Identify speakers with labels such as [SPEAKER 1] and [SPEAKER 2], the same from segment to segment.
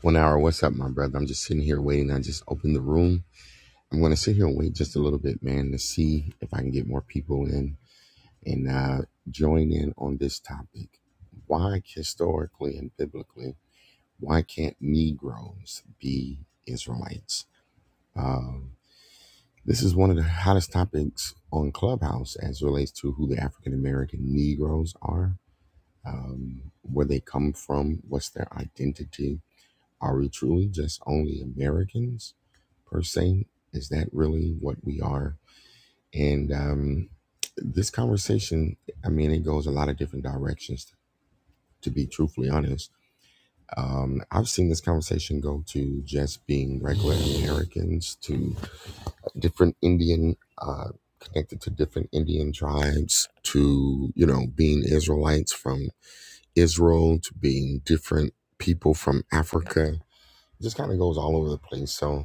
[SPEAKER 1] One hour. What's up, my brother? I'm just sitting here waiting. I just opened the room. I'm going to sit here and wait just a little bit, man, to see if I can get more people in and uh, join in on this topic. Why, historically and biblically, why can't Negroes be Israelites? Um, this is one of the hottest topics on Clubhouse as relates to who the African American Negroes are, um, where they come from, what's their identity Are we truly just only Americans per se? Is that really what we are? And um, this conversation, I mean, it goes a lot of different directions, to be truthfully honest. Um, I've seen this conversation go to just being regular Americans, to different Indian, uh, connected to different Indian tribes, to, you know, being Israelites from Israel, to being different people from Africa. It just kind of goes all over the place. So,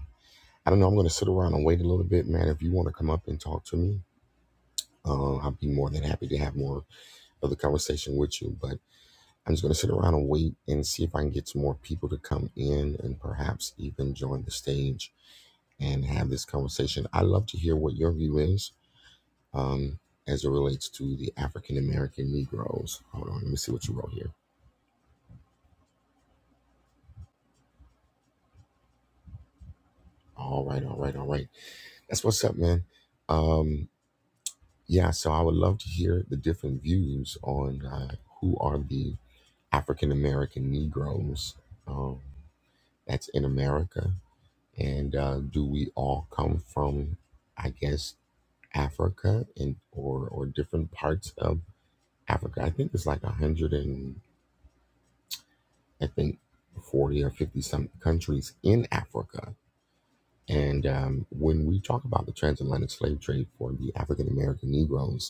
[SPEAKER 1] I don't know. I'm going to sit around and wait a little bit, man. If you want to come up and talk to me, uh, I'd be more than happy to have more of the conversation with you. But I'm just going to sit around and wait and see if I can get some more people to come in and perhaps even join the stage and have this conversation. I love to hear what your view is um, as it relates to the African American Negroes. Hold on, let me see what you wrote here. All right, all right, all right. That's what's up, man. Um, yeah, so I would love to hear the different views on uh, who are the African American Negroes um, that's in America. And uh, do we all come from, I guess, Africa and or or different parts of Africa? I think it's like a hundred and I think forty or fifty some countries in Africa. And um, when we talk about the transatlantic slave trade for the African American Negroes,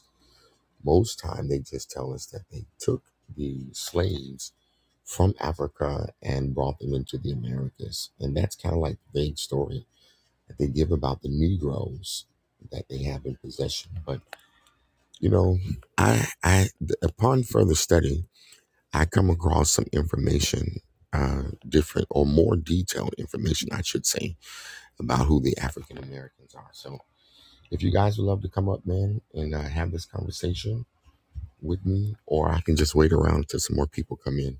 [SPEAKER 1] Most time they just tell us that they took the slaves from Africa and brought them into the Americas. And that's kind of like the vague story that they give about the Negroes that they have in possession. But you know, I, I upon further study, I come across some information, uh, different or more detailed information, I should say, about who the African Americans are. So, if you guys would love to come up, man, and uh, have this conversation, with me, or I can just wait around until some more people come in.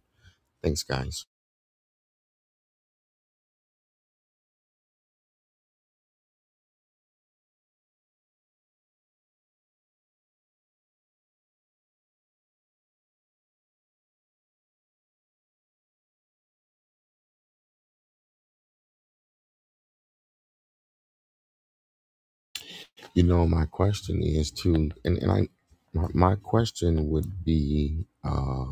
[SPEAKER 1] Thanks, guys. You know, my question is to, and, and I, my, my question would be, uh,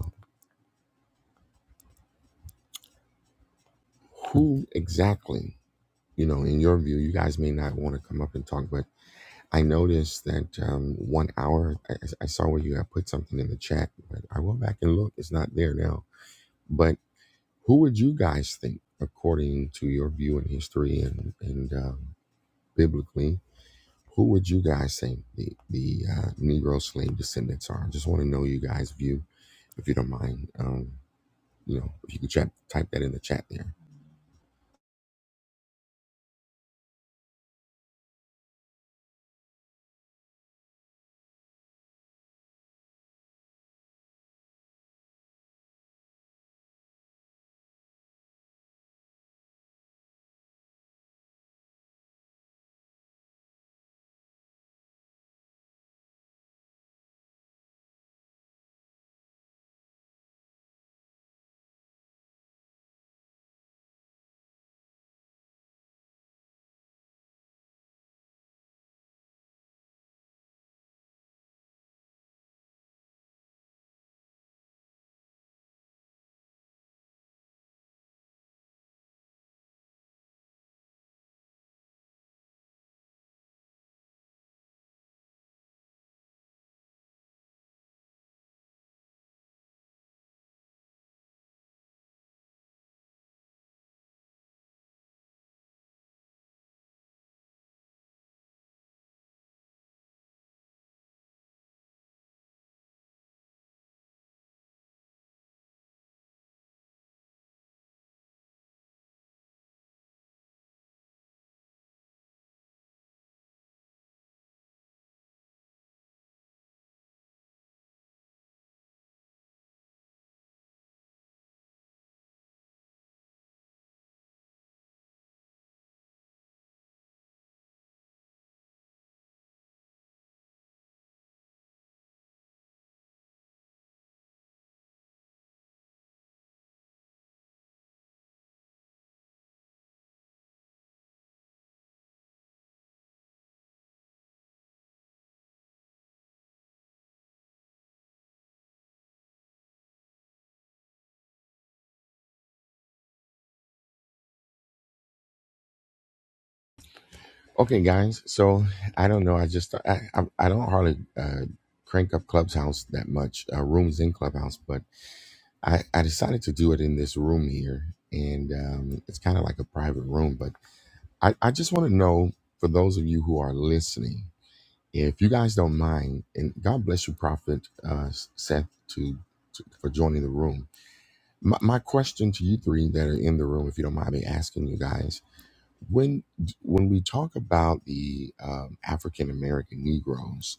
[SPEAKER 1] who exactly, you know, in your view, you guys may not want to come up and talk, but I noticed that um, one hour, I, I saw where you had put something in the chat, but I went back and looked, it's not there now. But who would you guys think, according to your view in history and, and um, biblically, Who would you guys say the, the uh, Negro slave descendants are? I just want to know you guys' view, if you don't mind. Um, you know, if you could chat, type that in the chat there. Okay, guys. So I don't know. I just I I, I don't hardly uh, crank up Clubhouse that much. Uh, rooms in Clubhouse, but I I decided to do it in this room here, and um, it's kind of like a private room. But I I just want to know for those of you who are listening If you guys don't mind, and God bless you, Prophet uh, Seth, to, to for joining the room. My, my question to you three that are in the room, if you don't mind me asking you guys, when when we talk about the um, African American Negroes,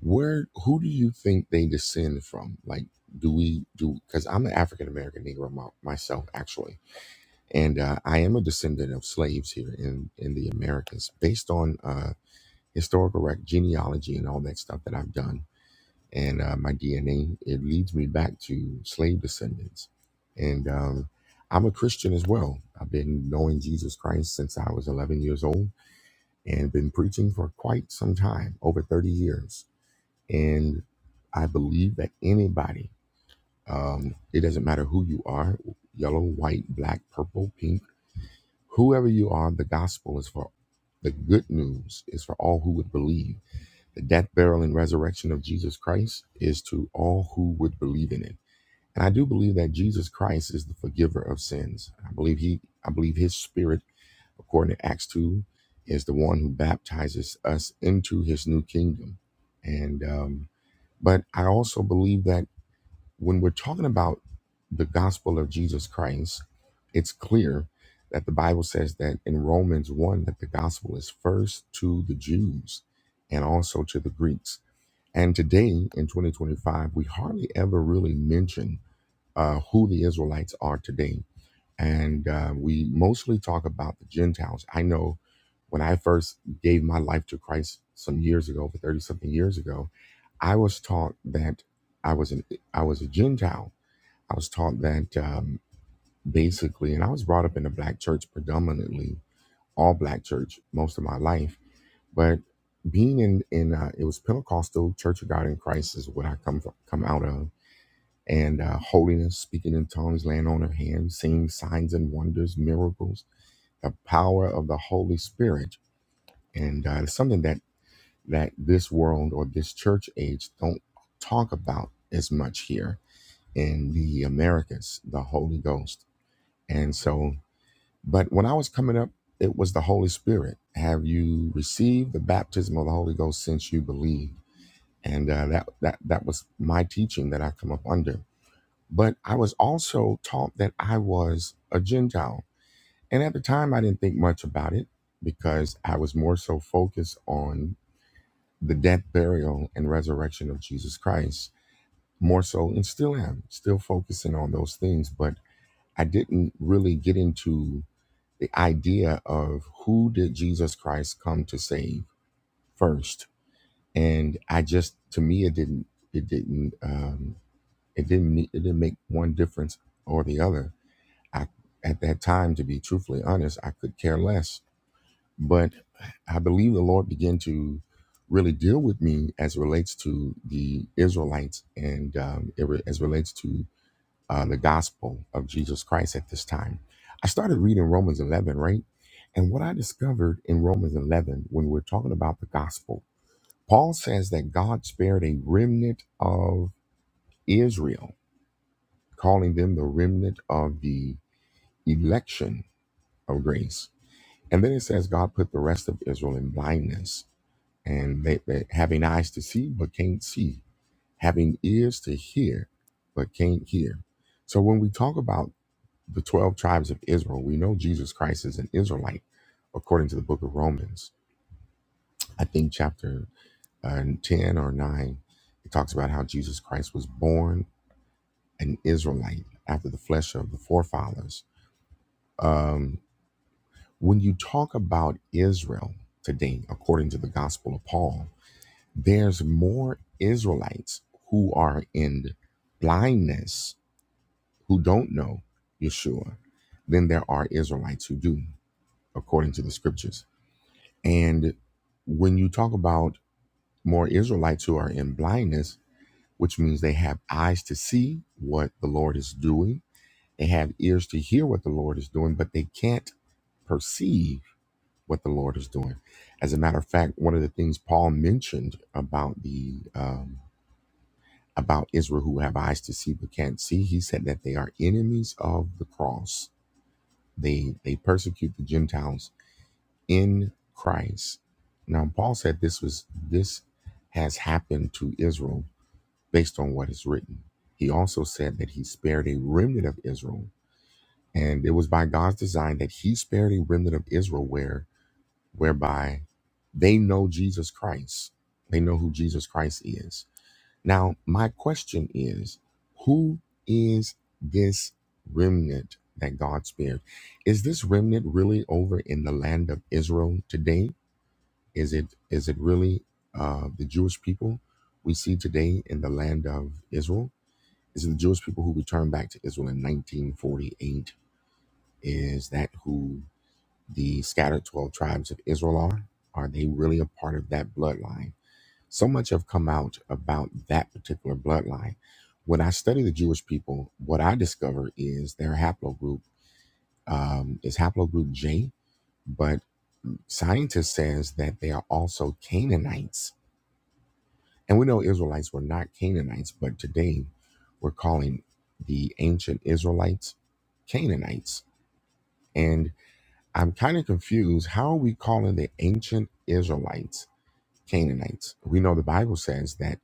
[SPEAKER 1] where who do you think they descend from? Like, do we do? Because I'm an African American Negro my, myself, actually, and uh, I am a descendant of slaves here in in the Americas, based on. Uh, historical rec- genealogy and all that stuff that I've done and uh, my DNA, it leads me back to slave descendants. And um, I'm a Christian as well. I've been knowing Jesus Christ since I was 11 years old and been preaching for quite some time, over 30 years. And I believe that anybody, um, it doesn't matter who you are yellow, white, black, purple, pink, whoever you are, the gospel is for the good news is for all who would believe the death, burial, and resurrection of Jesus Christ is to all who would believe in it. And I do believe that Jesus Christ is the forgiver of sins. I believe he I believe his spirit, according to Acts 2, is the one who baptizes us into his new kingdom. And um, but I also believe that when we're talking about the gospel of Jesus Christ, it's clear that the Bible says that in Romans 1 that the gospel is first to the Jews and also to the Greeks and today in 2025, we hardly ever really mention uh, who the Israelites are today. And uh, we mostly talk about the Gentiles. I know when I first gave my life to Christ some years ago, over 30 something years ago, I was taught that I was an I was a Gentile. I was taught that um, basically, and I was brought up in a black church predominantly, all black church most of my life. But being in in uh, it was Pentecostal Church of God in Christ is what I come from, come out of, and uh, holiness, speaking in tongues, laying on of hands, seeing signs and wonders, miracles, the power of the Holy Spirit, and uh, it's something that that this world or this church age don't talk about as much here in the Americas, the Holy Ghost, and so. But when I was coming up, it was the Holy Spirit. Have you received the baptism of the Holy Ghost since you believe? and uh, that that that was my teaching that I come up under. But I was also taught that I was a Gentile, and at the time I didn't think much about it because I was more so focused on the death, burial, and resurrection of Jesus Christ, more so, and still am still focusing on those things. But I didn't really get into the idea of who did Jesus Christ come to save first, and I just to me it didn't it didn't. Um, It didn't ne- it didn't make one difference or the other. I at that time, to be truthfully honest, I could care less. But I believe the Lord began to really deal with me as it relates to the Israelites and um, it re- as it relates to uh, the gospel of Jesus Christ at this time. I started reading Romans 11, right? And what I discovered in Romans 11, when we're talking about the gospel, Paul says that God spared a remnant of Israel calling them the remnant of the election of grace. And then it says God put the rest of Israel in blindness, and they, they having eyes to see but can't see, having ears to hear but can't hear. So when we talk about the 12 tribes of Israel, we know Jesus Christ is an Israelite according to the book of Romans. I think chapter uh, 10 or 9, it talks about how Jesus Christ was born an Israelite after the flesh of the forefathers. Um, When you talk about Israel today, according to the Gospel of Paul, there's more Israelites who are in blindness, who don't know Yeshua, than there are Israelites who do, according to the scriptures. And when you talk about more Israelites who are in blindness, which means they have eyes to see what the Lord is doing, they have ears to hear what the Lord is doing, but they can't perceive what the Lord is doing. As a matter of fact, one of the things Paul mentioned about the um, about Israel who have eyes to see but can't see, he said that they are enemies of the cross. They they persecute the Gentiles in Christ. Now Paul said this was this has happened to Israel based on what is written. He also said that he spared a remnant of Israel. And it was by God's design that he spared a remnant of Israel where whereby they know Jesus Christ. They know who Jesus Christ is. Now, my question is who is this remnant that God spared? Is this remnant really over in the land of Israel today? Is it is it really uh, the Jewish people we see today in the land of Israel? Is it the Jewish people who returned back to Israel in 1948? Is that who the scattered 12 tribes of Israel are? Are they really a part of that bloodline? So much have come out about that particular bloodline. When I study the Jewish people, what I discover is their haplogroup um, is haplogroup J, but scientists says that they are also Canaanites. And we know Israelites were not Canaanites, but today we're calling the ancient Israelites Canaanites. And I'm kind of confused. How are we calling the ancient Israelites Canaanites. We know the Bible says that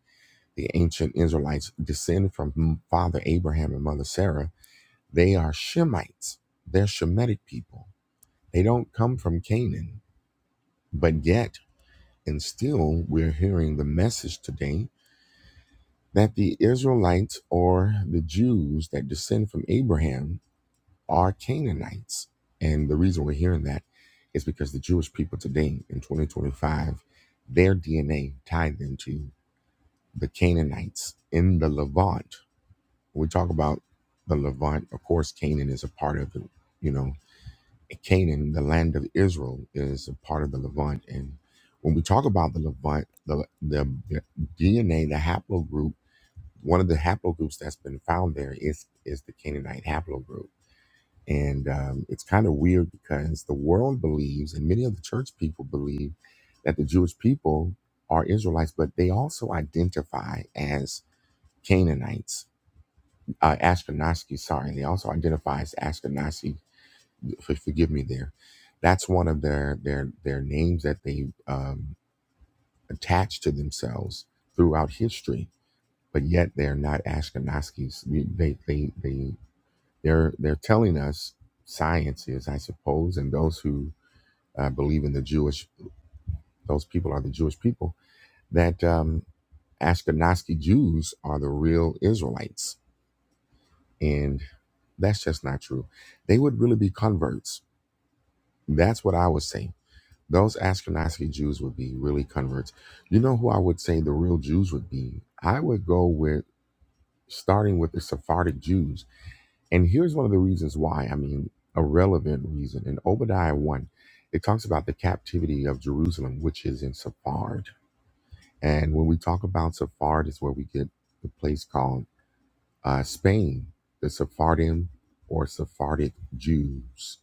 [SPEAKER 1] the ancient Israelites descended from Father Abraham and Mother Sarah. They are Shemites. They're Shemitic people. They don't come from Canaan. But yet, and still, we're hearing the message today that the Israelites or the Jews that descend from Abraham are Canaanites. And the reason we're hearing that is because the Jewish people today in 2025, their DNA tied them to the Canaanites in the Levant. We talk about the Levant. Of course, Canaan is a part of it. You know, Canaan, the land of Israel, is a part of the Levant. And when we talk about the Levant, the, the, the DNA, the haplogroup, one of the haplogroups that's been found there is is the Canaanite haplogroup. And um, it's kind of weird because the world believes, and many of the church people believe, that the Jewish people are Israelites, but they also identify as Canaanites, uh, Ashkenazi, sorry, they also identify as Ashkenazi. For, forgive me there. That's one of their their their names that they um, attach to themselves throughout history, but yet they're not Ashkenazis. They they they they they're they're telling us science is, I suppose, and those who uh, believe in the Jewish, those people are the Jewish people that um, Ashkenazi Jews are the real Israelites, and That's just not true. They would really be converts. That's what I would say. Those Ashkenazi Jews would be really converts. You know who I would say the real Jews would be? I would go with starting with the Sephardic Jews. And here's one of the reasons why. I mean, a relevant reason. In Obadiah 1, it talks about the captivity of Jerusalem, which is in Sephard. And when we talk about Sephard, is where we get the place called uh, Spain, the Sephardim or Sephardic Jews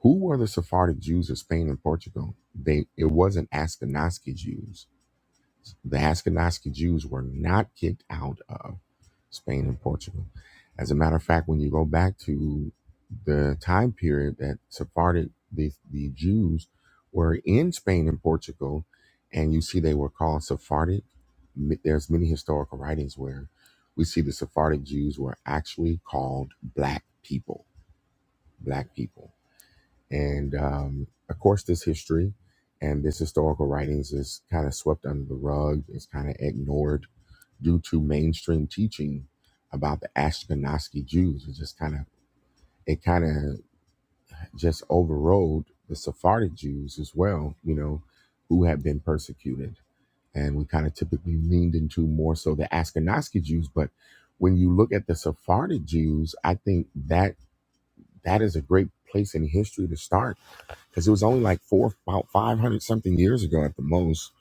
[SPEAKER 1] Who were the Sephardic Jews of Spain and Portugal? They it wasn't Ashkenazi Jews. The Ashkenazi Jews were not kicked out of Spain and Portugal. As a matter of fact, when you go back to the time period that Sephardic the, the Jews were in Spain and Portugal, and you see they were called Sephardic. m- There's many historical writings where we see the Sephardic Jews were actually called black people. Black people and um, of course, this history and this historical writings is kind of swept under the rug, it's kind of ignored due to mainstream teaching about the Ashkenazi Jews. It just kind of it kind of just overrode the Sephardic Jews as well, you know, who had been persecuted. And we kind of typically leaned into more so the Ashkenazi Jews. But when you look at the Sephardic Jews, I think that that is a great place in history to start because it was only like four about 500 something years ago at the most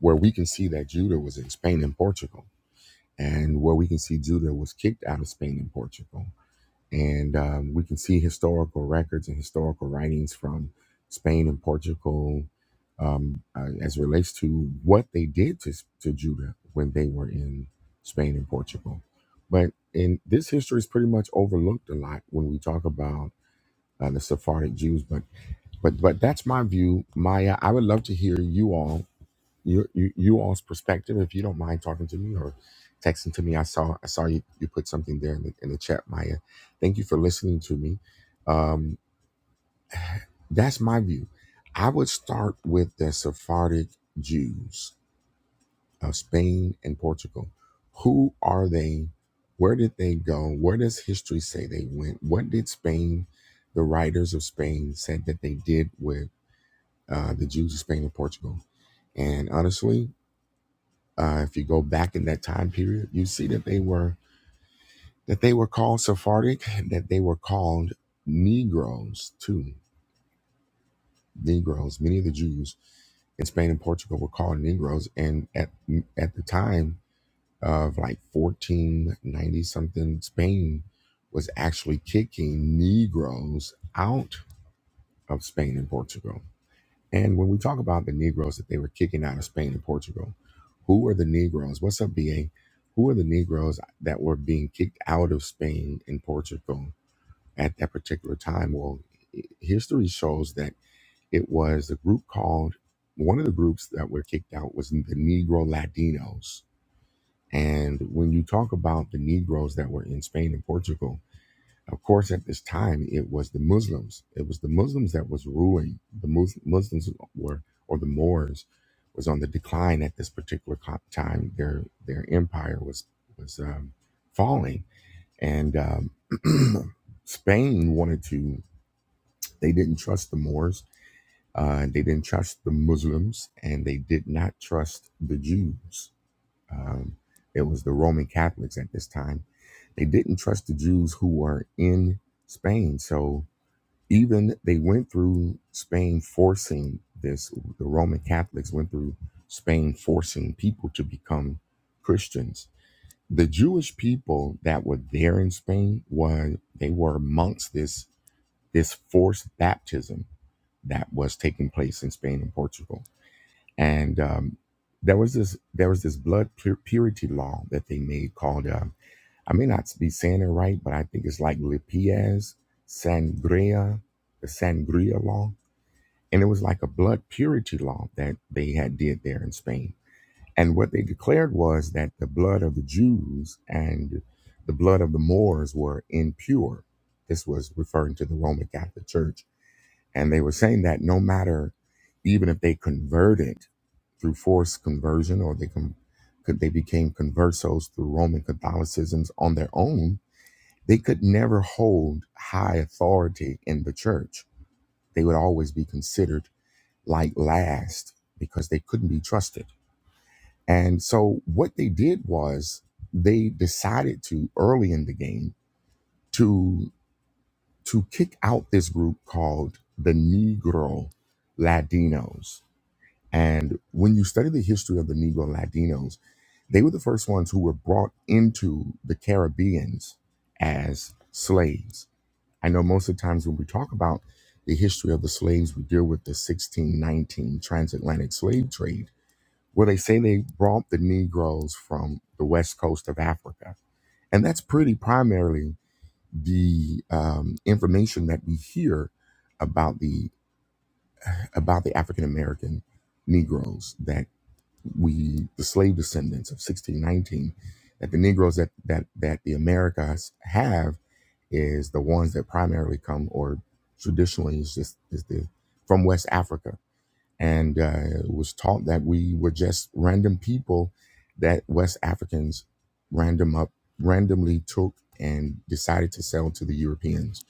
[SPEAKER 1] where we can see that judah was in spain and portugal and where we can see judah was kicked out of spain and portugal and um, we can see historical records and historical writings from spain and portugal um, uh, as it relates to what they did to, to judah when they were in spain and portugal but in this history is pretty much overlooked a lot when we talk about uh, the sephardic jews but but but that's my view maya i would love to hear you all your you, you all's perspective if you don't mind talking to me or texting to me i saw i saw you you put something there in the, in the chat maya thank you for listening to me um that's my view i would start with the sephardic jews of spain and portugal who are they where did they go where does history say they went what did spain the writers of spain said that they did with? uh, the Jews of Spain and Portugal. And honestly, uh, if you go back in that time period, you see that they were that they were called Sephardic, that they were called Negroes too. Negroes. Many of the Jews in Spain and Portugal were called Negroes, and at at the time of like 1490 something, Spain was actually kicking Negroes out of Spain and Portugal And when we talk about the Negroes that they were kicking out of Spain and Portugal, who are the Negroes? What's up, BA? Who are the Negroes that were being kicked out of Spain and Portugal at that particular time? Well, i- history shows that it was a group called, one of the groups that were kicked out was the Negro Latinos. And when you talk about the Negroes that were in Spain and Portugal, of course, at this time, it was the Muslims. It was the Muslims that was ruling. The Mus- Muslims were, or the Moors, was on the decline at this particular co- time. Their their empire was was um, falling, and um, Spain wanted to. They didn't trust the Moors. Uh, they didn't trust the Muslims, and they did not trust the Jews. Um, it was the Roman Catholics at this time. They didn't trust the Jews who were in Spain, so even they went through Spain forcing this. The Roman Catholics went through Spain forcing people to become Christians. The Jewish people that were there in Spain was they were amongst this this forced baptism that was taking place in Spain and Portugal, and um, there was this there was this blood pur- purity law that they made called um, I may not be saying it right, but I think it's like Lipias Sangria, the Sangria law and it was like a blood purity law that they had did there in Spain. And what they declared was that the blood of the Jews and the blood of the Moors were impure. This was referring to the Roman Catholic Church, and they were saying that no matter, even if they converted through forced conversion or they com- could they became conversos through Roman Catholicisms on their own, they could never hold high authority in the church. They would always be considered like last because they couldn't be trusted. And so what they did was they decided to early in the game to to kick out this group called the Negro Latinos. And when you study the history of the Negro Latinos, they were the first ones who were brought into the Caribbeans as slaves. I know most of the times when we talk about the history of the slaves, we deal with the 1619 transatlantic slave trade where they say they brought the Negroes from the west coast of Africa. And that's pretty primarily the um, information that we hear about the about the African American Negroes that we the slave descendants of 1619 that the Negroes that that that the Americas have is the ones that primarily come or traditionally is just is the from West Africa and uh, was taught that we were just random people that West Africans random up randomly took and decided to sell to the Europeans.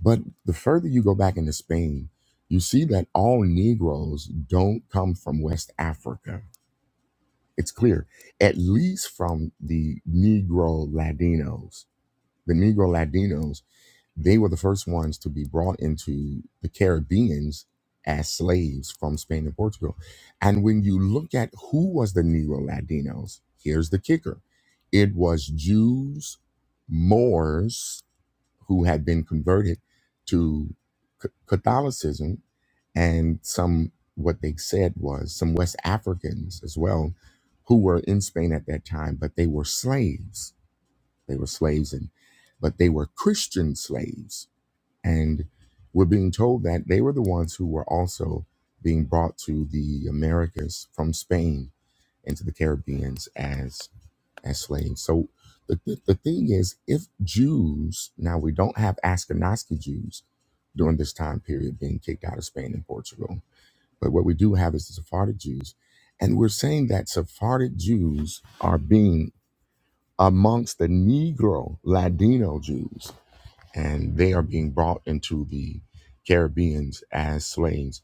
[SPEAKER 1] But the further you go back into Spain, you see that all Negroes don't come from West Africa. It's clear, at least from the Negro Latinos. The Negro Latinos they were the first ones to be brought into the Caribbeans as slaves from Spain and Portugal. And when you look at who was the Neo Latinos, here's the kicker it was Jews, Moors who had been converted to C- Catholicism, and some what they said was some West Africans as well, who were in Spain at that time, but they were slaves. They were slaves, and but they were Christian slaves and we're being told that they were the ones who were also being brought to the Americas from Spain into the Caribbeans as as slaves. So the, the, the thing is, if Jews now we don't have Ashkenazi Jews during this time period being kicked out of Spain and Portugal, but what we do have is the Sephardic Jews, and we're saying that Sephardic Jews are being amongst the Negro Ladino Jews and they are being brought into the Caribbeans as slaves.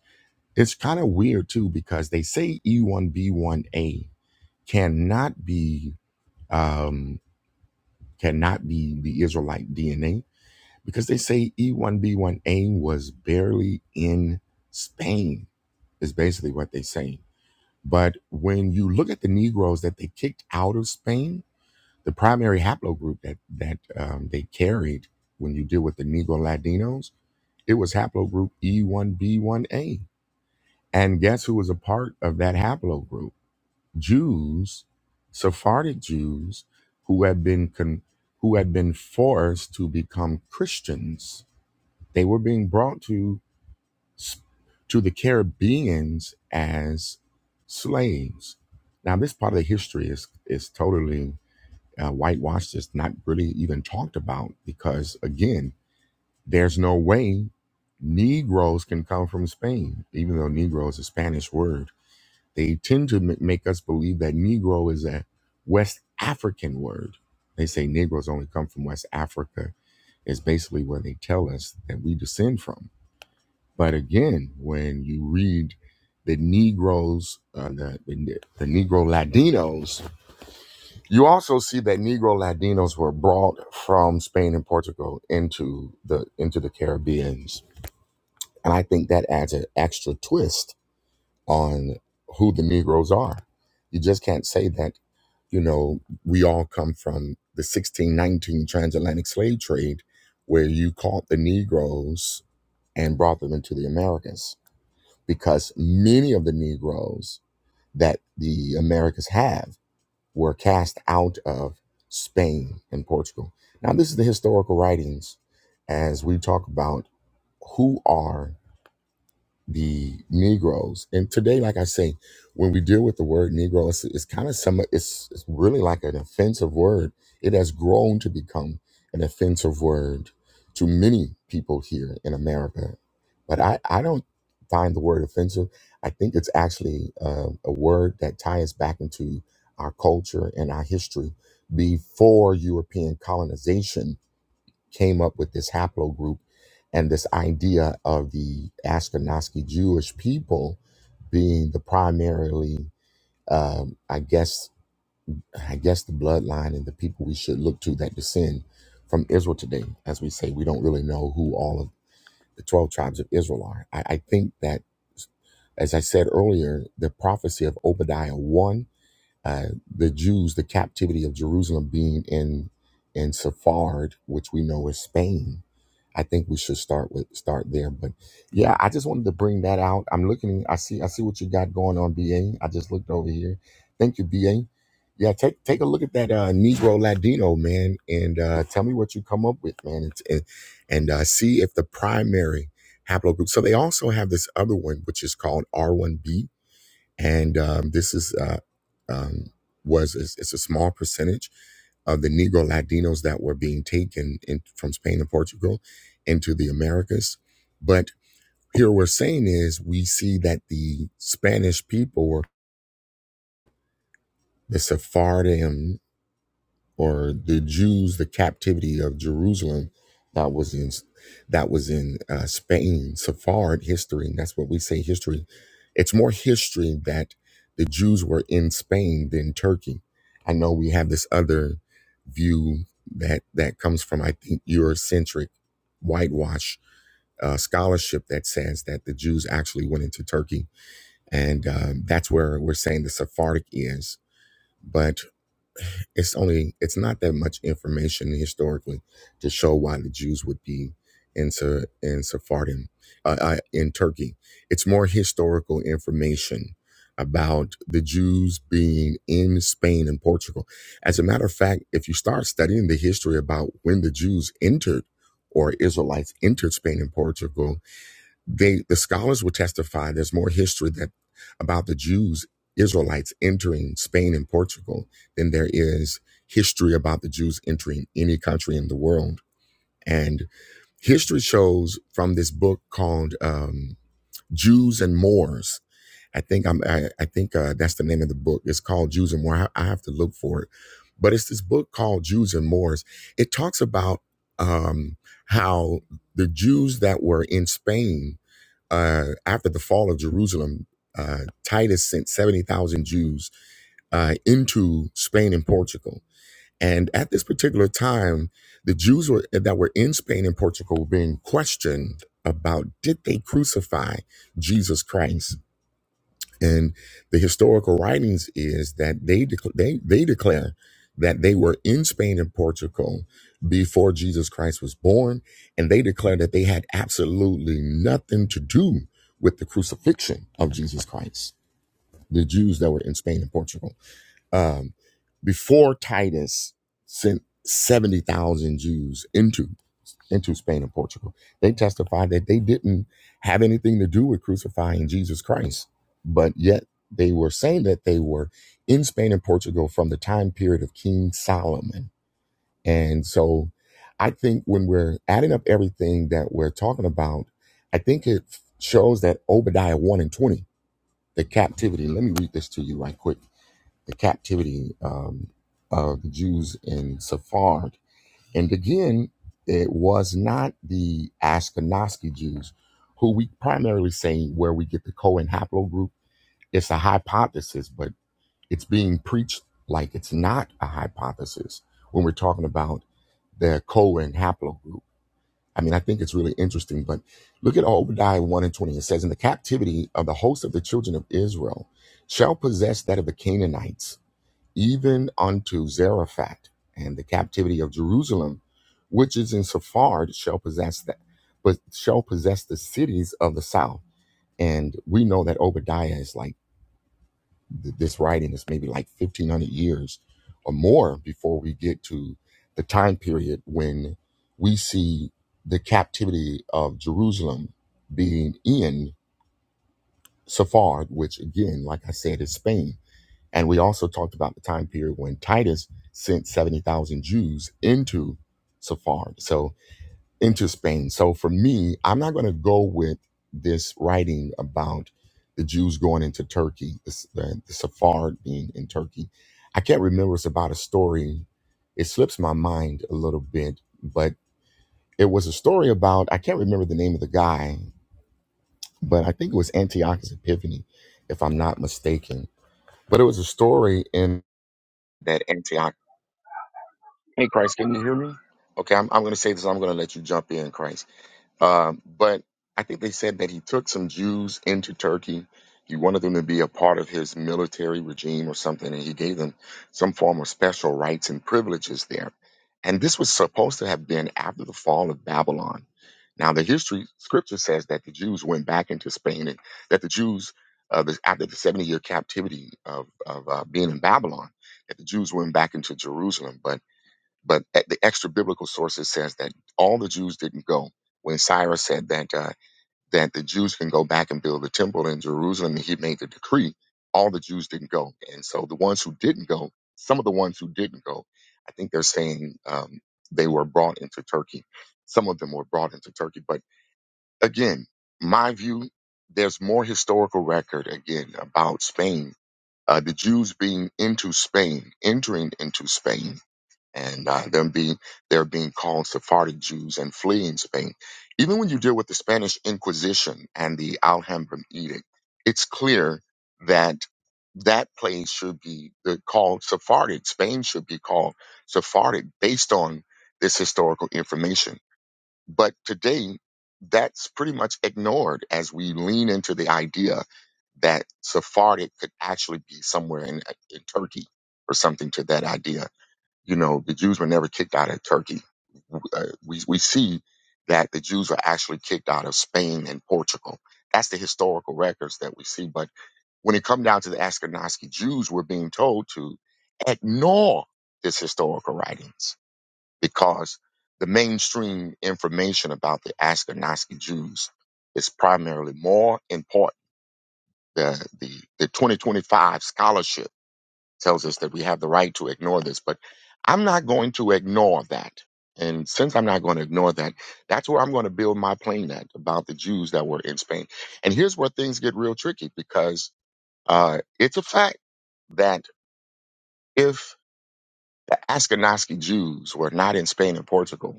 [SPEAKER 1] It's kind of weird too because they say E1B1A cannot be um, cannot be the Israelite DNA because they say E1B1A was barely in Spain is basically what they say. But when you look at the Negroes that they kicked out of Spain, the primary haplogroup that that um, they carried when you deal with the Negro Latinos It was haplogroup E1B1A. And guess who was a part of that haplogroup? Jews, Sephardic Jews, who had been con- who had been forced to become Christians. They were being brought to s- to the Caribbeans as slaves. Now, this part of the history is is totally uh, whitewashed. It's not really even talked about because, again, there's no way Negroes can come from Spain, even though Negro is a Spanish word. They tend to ma- make us believe that Negro is a West African word. They say Negroes only come from West Africa, is basically where they tell us that we descend from. But again, when you read the Negroes, uh, the, the, the Negro Latinos, you also see that Negro Latinos were brought from Spain and Portugal into the into the Caribbean and I think that adds an extra twist on who the Negroes are. You just can't say that, you know, we all come from the 1619 transatlantic slave trade where you caught the Negroes and brought them into the Americas because many of the Negroes that the Americas have were cast out of Spain and Portugal. Now, this is the historical writings as we talk about who are the Negroes. And today, like I say, when we deal with the word Negro, it's, it's kind of some, it's, it's really like an offensive word. It has grown to become an offensive word to many people here in America. But I, I don't find the word offensive. I think it's actually uh, a word that ties back into our culture and our history before European colonization came up with this haplogroup and this idea of the Ashkenazi Jewish people being the primarily, um, I guess, I guess the bloodline and the people we should look to that descend from Israel today. As we say, we don't really know who all of the 12 tribes of Israel are. I, I think that, as I said earlier, the prophecy of Obadiah 1 uh, the Jews, the captivity of Jerusalem being in in Sephard, which we know is Spain. I think we should start with start there. But yeah, I just wanted to bring that out. I'm looking. I see. I see what you got going on, BA. I just looked over here. Thank you, BA. Yeah, take take a look at that uh, Negro Ladino man, and uh, tell me what you come up with, man, and and, and, uh, see if the primary haplogroup. So they also have this other one, which is called R1B, and um, this is uh, um, was it's, it's a small percentage of the Negro Latinos that were being taken in, from Spain and Portugal into the Americas. But here we're saying is we see that the Spanish people were the Sephardim or the Jews, the captivity of Jerusalem that was in that was in uh, Spain, Sephard history. And that's what we say history. It's more history that the Jews were in Spain than Turkey. I know we have this other view that that comes from I think Eurocentric whitewash uh, scholarship that says that the Jews actually went into Turkey, and um, that's where we're saying the Sephardic is. But it's only it's not that much information historically to show why the Jews would be into Sa- in Sephardim uh, uh, in Turkey. It's more historical information about the Jews being in Spain and Portugal. As a matter of fact, if you start studying the history about when the Jews entered or Israelites entered Spain and Portugal, they, the scholars will testify there's more history that about the Jews, Israelites entering Spain and Portugal than there is history about the Jews entering any country in the world. And history shows from this book called um, Jews and Moors. I think I'm, I, I think uh, that's the name of the book. It's called Jews and Moors. I, I have to look for it, but it's this book called Jews and Moors. It talks about um, how the Jews that were in Spain uh, after the fall of Jerusalem, uh, Titus sent 70,000 Jews uh, into Spain and Portugal. And at this particular time, the Jews were, that were in Spain and Portugal were being questioned about did they crucify Jesus Christ? And the historical writings is that they dec- they they declare that they were in Spain and Portugal before Jesus Christ was born, and they declare that they had absolutely nothing to do with the crucifixion of Jesus Christ. The Jews that were in Spain and Portugal. Um, before Titus sent 70,000 Jews into into Spain and Portugal, they testified that they didn't have anything to do with crucifying Jesus Christ. But yet they were saying that they were in Spain and Portugal from the time period of King Solomon. And so I think when we're adding up everything that we're talking about, I think it shows that Obadiah 1 and 20, the captivity. Let me read this to you right quick the captivity um, of the Jews in Sephard. And again, it was not the Ashkenazi Jews who we primarily say where we get the Cohen haplogroup. It's a hypothesis, but it's being preached like it's not a hypothesis when we're talking about the Cohen haplogroup. I mean, I think it's really interesting, but look at Obadiah 1 and 20. It says, In the captivity of the host of the children of Israel shall possess that of the Canaanites even unto Zarephath, and the captivity of Jerusalem, which is in Sephard, shall possess that, but shall possess the cities of the south. And we know that Obadiah is like th- this writing is maybe like fifteen hundred years or more before we get to the time period when we see the captivity of Jerusalem being in Sephard, which again, like I said, is Spain and we also talked about the time period when Titus sent 70,000 Jews into Sephard, so into Spain. So for me, I'm not going to go with this writing about the Jews going into Turkey, the, the, the Sephard being in Turkey. I can't remember. It's about a story. It slips my mind a little bit, but it was a story about, I can't remember the name of the guy, but I think it was Antiochus Epiphany, if I'm not mistaken. But it was a story in that Antiochus. Hey, Christ, can you hear me? Okay, I'm, I'm going to say this. I'm going to let you jump in, Christ. Um, but I think they said that he took some Jews into Turkey. He wanted them to be a part of his military regime or something, and he gave them some form of special rights and privileges there. And this was supposed to have been after the fall of Babylon. Now, the history scripture says that the Jews went back into Spain and that the Jews, uh, the, after the 70 year captivity of, of uh, being in Babylon, that the Jews went back into Jerusalem. But but at the extra biblical sources says that all the Jews didn't go. When Cyrus said that uh, that the Jews can go back and build the temple in Jerusalem, he made the decree. All the Jews didn't go, and so the ones who didn't go, some of the ones who didn't go, I think they're saying um, they were brought into Turkey. Some of them were brought into Turkey, but again, my view, there's more historical record again about Spain, uh, the Jews being into Spain, entering into Spain and uh, them being they're being called Sephardic Jews and fleeing Spain. Even when you deal with the Spanish Inquisition and the Alhambra Edict, it's clear that that place should be the, called Sephardic. Spain should be called Sephardic based on this historical information. But today, that's pretty much ignored as we lean into the idea that Sephardic could actually be somewhere in, in Turkey or something to that idea you know, the Jews were never kicked out of Turkey. Uh, we, we see that the Jews were actually kicked out of Spain and Portugal. That's the historical records that we see. But when it come down to the Ashkenazi Jews, we're being told to ignore this historical writings because the mainstream information about the Ashkenazi Jews is primarily more important. The, the, the 2025 scholarship tells us that we have the right to ignore this, but I'm not going to ignore that. And since I'm not going to ignore that, that's where I'm going to build my plane at about the Jews that were in Spain. And here's where things get real tricky because uh, it's a fact that if the Ashkenazi Jews were not in Spain and Portugal,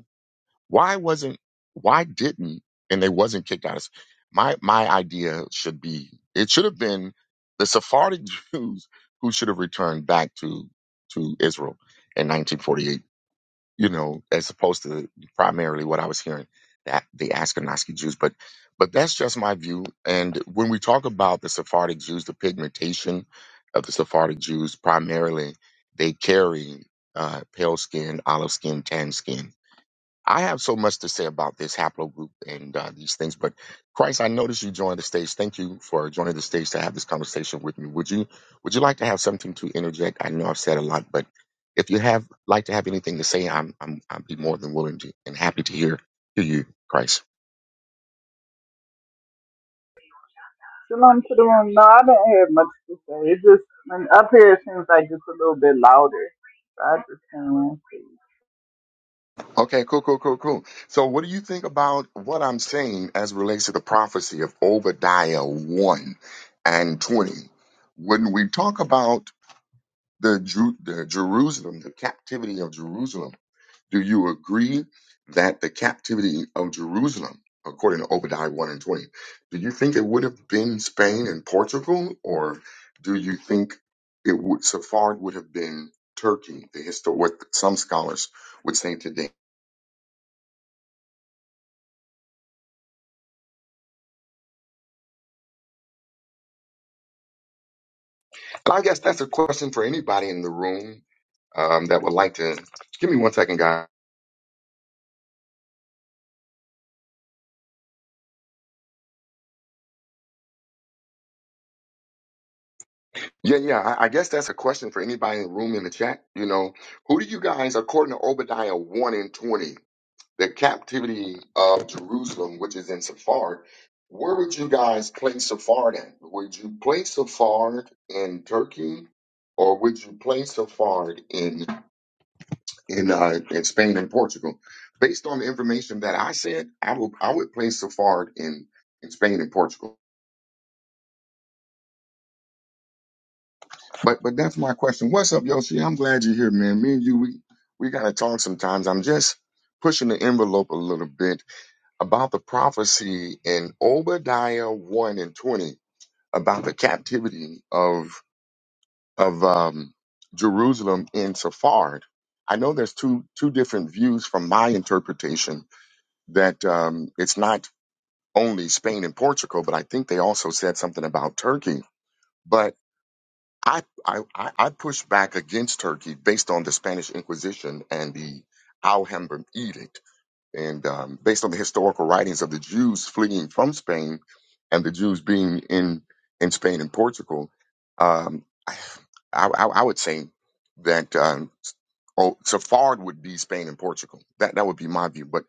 [SPEAKER 1] why wasn't why didn't and they wasn't kicked out? of My my idea should be it should have been the Sephardic Jews who should have returned back to to Israel in 1948. You know, as opposed to primarily what I was hearing that the Ashkenazi Jews, but but that's just my view. And when we talk about the Sephardic Jews, the pigmentation of the Sephardic Jews, primarily they carry uh, pale skin, olive skin, tan skin I have so much to say about this haplogroup and uh, these things, but Christ, I noticed you joined the stage. Thank you for joining the stage to have this conversation with me. Would you Would you like to have something to interject? I know I've said a lot, but if you have like to have anything to say, I'm I'm I'd be more than willing to and happy to hear hear you, Christ.
[SPEAKER 2] Shalom to the room. No, I didn't have much to say. It just when up here it seems like it's a little bit louder. So I just came in.
[SPEAKER 1] Okay, cool, cool, cool, cool. So, what do you think about what I'm saying as it relates to the prophecy of Obadiah one and twenty? When we talk about the, Ju- the Jerusalem, the captivity of Jerusalem. Do you agree that the captivity of Jerusalem, according to Obadiah 1 and 20, do you think it would have been Spain and Portugal, or do you think it would, Sephard would have been Turkey, the histo- what some scholars would say today? And I guess that's a question for anybody in the room um, that would like to. Give me one second, guys. Yeah, yeah. I, I guess that's a question for anybody in the room in the chat. You know, who do you guys, according to Obadiah 1 and 20, the captivity of Jerusalem, which is in Sephard, where would you guys place Sephard in? Would you place Sephard in Turkey or would you place Sephard in in uh, in Spain and Portugal? Based on the information that I said, I will I would place Sephard in in Spain and Portugal. But but that's my question. What's up, Yoshi? I'm glad you're here, man. Me and you, we we gotta talk sometimes. I'm just pushing the envelope a little bit about the prophecy in Obadiah one and twenty about the captivity of of um, Jerusalem in Sephard. I know there's two two different views from my interpretation that um, it's not only Spain and Portugal, but I think they also said something about Turkey. But I, I, I I pushed back against Turkey based on the Spanish Inquisition and the Alhambra Edict, and um, based on the historical writings of the Jews fleeing from Spain and the Jews being in, in Spain and Portugal. Um, I, I, I would say that um, oh, Safard would be Spain and Portugal. That that would be my view. But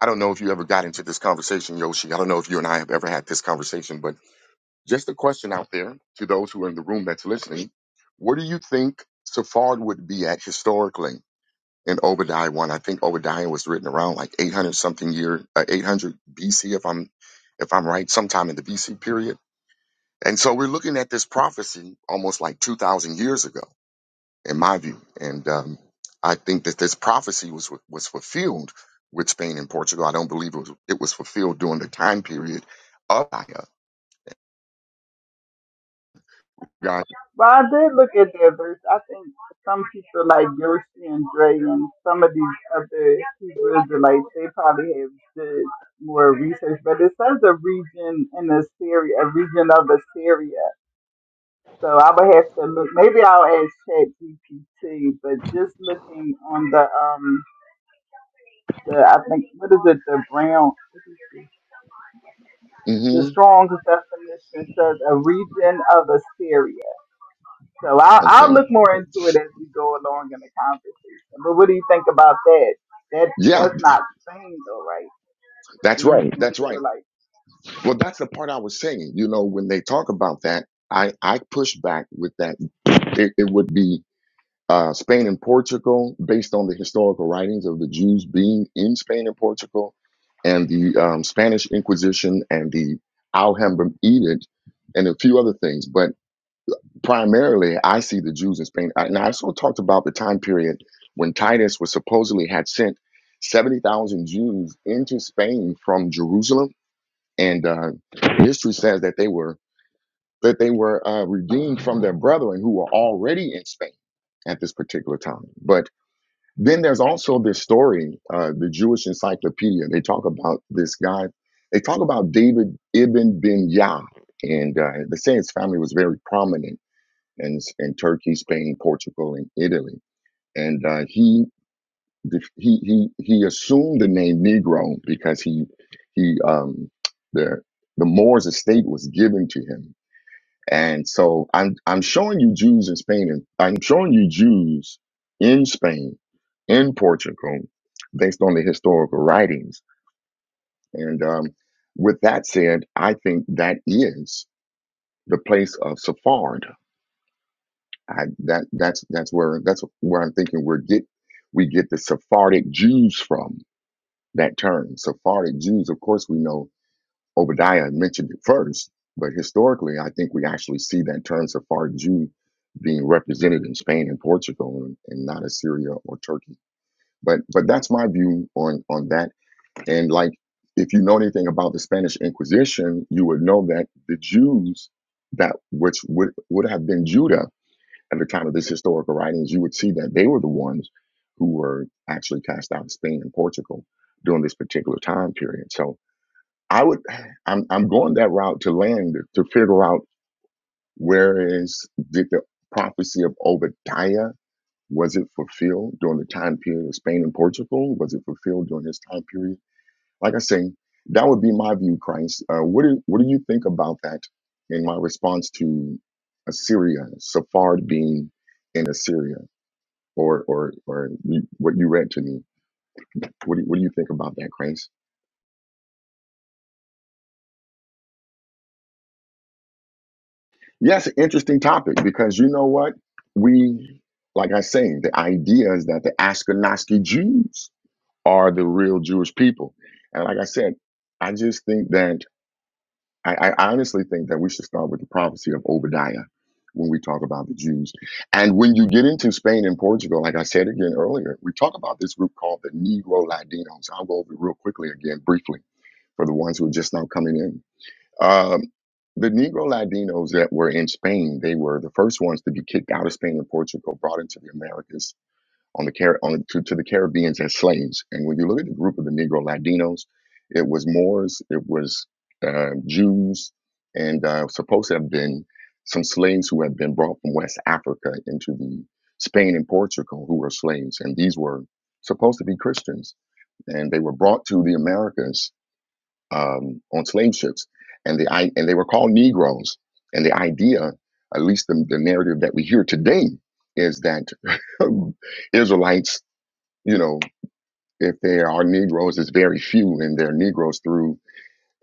[SPEAKER 1] I don't know if you ever got into this conversation, Yoshi. I don't know if you and I have ever had this conversation, but just a question out there to those who are in the room that's listening. Where do you think Sephard would be at historically in Obadiah 1? I think Obadiah was written around like 800 something year, uh, 800 BC, if I'm, if I'm right, sometime in the BC period. And so we're looking at this prophecy almost like 2,000 years ago, in my view. And um, I think that this prophecy was was fulfilled with Spain and Portugal. I don't believe it was, it was fulfilled during the time period of Obadiah. God.
[SPEAKER 2] But I did look at that verse. I think some people like Yoshi and Dre and some of these other Hebrew Israelites, they probably have did more research. But it says a region in Assyria, a region of Assyria. So I would have to look. Maybe I'll ask Chat GPT. But just looking on the um the I think what is it the brown? The
[SPEAKER 1] hmm
[SPEAKER 2] strong definition says a region of Assyria. So I'll, I'll
[SPEAKER 1] Okay.
[SPEAKER 2] look more into it as we go along in the conversation. But what do you think about that? That
[SPEAKER 1] Yeah,
[SPEAKER 2] that's not sane though, right? Do
[SPEAKER 1] that's
[SPEAKER 2] you
[SPEAKER 1] right. That's
[SPEAKER 2] consider
[SPEAKER 1] right.
[SPEAKER 2] like?
[SPEAKER 1] Well, that's the part I was saying. You know, when they talk about that, I I push back with that. It, it would be uh, Spain and Portugal, based on the historical writings of the Jews being in Spain and Portugal, and the um, Spanish Inquisition and the Alhambra edict, and a few other things. But primarily, I see the Jews in Spain. I- And I also talked about the time period when Titus was supposedly had sent seventy thousand Jews into Spain from Jerusalem and uh, history says that they were that they were uh, redeemed from their brethren who were already in Spain at this particular time. But then there's also this story, uh, the Jewish Encyclopedia. They talk about this guy. They talk about David ibn bin Yah, and uh, they say his family was very prominent in in Turkey, Spain, Portugal, and Italy. And uh, he the- he he he assumed the name Negro because he he um the the Moors estate was given to him, and so I'm I'm showing you Jews in Spain, and I'm showing you Jews in Spain, in Portugal, based on the historical writings. And um, with that said, I think that is the place of Sephard. I, that that's that's where that's where I'm thinking we get we get the Sephardic Jews from that term. Sephardic Jews, of course, we know Obadiah mentioned it first, but historically, I think we actually see that term Sephardic Jew being represented in Spain and Portugal and, and not Assyria or Turkey. But but that's my view on on that. And like, if you know anything about the Spanish Inquisition, you would know that the Jews that which would would have been Judah at the time of these historical writings, you would see that they were the ones who were actually cast out of Spain and Portugal during this particular time period. So I would, I'm, I'm going that route to land to figure out where is, did the prophecy of Obadiah, was it fulfilled during the time period of Spain and Portugal? Was it fulfilled during his time period? Like I say, that would be my view, Christ. Uh, what, do, what do you think about that in my response to Assyria, Sephard being in Assyria? or or or you, what you read to me. What do you, what do you think about that, Grace? Yes, interesting topic because you know what we like. I say the idea is that the Ashkenazi Jews are the real Jewish people, and like I said, I just think that I, I honestly think that we should start with the prophecy of Obadiah when we talk about the Jews. And when you get into Spain and Portugal, like I said again earlier, we talk about this group called the Negro Latinos. I'll go over it real quickly again, briefly, for the ones who are just now coming in Um, the Negro Latinos that were in Spain, they were the first ones to be kicked out of Spain and Portugal, brought into the Americas on the Car- on to, to the Caribbeans as slaves. And when you look at the group of the Negro Latinos, it was Moors, it was uh, Jews, and uh, supposed to have been some slaves who had been brought from West Africa into the Spain and Portugal, who were slaves, and these were supposed to be Christians, and they were brought to the Americas um, on slave ships, and the i- and they were called Negroes. And the idea, at least the, the narrative that we hear today, is that Israelites, you know, if they are Negroes, it's very few, and they're Negroes through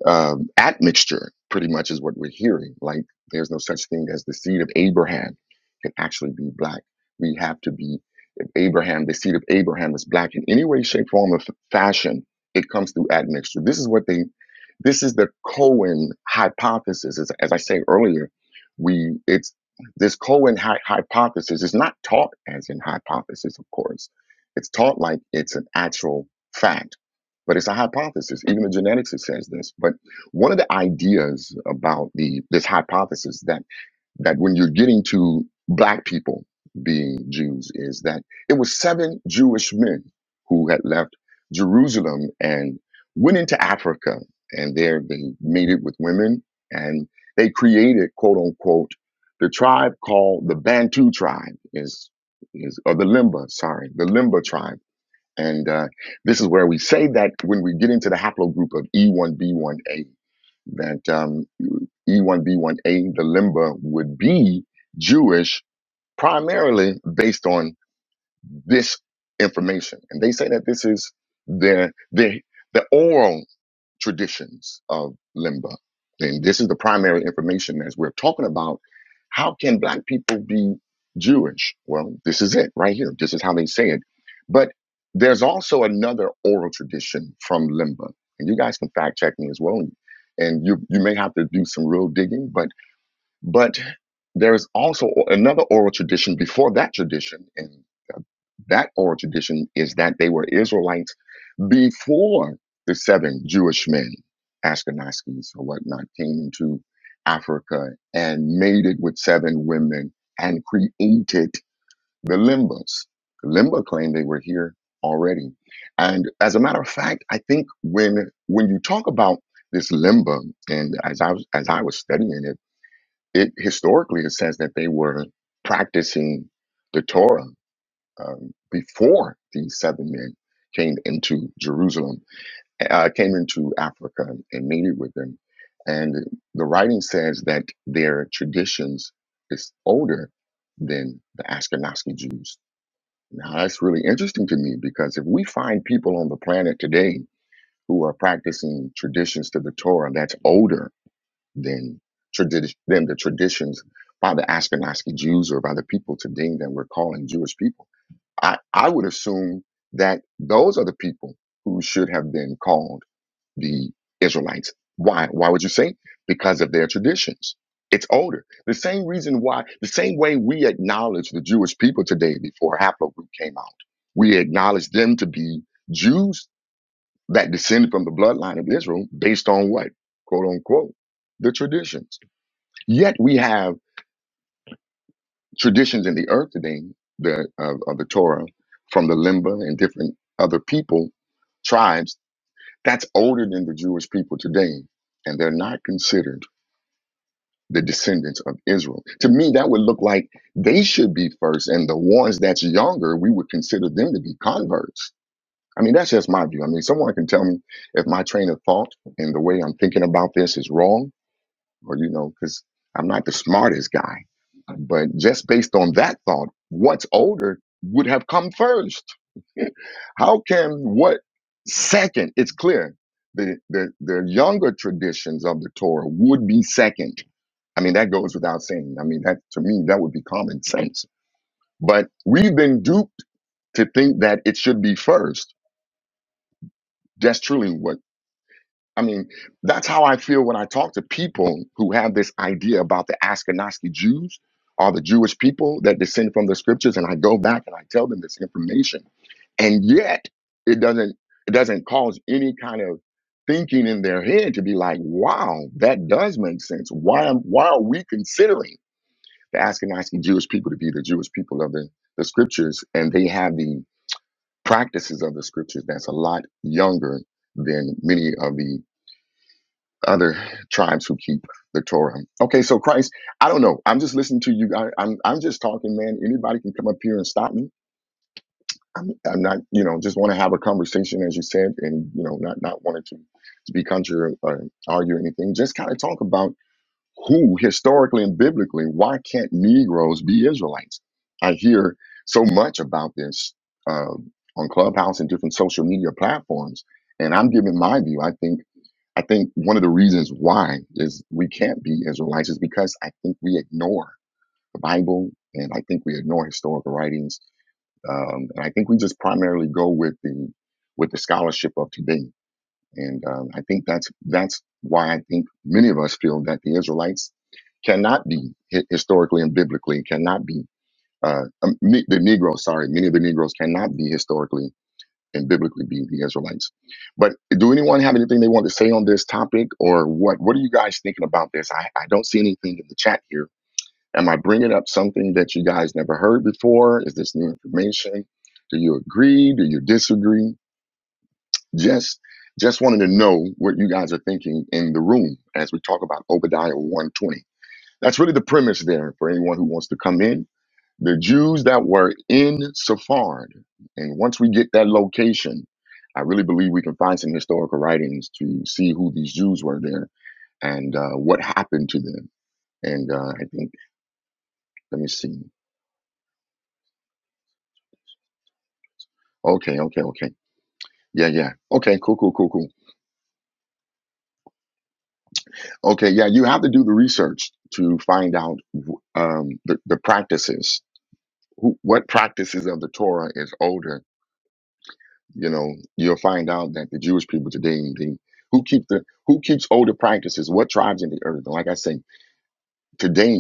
[SPEAKER 1] um, admixture. Pretty much is what we're hearing. Like there's no such thing as the seed of Abraham can actually be black. We have to be Abraham, the seed of Abraham is black in any way, shape, form, or f- fashion, it comes through admixture. This is what they, this is the Cohen hypothesis. As, as I say earlier, we, it's this Cohen hy- hypothesis is not taught as in hypothesis, of course. It's taught like it's an actual fact, but it's a hypothesis. Even the genetics says this. But one of the ideas about the this hypothesis that that when you're getting to black people being Jews is that it was seven Jewish men who had left Jerusalem and went into Africa and there they mated with women and they created quote unquote the tribe called the Bantu tribe is is or the Limba, sorry, the Limba tribe and uh, this is where we say that when we get into the haplogroup of E1B1A, that um, E1B1A, the limba, would be Jewish primarily based on this information. And they say that this is their, their, the oral traditions of Limba. And this is the primary information as we're talking about. How can black people be Jewish? Well, this is it right here. This is how they say it. But there's also another oral tradition from Limba. And you guys can fact check me as well. And you you may have to do some real digging, but but there's also another oral tradition before that tradition. And that oral tradition is that they were Israelites before the seven Jewish men, Ashkenazis or whatnot, came into Africa and mated with seven women and created the Limbas. The Limba claimed they were here already. And as a matter of fact, I think when when you talk about this Limba, and as I was as I was studying it, it historically it says that they were practicing the Torah um, before these seven men came into Jerusalem uh, came into Africa and mated with them. And the writing says that their traditions is older than the Ashkenazi Jews. Now, that's really interesting to me because if we find people on the planet today who are practicing traditions to the Torah that's older than, tradi- than the traditions by the Ashkenazi Jews or by the people today that we're calling Jewish people, I, I would assume that those are the people who should have been called the Israelites. Why? Why would you say? Because of their traditions. It's older. The same reason why, the same way we acknowledge the Jewish people today before Haplogroup came out, we acknowledge them to be Jews that descended from the bloodline of Israel based on what? Quote unquote, the traditions. Yet we have traditions in the earth today the, of, of the Torah from the Limba and different other people, tribes That's older than the Jewish people today, and they're not considered the descendants of Israel. To me, that would look like they should be first, and the ones that's younger, we would consider them to be converts. I mean, that's just my view. I mean, someone can tell me if my train of thought and the way I'm thinking about this is wrong, or you know, because I'm not the smartest guy. But just based on that thought, what's older would have come first. How can what second? It's clear the, the the younger traditions of the Torah would be second. I mean, that goes without saying. I mean, that to me, that would be common sense. But we've been duped to think that it should be first. That's truly what I mean, that's how I feel when I talk to people who have this idea about the Ashkenazi Jews or the Jewish people that descend from the scriptures, and I go back and I tell them this information, and yet it doesn't it doesn't cause any kind of thinking in their head to be like, wow, that does make sense. Why am why are we considering the Ashkenazi Jewish people to be the Jewish people of the, the scriptures, and they have the practices of the scriptures that's a lot younger than many of the other tribes who keep the Torah. Okay, so Christ, I don't know. I'm just listening to you. I, I'm I'm just talking, man. Anybody can come up here and stop me. I'm, I'm not, you know, just want to have a conversation, as you said, and you know, not not wanting to to be contra or argue anything. Just kind of talk about who historically and biblically why can't Negroes be Israelites? I hear so much about this uh, on Clubhouse and different social media platforms, and I'm giving my view. I think I think one of the reasons why is we can't be Israelites is because I think we ignore the Bible and I think we ignore historical writings, um, and I think we just primarily go with the with the scholarship of today. And um, I think that's that's why I think many of us feel that the Israelites cannot be hi- historically and biblically cannot be uh, um, ne- the Negroes. Sorry, many of the Negroes cannot be historically and biblically being the Israelites. But do anyone have anything they want to say on this topic or what? What are you guys thinking about this? I, I don't see anything in the chat here. Am I bringing up something that you guys never heard before? Is this new information? Do you agree? Do you disagree? Just just wanted to know what you guys are thinking in the room as we talk about Obadiah 120. That's really the premise there for anyone who wants to come in the Jews that were in Sephard, and once we get that location, I really believe we can find some historical writings to see who these Jews were there and uh, what happened to them. And uh, I think, let me see. Okay, okay, okay. Yeah, yeah. Okay, cool, cool, cool, cool. Okay, yeah, you have to do the research to find out um, the, the practices. Who, what practices of the Torah is older You know, you'll find out that the Jewish people today, they, who keep the who keeps older practices, what tribes in the earth. And like I say, today,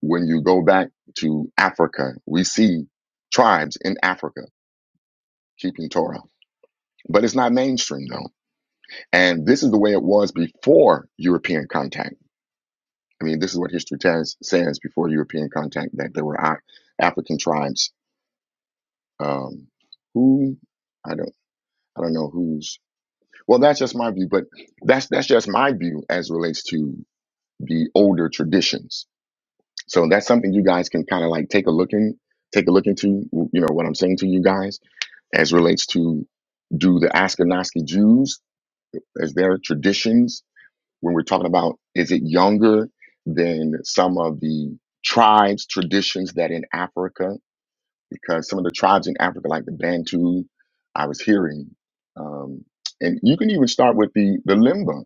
[SPEAKER 1] when you go back to Africa, we see tribes in Africa keeping Torah. But it's not mainstream though. And this is the way it was before European contact. I mean, this is what history tells, says before European contact that there were Af- African tribes um, who I don't I don't know who's Well, that's just my view, but that's that's just my view as it relates to the older traditions. So that's something you guys can kind of like take a look in, take a look into. You know what I'm saying to you guys as relates to do the Ashkenazi Jews as their traditions when we're talking about is it younger than some of the tribes traditions that in Africa because some of the tribes in Africa like the Bantu I was hearing um, and you can even start with the the Limba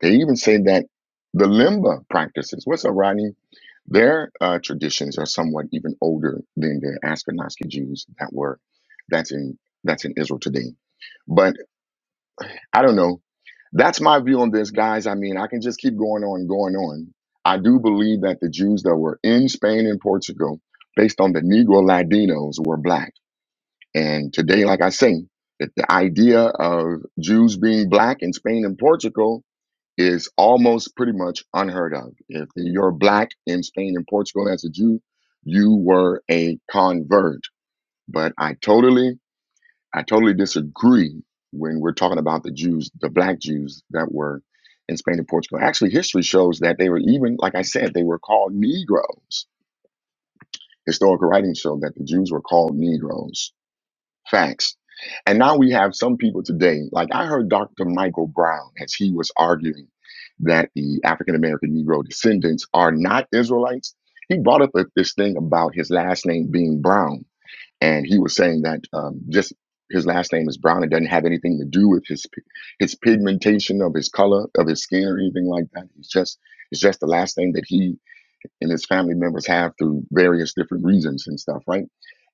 [SPEAKER 1] They even say that the Limba practices, what's Arani? Their uh, traditions are somewhat even older than the Ashkenazi Jews that were that's in that's in Israel today. But I don't know. That's my view on this, guys. I mean, I can just keep going on and going on. I do believe that the Jews that were in Spain and Portugal, based on the Negro Latinos, were black. And today, like I say, that the idea of Jews being black in Spain and Portugal is almost pretty much unheard of. If you're black in Spain and Portugal as a Jew, you were a convert. But I totally, I totally disagree when we're talking about the Jews, the black Jews that were in Spain and Portugal. Actually, history shows that they were even, like I said, they were called Negroes. Historical writings show that the Jews were called Negroes Facts. And now we have some people today, like I heard Dr. Michael Brown as he was arguing that the African American Negro descendants are not Israelites. He brought up a- this thing about his last name being Brown. And he was saying that um, just his last name is Brown. It doesn't have anything to do with his pi- his pigmentation of his color of his skin or anything like that. It's just it's just the last name that he and his family members have through various different reasons and stuff, right?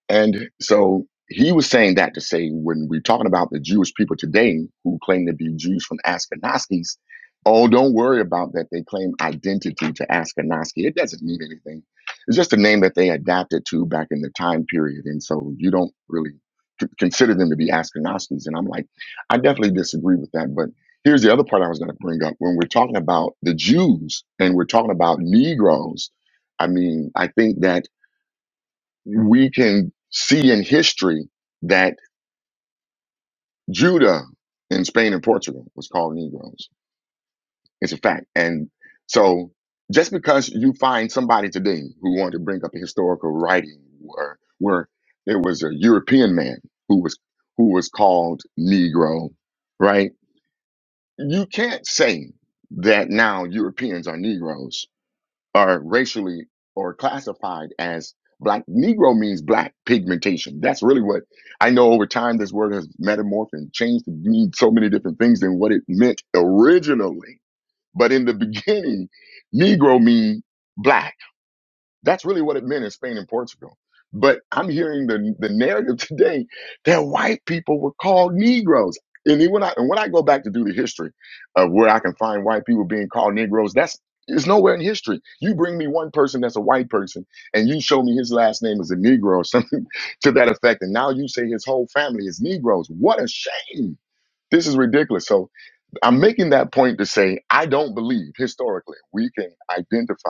[SPEAKER 1] And so he was saying that to say when we're talking about the Jewish people today who claim to be Jews from Ashkenazis, oh, don't worry about that. They claim identity to Ashkenazi. It doesn't mean anything. It's just a name that they adapted to back in the time period. And so you don't really c- consider them to be Ashkenazis. And I'm like, I definitely disagree with that. But here's the other part I was going to bring up. When we're talking about the Jews and we're talking about Negroes, I mean, I think that we can see in history that Judah in Spain and Portugal was called Negroes. It's a fact. And so just because you find somebody today who wanted to bring up a historical writing where, where there was a European man who was who was called Negro, right? You can't say that now Europeans are Negroes are racially or classified as black. Negro means black pigmentation. That's really what I know over time this word has metamorphed and changed to mean so many different things than what it meant originally. But in the beginning, Negro mean black. That's really what it meant in Spain and Portugal. But I'm hearing the, the narrative today that white people were called Negroes. And then when I and when I go back to do the history of where I can find white people being called Negroes, that's it's nowhere in history. You bring me one person that's a white person, and you show me his last name is a Negro or something to that effect, and now you say his whole family is Negroes. What a shame! This is ridiculous. So I'm making that point to say I don't believe historically we can identify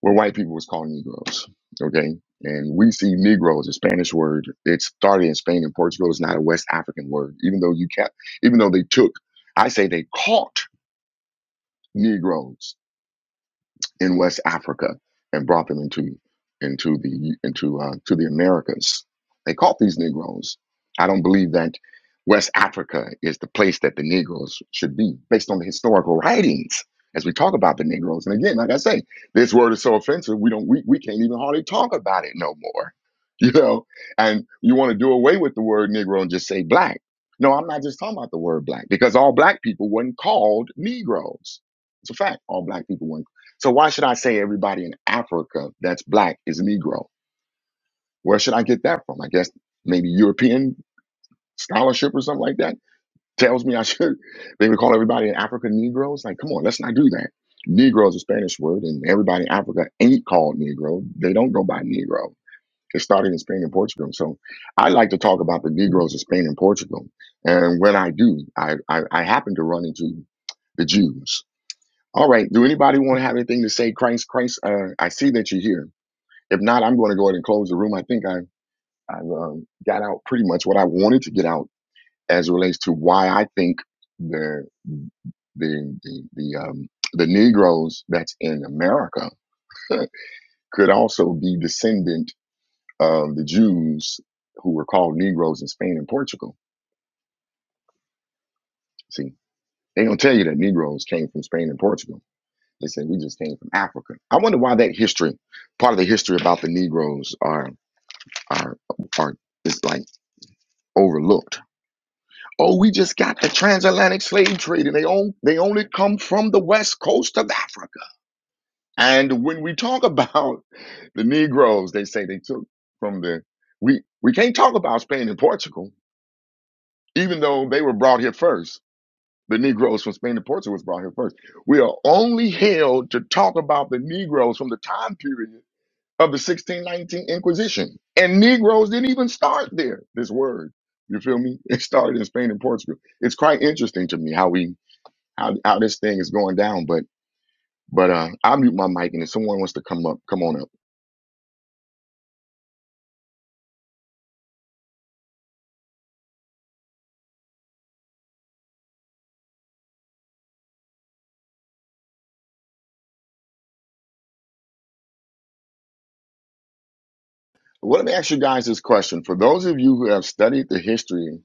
[SPEAKER 1] what white people was called Negroes. Okay. And we see negroes a Spanish word. It started in Spain and Portugal. It's not a West African word, even though you can't, even though they took, I say they caught Negroes in West Africa and brought them into into the into uh, to the Americas. They caught these Negroes. I don't believe that West Africa is the place that the Negroes should be, based on the historical writings. As we talk about the Negroes, and again, like I say, this word is so offensive, we don't we, we can't even hardly talk about it no more. You know, and you want to do away with the word Negro and just say black. No, I'm not just talking about the word black because all black people weren't called Negroes. It's a fact. All black people weren't so why should I say everybody in Africa that's black is Negro? Where should I get that from? I guess maybe European scholarship or something like that tells me I should. They would call everybody in Africa Negroes. Like, come on, let's not do that. Negro is a Spanish word, and everybody in Africa ain't called Negro. They don't go by Negro. It started in Spain and Portugal. So I like to talk about the Negroes of Spain and Portugal. And when I do, I, I, I happen to run into the Jews all right. Do anybody want to have anything to say? Christ, Christ, uh, I see that you're here. If not, I'm going to go ahead and close the room. I think I, I've um, got out pretty much what I wanted to get out as it relates to why I think the the the the, um, the Negroes that's in America could also be descendant of the Jews who were called Negroes in Spain and Portugal. See, they don't tell you that Negroes came from Spain and Portugal. They say we just came from Africa. I wonder why that history, part of the history about the Negroes, are are is like overlooked. Oh, we just got the transatlantic slave trade, and they own they only come from the west coast of Africa. And when we talk about the Negroes, they say they took from the we we can't talk about Spain and Portugal, even though they were brought here first. The Negroes from Spain and Portugal was brought here first. We are only held to talk about the Negroes from the time period of the 1619 Inquisition. And Negroes didn't even start there, this word. You feel me? It started in Spain and Portugal. It's quite interesting to me how we how, how this thing is going down, but but uh I'll mute my mic and if someone wants to come up, come on up. Well, let me ask you guys this question. For those of you who have studied the history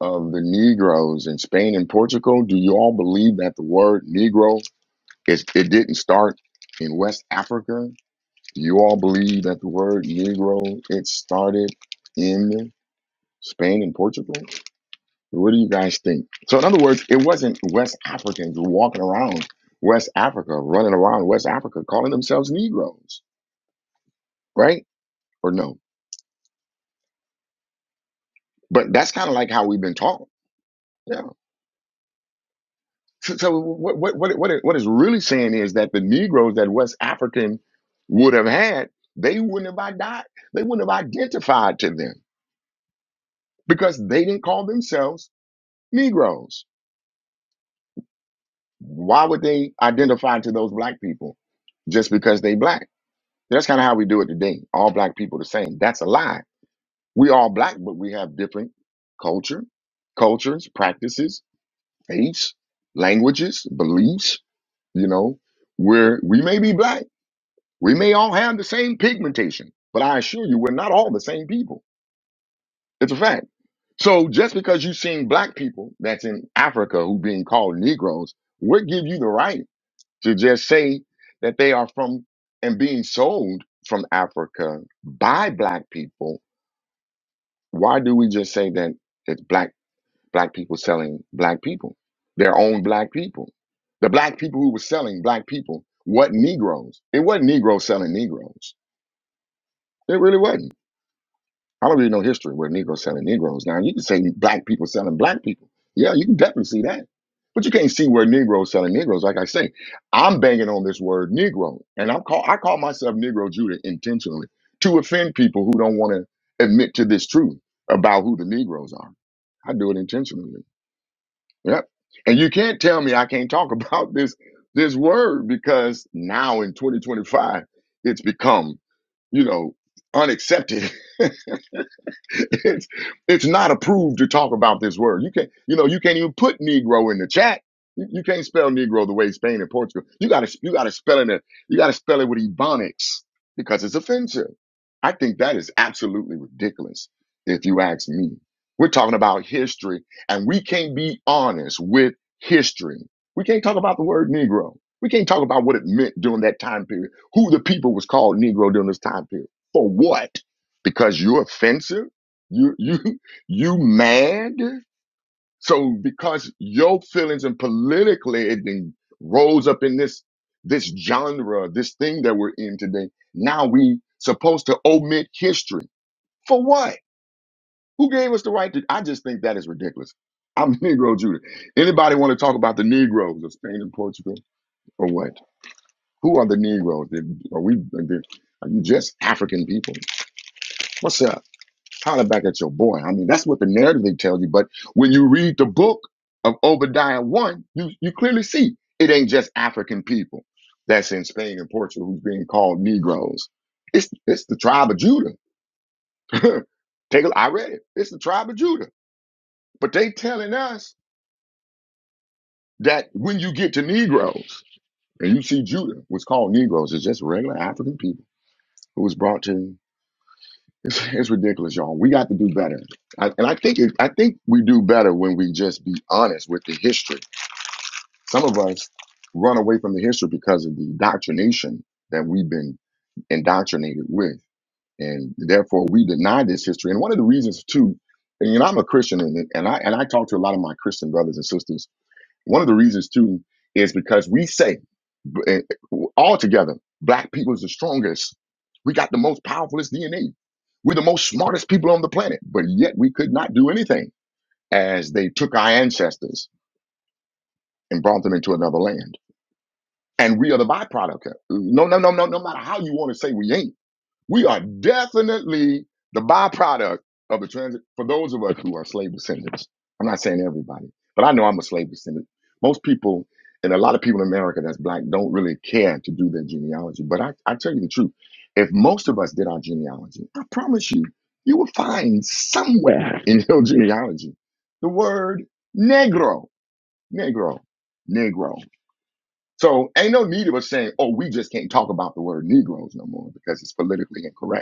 [SPEAKER 1] of the Negroes in Spain and Portugal, do you all believe that the word Negro is it didn't start in West Africa Do you all believe that the word Negro it started in Spain and Portugal? What do you guys think? So, in other words, it wasn't West Africans walking around West Africa, running around West Africa, calling themselves Negroes, right? Or no? But that's kind of like how we've been taught. Yeah. So, so what what what what it, what it's really saying is that the Negroes that West African would have had, they wouldn't have died. They wouldn't have identified to them because they didn't call themselves Negroes. Why would they identify to those black people just because they black? That's kind of how we do it today. All black people the same. That's a lie. We all black, but we have different culture, cultures, practices, faiths, languages, beliefs. You know, where we may be black, we may all have the same pigmentation, but I assure you, we're not all the same people. It's a fact. So just because you've seen black people that's in Africa who being called Negroes, what give you the right? to just say that they are from and being sold from Africa by black people, why do we just say that it's black black people selling black people, their own black people, the black people who were selling black people? What Negroes? It wasn't Negroes selling Negroes. It really wasn't. I don't really know history where Negroes selling Negroes. Now you can say black people selling black people. Yeah, you can definitely see that. But you can't see where Negroes selling Negroes. Like I say, I'm banging on this word Negro, and I'm call I call myself Negro Judah intentionally to offend people who don't want to admit to this truth about who the Negroes are. I do it intentionally. Yep. And you can't tell me I can't talk about this this word because now in 2025 it's become you know unaccepted it's, it's not approved to talk about this word. You can't, you know, you can't even put Negro in the chat. You, you can't spell Negro the way Spain and Portugal. You gotta, you gotta spell it. You gotta spell it with ebonics because it's offensive. I think that is absolutely ridiculous. If you ask me, we're talking about history and we can't be honest with history. We can't talk about the word Negro. We can't talk about what it meant during that time period, who the people was called Negro during this time period. For what? Because you're offensive? You you you mad? So because your feelings and politically it then rose up in this this genre, this thing that we're in today. Now we supposed to omit history. For what? Who gave us the right to I just think that is ridiculous. I'm Negro Judah. Anybody want to talk about the Negroes of Spain and Portugal or what? Who are the Negroes? Are we are you just African people? What's up? holler back at your boy. I mean, that's what the narrative tells you. But when you read the book of Obadiah 1, you, you clearly see it ain't just African people that's in Spain and Portugal who's being called Negroes. It's, it's the tribe of Judah. Take a, I read it. It's the tribe of Judah. But they telling us that when you get to Negroes and you see Judah, was called Negroes it's just regular African people who was brought to It's, it's ridiculous, y'all. We got to do better, I, and I think it, I think we do better when we just be honest with the history. Some of us run away from the history because of the indoctrination that we've been indoctrinated with, and therefore we deny this history. And one of the reasons, too, and you know, I'm a Christian, and, and I and I talk to a lot of my Christian brothers and sisters one of the reasons too is because we say b- eh, all together, black people is the strongest. We got the most powerfulest DNA. We're the most smartest people on the planet, but yet we could not do anything as they took our ancestors and brought them into another land. And we are the byproduct. No, no, no, no, no matter how you want to say we ain't. We are definitely the byproduct of a transit for those of us who are slave descendants. I'm not saying everybody, but I know I'm a slave descendant. Most people and a lot of people in America that's black don't really care to do their genealogy. But I, I tell you the truth, if most of us did our genealogy, I promise you, you will find somewhere in your genealogy the word negro. Negro. Negro. So ain't no need of us saying, oh, we just can't talk about the word Negroes no more because it's politically incorrect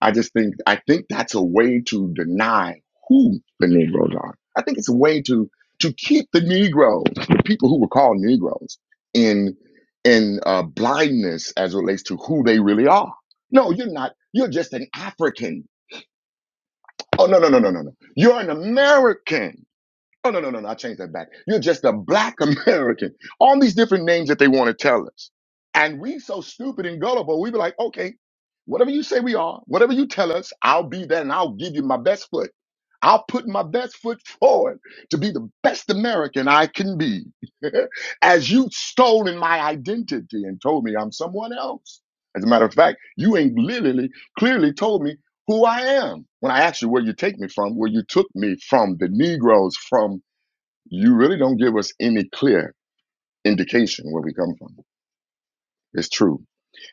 [SPEAKER 1] I just think I think that's a way to deny who the Negroes are. I think it's a way to to keep the Negroes, the people who were called Negroes, in in uh, blindness as it relates to who they really are. No, you're not. You're just an African. Oh no no no no no no. You're an American. Oh, no, no, no, no. I changed that back. You're just a black American. All these different names that they want to tell us. And we so stupid and gullible, we be like, okay, whatever you say we are, whatever you tell us, I'll be there and I'll give you my best foot. I'll put my best foot forward to be the best American I can be. As you've stolen my identity and told me I'm someone else. As a matter of fact, you ain't literally clearly told me who I am. When I ask you where you take me from, where you took me from, the Negroes from, you really don't give us any clear indication where we come from. It's true.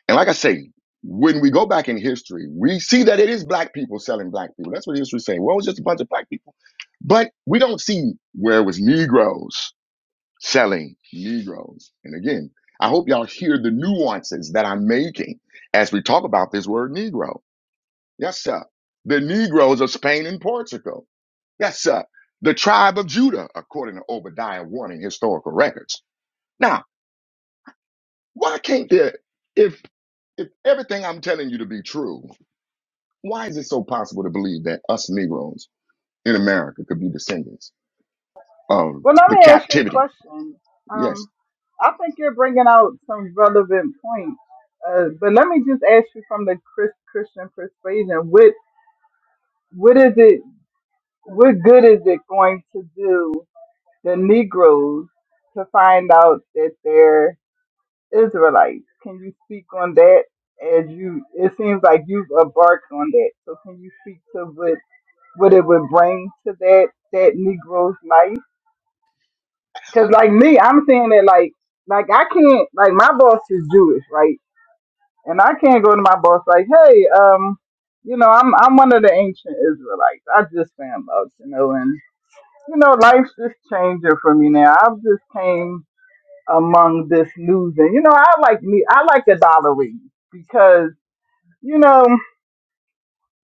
[SPEAKER 1] And like I say, when we go back in history, we see that it is black people selling black people. That's what history's saying. Well, it was just a bunch of black people. But we don't see where it was Negroes selling Negroes. And again, I hope y'all hear the nuances that I'm making as we talk about this word Negro. Yes, sir. The Negroes of Spain and Portugal. Yes, sir. The tribe of Judah, according to Obadiah 1 in historical records. Now, why can't there, if if everything I'm telling you to be true, why is it so possible to believe that us Negroes in America could be descendants of
[SPEAKER 2] Well, let
[SPEAKER 1] the
[SPEAKER 2] me ask you a
[SPEAKER 1] captivity?
[SPEAKER 2] question.
[SPEAKER 1] Yes,
[SPEAKER 2] Um, I think you're bringing out some relevant points, uh, but let me just ask you from the Chris, Christian persuasion: what what is it? What good is it going to do the Negroes to find out that they're Israelites. Can you speak on that? As you, it seems like you've embarked on that. So can you speak to what what it would bring to that that Negro's life? Because like me, I'm saying that like like I can't like my boss is Jewish, right? And I can't go to my boss like, hey, um, you know, I'm I'm one of the ancient Israelites. I just found out, you know, and you know, life's just changing for me now. I've just came among this losing. You know, I like me I like the dollarine because, you know,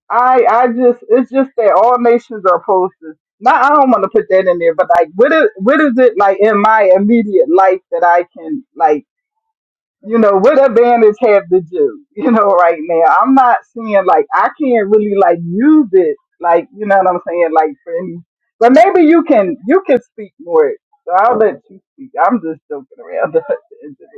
[SPEAKER 2] I I just it's just that all nations are opposed to not I don't want to put that in there, but like what is what is it like in my immediate life that I can like you know, what advantage have the Jew, you know, right now. I'm not seeing like I can't really like use it like you know what I'm saying, like for any but maybe you can you can speak more. So I'll let you speak. I'm just joking around.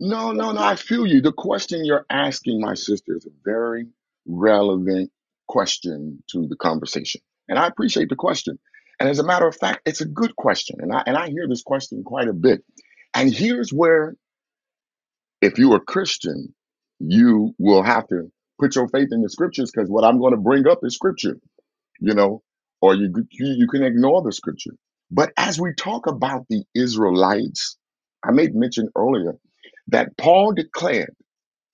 [SPEAKER 1] No, no, no. I feel you. The question you're asking, my sister, is a very relevant question to the conversation. And I appreciate the question. And as a matter of fact, it's a good question. And I, and I hear this question quite a bit. And here's where, if you're a Christian, you will have to put your faith in the scriptures because what I'm going to bring up is scripture, you know, or you, you, you can ignore the scripture. But as we talk about the Israelites, I made mention earlier that Paul declared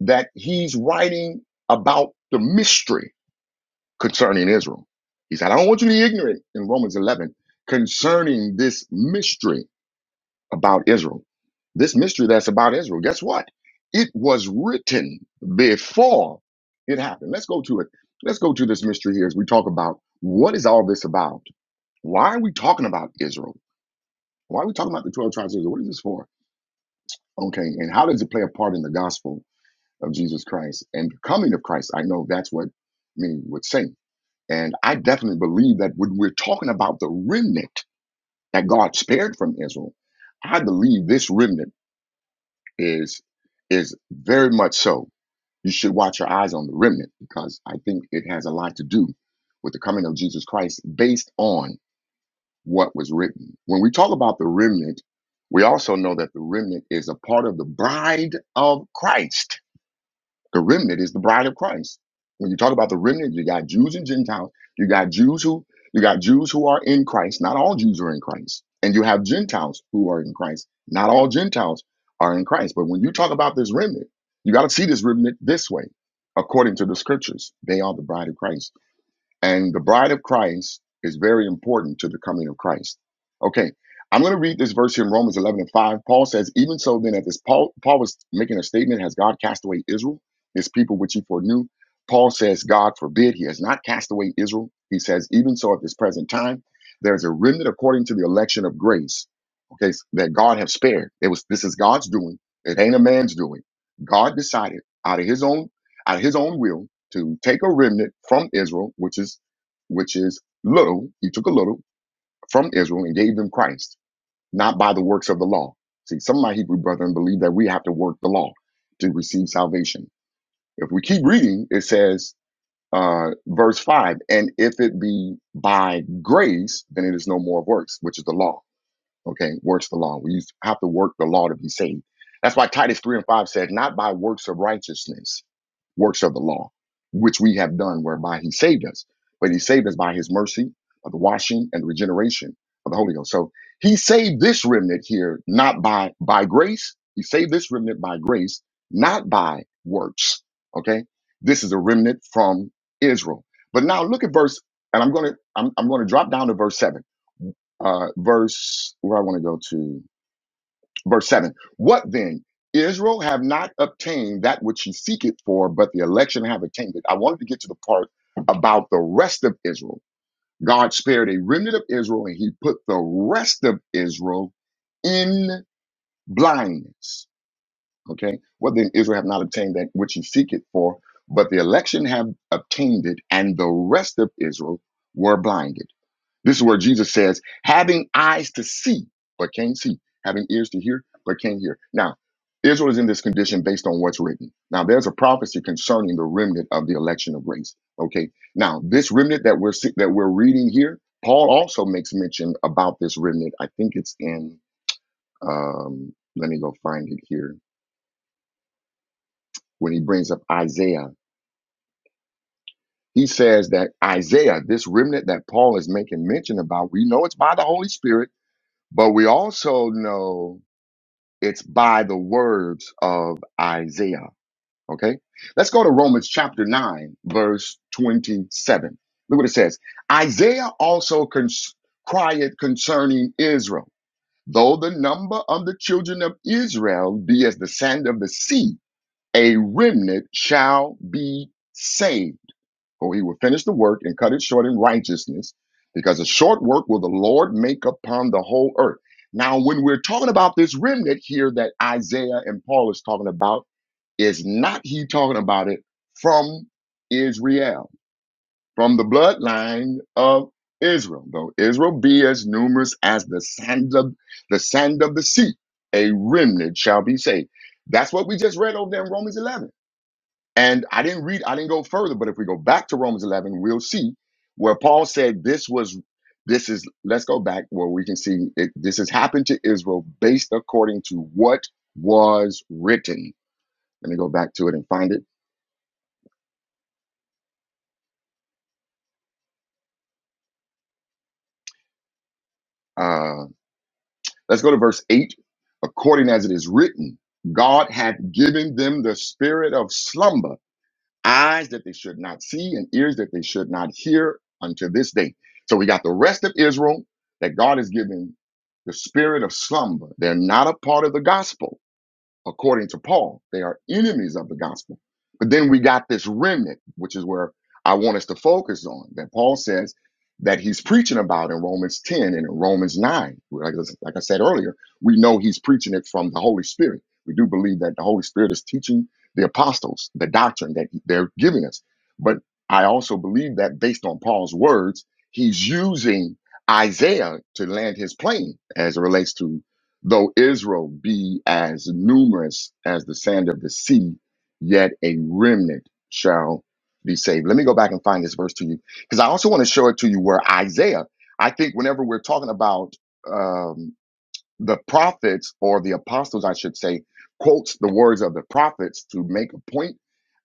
[SPEAKER 1] that he's writing about the mystery concerning Israel. He said, I don't want you to be ignorant in Romans 11 concerning this mystery about Israel. This mystery that's about Israel. Guess what? It was written before it happened. Let's go to it. Let's go to this mystery here as we talk about what is all this about? Why are we talking about Israel? Why are we talking about the 12 tribes of Israel? What is this for? Okay. And how does it play a part in the gospel? of Jesus Christ and the coming of Christ. I know that's what many would say. And I definitely believe that when we're talking about the remnant that God spared from Israel, I believe this remnant is is very much so. You should watch your eyes on the remnant because I think it has a lot to do with the coming of Jesus Christ based on what was written. When we talk about the remnant, we also know that the remnant is a part of the bride of Christ the remnant is the bride of Christ. When you talk about the remnant, you got Jews and Gentiles. You got Jews who you got Jews who are in Christ. Not all Jews are in Christ. And you have Gentiles who are in Christ. Not all Gentiles are in Christ. But when you talk about this remnant, you got to see this remnant this way, according to the scriptures. They are the bride of Christ. And the bride of Christ is very important to the coming of Christ. Okay, I'm going to read this verse here in Romans 11 and 5. Paul says, Even so, then, at this, Paul, Paul was making a statement Has God cast away Israel, his people which he foreknew? Paul says, God forbid, he has not cast away Israel. He says, Even so, at this present time, there is a remnant according to the election of grace, okay, that God have spared. It was this is God's doing, it ain't a man's doing. God decided out of his own out of his own will to take a remnant from Israel, which is which is little. He took a little from Israel and gave them Christ, not by the works of the law. See, some of my Hebrew brethren believe that we have to work the law to receive salvation. If we keep reading, it says, uh, verse five, and if it be by grace, then it is no more of works, which is the law Okay, works the law. We have to work the law to be saved. That's why Titus 3 and 5 said, Not by works of righteousness, works of the law, which we have done, whereby he saved us. But he saved us by his mercy, by the washing and regeneration of the Holy Ghost. So he saved this remnant here, not by by grace. He saved this remnant by grace, not by works. Okay? This is a remnant from Israel. But now look at verse, and I'm gonna I'm, I'm gonna drop down to verse 7 uh, verse where I want to go to verse seven. What then? Israel have not obtained that which she seeketh for, but the election have attained it. I wanted to get to the part about the rest of Israel. God spared a remnant of Israel, and He put the rest of Israel in blindness. Okay, what then? Israel have not obtained that which she seeketh for, but the election have obtained it, and the rest of Israel were blinded. This is where Jesus says, having eyes to see, but can't see, having ears to hear, but can't hear. Now, Israel is in this condition based on what's written. Now, there's a prophecy concerning the remnant of the election of grace. Okay. Now, this remnant that we're see- that we're reading here, Paul also makes mention about this remnant. I think it's in um, let me go find it here. When he brings up Isaiah, he says that Isaiah, this remnant that Paul is making mention about, we know it's by the Holy Spirit, but we also know. It's by the words of Isaiah. Okay. Let's go to Romans chapter 9, verse 27. Look what it says. Isaiah also cons- cried concerning Israel. Though the number of the children of Israel be as the sand of the sea, a remnant shall be saved for he will finish the work and cut it short in righteousness, because a short work will the Lord make upon the whole earth. Now, when we're talking about this remnant here that Isaiah and Paul is talking about, is not he talking about it from Israel, from the bloodline of Israel, though Israel be as numerous as the sand of the sand of the sea, a remnant shall be saved. That's what we just read over there in Romans 11 and I didn't read, I didn't go further, but if we go back to Romans 11, we'll see where Paul said this was, this is, let's go back where we can see it, this has happened to Israel based according to what was written. Let me go back to it and find it. Uh, let's go to verse 8. According as it is written, God hath given them the spirit of slumber eyes that they should not see and ears that they should not hear unto this day. So we got the rest of Israel that God has given the spirit of slumber. They're not a part of the gospel according to Paul, they are enemies of the gospel. But then we got this remnant, which is where I want us to focus on, that Paul says that he's preaching about in Romans 10 and in Romans 9. Like, like I said earlier, we know he's preaching it from the Holy Spirit. We do believe that the Holy Spirit is teaching the apostles the doctrine that they're giving us. But I also believe that based on Paul's words, he's using Isaiah to land his plane as it relates to Though Israel be as numerous as the sand of the sea, yet a remnant shall be saved. Let me go back and find this verse to you because I also want to show it to you where Isaiah, I think, whenever we're talking about um, the prophets or the apostles, I should say, quotes the words of the prophets to make a point.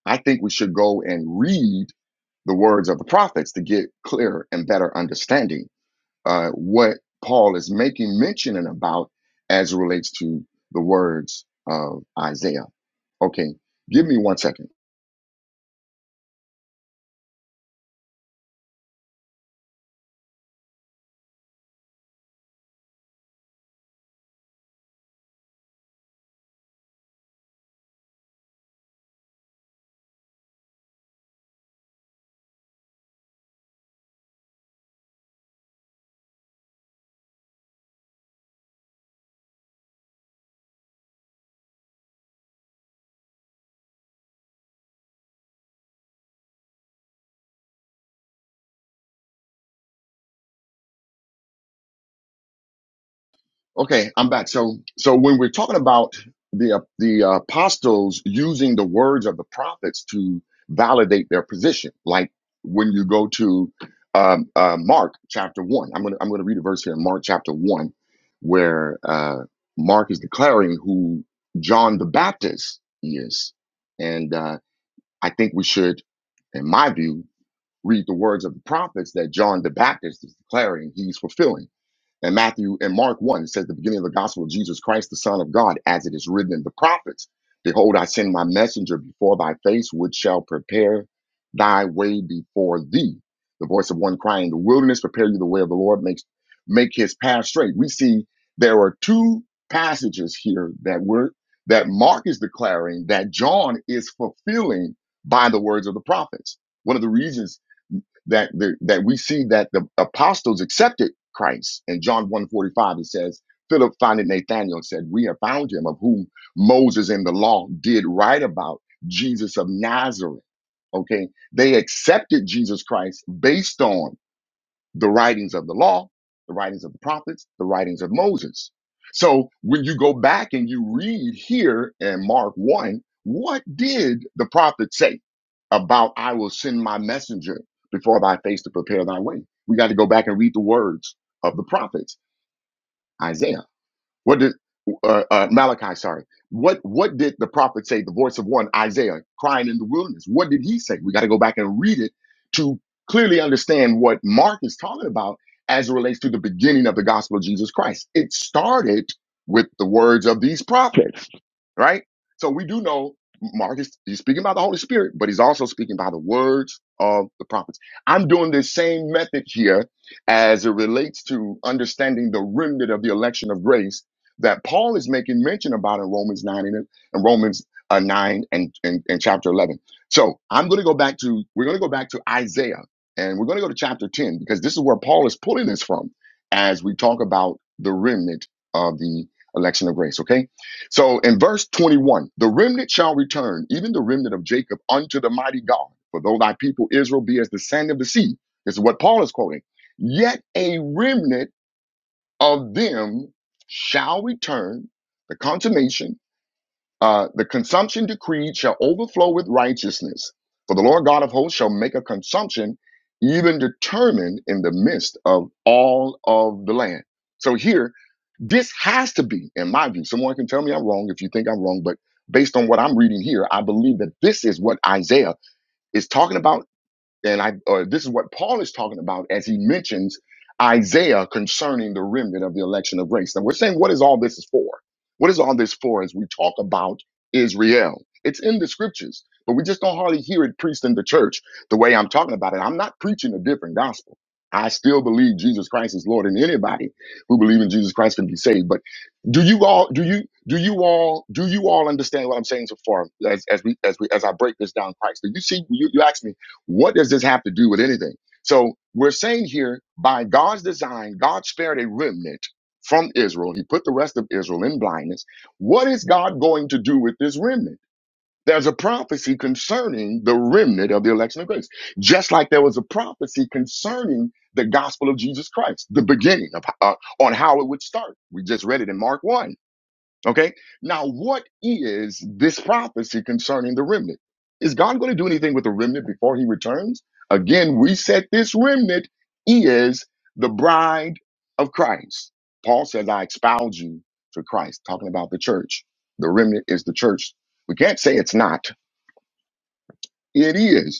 [SPEAKER 1] I think we should go and read the words of the prophets to get clearer and better understanding uh, what Paul is making mention and about as it relates to the words of Isaiah. Okay, give me one second. Okay, I'm back. So, so when we're talking about the uh, the apostles using the words of the prophets to validate their position, like when you go to um, uh, Mark chapter one, I'm gonna I'm gonna read a verse here in Mark chapter one, where uh, Mark is declaring who John the Baptist is, and uh, I think we should, in my view, read the words of the prophets that John the Baptist is declaring he's fulfilling. And Matthew and Mark 1 says the beginning of the gospel of Jesus Christ, the Son of God, as it is written in the prophets Behold, I send my messenger before thy face, which shall prepare thy way before thee. The voice of one crying in the wilderness, prepare you the way of the Lord, makes make his path straight. We see there are two passages here that we're that Mark is declaring that John is fulfilling by the words of the prophets. One of the reasons that the, that we see that the apostles accepted Christ. In John one forty five. it says, Philip finding Nathanael and said, We have found him of whom Moses in the law did write about, Jesus of Nazareth. Okay. They accepted Jesus Christ based on the writings of the law, the writings of the prophets, the writings of Moses. So when you go back and you read here in Mark 1, what did the prophet say about I will send my messenger before thy face to prepare thy way? We got to go back and read the words of the prophets, Isaiah. What did uh, uh, Malachi? Sorry. What what did the prophet say? The voice of one Isaiah crying in the wilderness. What did he say? We got to go back and read it to clearly understand what Mark is talking about as it relates to the beginning of the gospel of Jesus Christ. It started with the words of these prophets right? So we do know Marcus, he's speaking about the Holy Spirit, but he's also speaking by the words of the prophets. I'm doing this same method here as it relates to understanding the remnant of the election of grace that Paul is making mention about in Romans 9 and, and Romans uh, 9 and, and, and chapter 11. So I'm going to go back to, we're going to go back to Isaiah and we're going to go to chapter 10 because this is where Paul is pulling this from as we talk about the remnant of the election of grace. Okay. So in verse 21, the remnant shall return, even the remnant of Jacob, unto the mighty God. For though thy people Israel be as the sand of the sea, this is what Paul is quoting, yet a remnant of them shall return. The consummation, uh, the consumption decreed shall overflow with righteousness. For the Lord God of hosts shall make a consumption even determined in the midst of all of the land. So here this has to be, in my view, someone can tell me I'm wrong if you think I'm wrong, but based on what I'm reading here, I believe that this is what Isaiah is talking about and I, or this is what Paul is talking about as he mentions Isaiah concerning the remnant of the election of grace. Now we're saying, what is all this is for? What is all this for as we talk about Israel? It's in the scriptures, but we just don't hardly hear it preached in the church the way I'm talking about it. I'm not preaching a different gospel. I still believe Jesus Christ is Lord, and anybody who believes in Jesus Christ can be saved. But do you all do you do you all do you all understand what I'm saying so far as, as we as we as I break this down, Christ? Do you see you, you asked me what does this have to do with anything? So we're saying here, by God's design, God spared a remnant from Israel. He put the rest of Israel in blindness. What is God going to do with this remnant? There's a prophecy concerning the remnant of the election of grace, just like there was a prophecy concerning the gospel of Jesus Christ, the beginning of uh, on how it would start. We just read it in Mark 1 Okay. Now, what is this prophecy concerning the remnant? Is God going to do anything with the remnant before he returns? Again, we said this remnant is the bride of Christ. Paul says, I expound you to Christ, talking about the church. The remnant is the church. We can't say it's not. It is.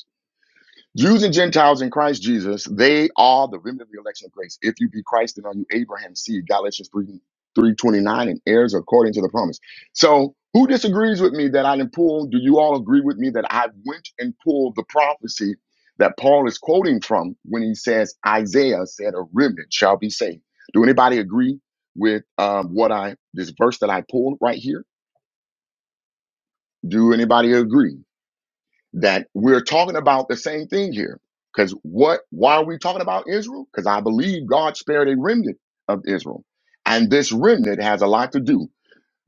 [SPEAKER 1] Jews and Gentiles in Christ Jesus, they are the remnant of the election of grace. If you be Christ, then are you Abraham's seed, Galatians 3, 3.29, and heirs according to the promise. So who disagrees with me that I didn't pull? Do you all agree with me that I went and pulled the prophecy that Paul is quoting from when he says, Isaiah said, a remnant shall be saved. Do anybody agree with um, what I, this verse that I pulled right here? Do anybody agree? that we're talking about the same thing here. Because what? Why are we talking about Israel? Because I believe God spared a remnant of Israel, and this remnant has a lot to do.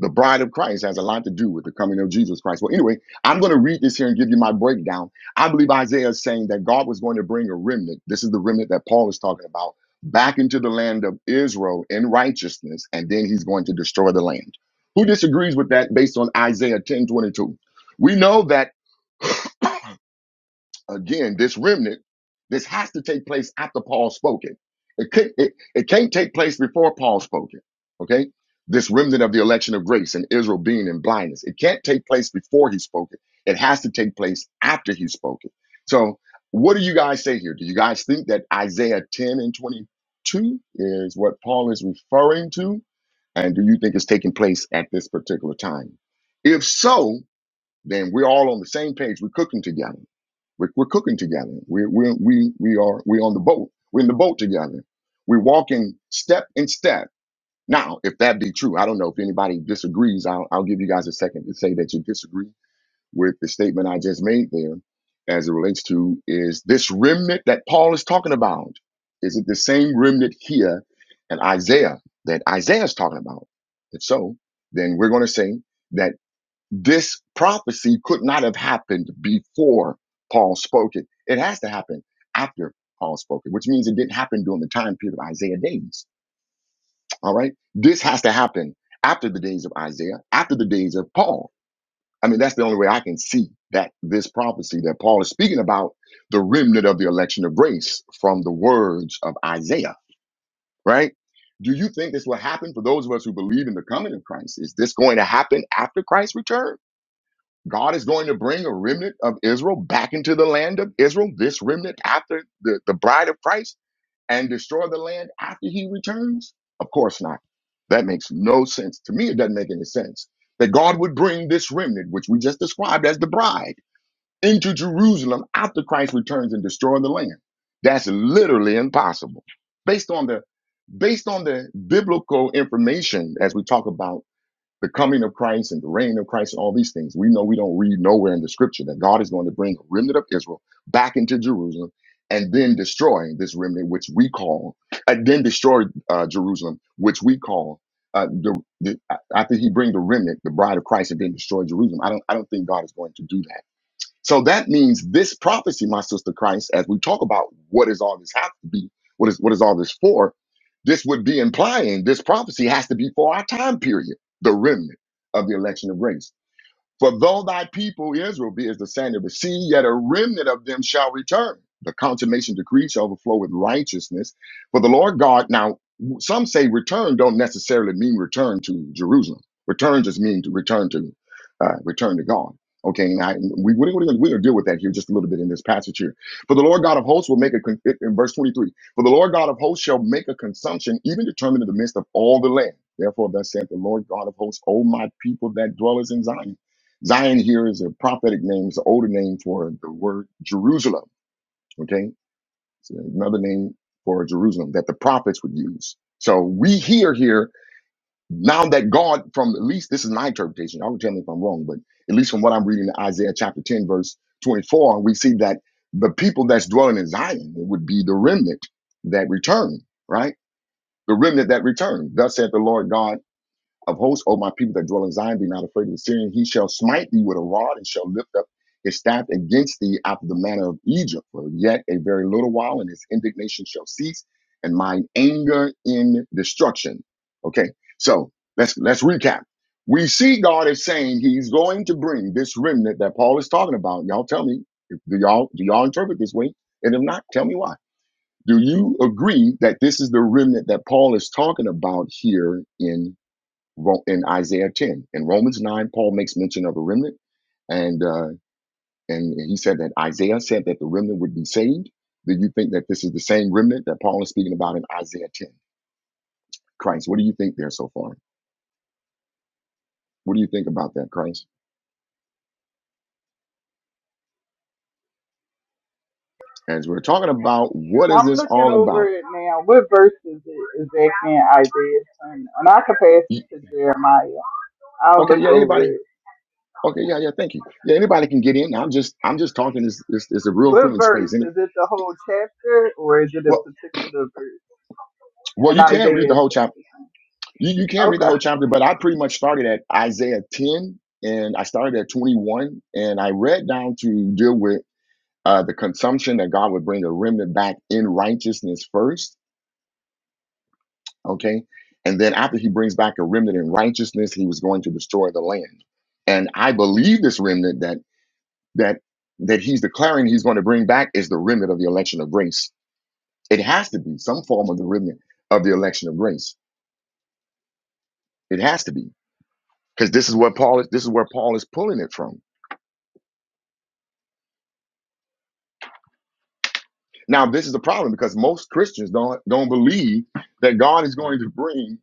[SPEAKER 1] The bride of Christ has a lot to do with the coming of Jesus Christ. Well, anyway, I'm going to read this here and give you my breakdown. I believe Isaiah is saying that God was going to bring a remnant. This is the remnant that Paul is talking about back into the land of Israel in righteousness, and then he's going to destroy the land. Who disagrees with that based on Isaiah 10:22, We know that again, this remnant, this has to take place after Paul spoken. It, could, it, it can't take place before Paul spoken. Okay. This remnant of the election of grace and Israel being in blindness. It can't take place before he spoke it. It has to take place after he spoke it. So what do you guys say here? Do you guys think that Isaiah 10 and 22 is what Paul is referring to? And do you think it's taking place at this particular time? If so, then we're all on the same page. We're cooking together. We're, we're cooking together. We're, we're, we, we are, we're on the boat. We're in the boat together. We're walking step in step. Now, if that be true, I don't know if anybody disagrees. I'll, I'll give you guys a second to say that you disagree with the statement I just made there as it relates to is this remnant that Paul is talking about. Is it the same remnant here in Isaiah that Isaiah is talking about? If so, then we're going to say that. This prophecy could not have happened before Paul spoke it. It has to happen after Paul spoke it, which means it didn't happen during the time period of Isaiah days. All right. This has to happen after the days of Isaiah, after the days of Paul. I mean, that's the only way I can see that this prophecy that Paul is speaking about, the remnant of the election of grace from the words of Isaiah, right? Do you think this will happen for those of us who believe in the coming of Christ? Is this going to happen after Christ's return? God is going to bring a remnant of Israel back into the land of Israel, this remnant after the, the bride of Christ, and destroy the land after he returns? Of course not. That makes no sense. To me, it doesn't make any sense that God would bring this remnant, which we just described as the bride, into Jerusalem after Christ returns and destroy the land. That's literally impossible. Based on the based on the biblical information as we talk about the coming of Christ and the reign of Christ and all these things. We know we don't read nowhere in the scripture that God is going to bring a remnant of Israel back into Jerusalem and then destroy this remnant, which we call, and then destroy uh, Jerusalem, which we call. Uh, the, the, I I think he bring the remnant, the bride of Christ, and then destroy Jerusalem, I don't, I don't think God is going to do that. So that means this prophecy, my sister Christ, as we talk about what is all this have to be, what is what is all this for, this would be implying this prophecy has to be for our time period, the remnant of the election of grace. For though thy people Israel be as the sand of the sea, yet a remnant of them shall return. The consummation decree shall overflow with righteousness. For the Lord God, now some say return don't necessarily mean return to Jerusalem. Return just mean to return to uh, return to God. Okay, and I, we, we're going to deal with that here just a little bit in this passage here. For the Lord God of hosts will make a, con- in verse 23, for the Lord God of hosts shall make a consumption even determined in the midst of all the land. Therefore, thus saith the Lord God of hosts, O my people that dwellers in Zion. Zion here is a prophetic name, it's an older name for the word Jerusalem. Okay, it's another name for Jerusalem that the prophets would use. So we hear here now that God, from at least this is my interpretation. Y'all can tell me if I'm wrong, but at least from what I'm reading in Isaiah chapter 10, verse 24, we see that the people that's dwelling in Zion it would be the remnant that return, right? The remnant that return. Thus saith the Lord God of hosts, O my people that dwell in Zion, be not afraid of the Syrian. He shall smite thee with a rod and shall lift up his staff against thee after the manner of Egypt. For yet a very little while, and his indignation shall cease, and mine anger in destruction. Okay, so let's let's recap. We see God is saying He's going to bring this remnant that Paul is talking about. Y'all tell me, if, do y'all do y'all interpret this way? And if not, tell me why. Do you agree that this is the remnant that Paul is talking about here in Ro- in Isaiah 10. In Romans 9, Paul makes mention of a remnant, and uh, and he said that Isaiah said that the remnant would be saved. Do you think that this is the same remnant that Paul is speaking about in Isaiah 10? Christ, what do you think there so far? What do you think about that, Christ? As we're talking about what is
[SPEAKER 2] I'm
[SPEAKER 1] this
[SPEAKER 2] looking
[SPEAKER 1] all
[SPEAKER 2] over
[SPEAKER 1] about?
[SPEAKER 2] it now. What verse is it exactly in Isaiah 10? And I can pass it
[SPEAKER 1] You-
[SPEAKER 2] to Jeremiah. I'll
[SPEAKER 1] okay,
[SPEAKER 2] look
[SPEAKER 1] yeah,
[SPEAKER 2] over
[SPEAKER 1] anybody?
[SPEAKER 2] it.
[SPEAKER 1] Okay, yeah, yeah, thank you. Yeah, anybody can get in. I'm just I'm just talking. This this is a real
[SPEAKER 2] What
[SPEAKER 1] friendly
[SPEAKER 2] verse?
[SPEAKER 1] space. And
[SPEAKER 2] Is it the whole chapter or is it a
[SPEAKER 1] well,
[SPEAKER 2] particular verse
[SPEAKER 1] well,
[SPEAKER 2] in
[SPEAKER 1] you can read
[SPEAKER 2] Isaiah
[SPEAKER 1] the whole chapter.
[SPEAKER 2] chapter
[SPEAKER 1] You, you can't
[SPEAKER 2] 10?
[SPEAKER 1] read the whole
[SPEAKER 2] Okay.
[SPEAKER 1] chapter, but I pretty much started at Isaiah 10 and I started at 21 and I read down to deal with uh, the consumption that God would bring a remnant back in righteousness first. Okay. And then after he brings back a remnant in righteousness, he was going to destroy the land. And I believe this remnant that that that he's declaring he's going to bring back is the remnant of the election of grace. It has to be some form of the remnant of the election of grace. It has to be because this is what Paul is. This is where Paul is pulling it from Now, this is the problem because most Christians don't don't believe that God is going to bring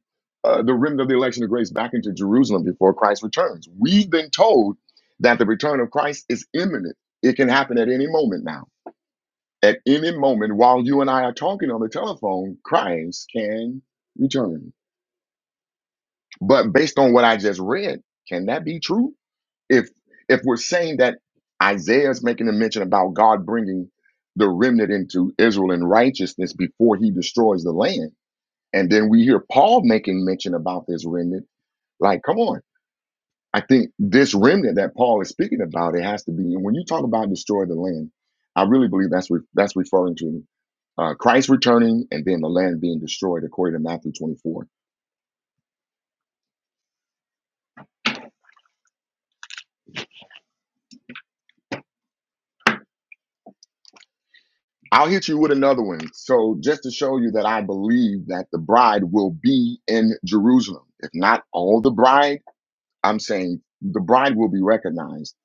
[SPEAKER 1] uh, the remnant of the election of grace back into Jerusalem before Christ returns. We've been told that the return of Christ is imminent. It can happen at any moment now. At any moment, while you and I are talking on the telephone, Christ can return. But based on what I just read, can that be true? if if we're saying that Isaiah is making a mention about God bringing the remnant into Israel in righteousness before he destroys the land, and then we hear Paul making mention about this remnant, like, come on. I think this remnant that Paul is speaking about, it has to be. And when you talk about destroy the land, I really believe that's re- that's referring to uh, Christ returning and then the land being destroyed, according to Matthew 24 I'll hit you with another one. So, just to show you that I believe that the bride will be in Jerusalem, if not all the bride, I'm saying the bride will be recognized,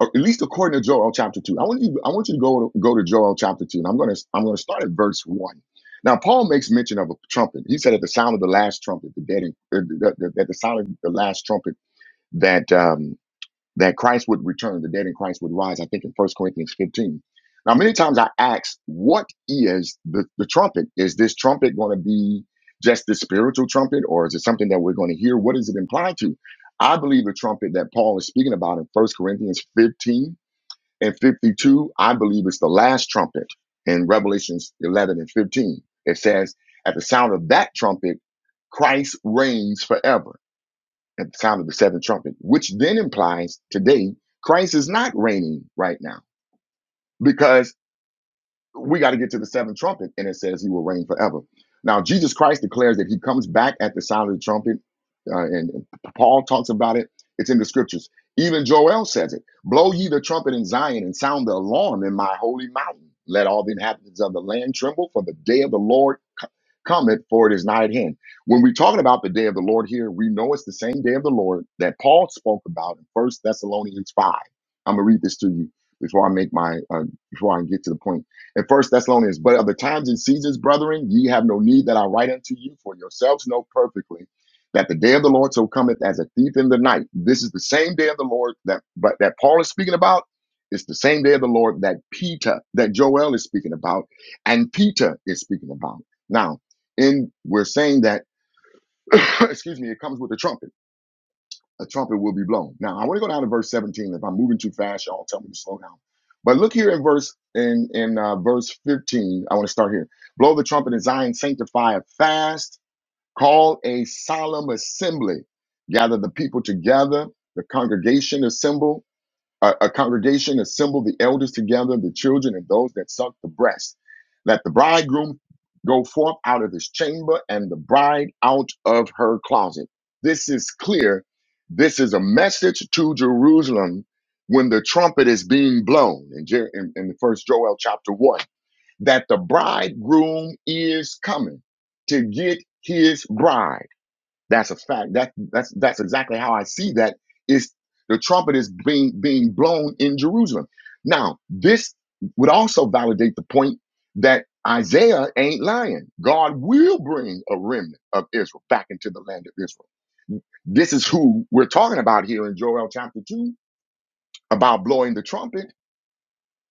[SPEAKER 1] or at least according to Joel chapter two. I want you, I want you to go to, go to Joel chapter two, and I'm gonna I'm gonna start at verse one. Now, Paul makes mention of a trumpet. He said, "At the sound of the last trumpet, the dead, in, uh, the, the, the- at the sound of the last trumpet, that." um, that Christ would return, the dead in Christ would rise, I think in First Corinthians 15. Now, many times I ask, what is the, the trumpet? Is this trumpet going to be just the spiritual trumpet, or is it something that we're going to hear? What does it imply to? I believe the trumpet that Paul is speaking about in First Corinthians 15 and 52, I believe it's the last trumpet in Revelations 11 and 15. It says, at the sound of that trumpet, Christ reigns forever at the sound of the seventh trumpet, which then implies today Christ is not reigning right now because we got to get to the seventh trumpet, and it says he will reign forever. Now, Jesus Christ declares that he comes back at the sound of the trumpet, uh, and Paul talks about it. It's in the scriptures. Even Joel says it Blow ye the trumpet in Zion and sound the alarm in my holy mountain. Let all the inhabitants of the land tremble, for the day of the Lord co- cometh, for it is nigh at hand. When we're talking about the day of the Lord here, we know it's the same day of the Lord that Paul spoke about in First Thessalonians 5. I'm going to read this to you before I make my, uh, before I get to the point in First Thessalonians, but of the times and seasons, brethren, ye have no need that I write unto you, for yourselves know perfectly that the day of the Lord so cometh as a thief in the night. This is the same day of the Lord that but that Paul is speaking about. It's the same day of the Lord that Peter, that Joel is speaking about, and Peter is speaking about. Now, in we're saying that, excuse me, it comes with a trumpet a trumpet will be blown. Now I want to go down to verse 17. If I'm moving too fast, y'all tell me to slow down. But look here in verse in in uh, verse 15. I want to start here. Blow the trumpet in Zion, sanctify a fast, call a solemn assembly, gather the people together, the congregation assemble a, a congregation assembled the elders together, the children, and those that suck the breast. Let the bridegroom go forth out of his chamber and the bride out of her closet. This is clear. This is a message to Jerusalem when the trumpet is being blown in, Jer- in, in the first Joel chapter one, that the bridegroom is coming to get his bride. That's a fact. That that's that's exactly how I see that is the trumpet is being being blown in Jerusalem. Now, this would also validate the point that Isaiah ain't lying. God will bring a remnant of Israel back into the land of Israel. This is who we're talking about here in Joel chapter 2 about blowing the trumpet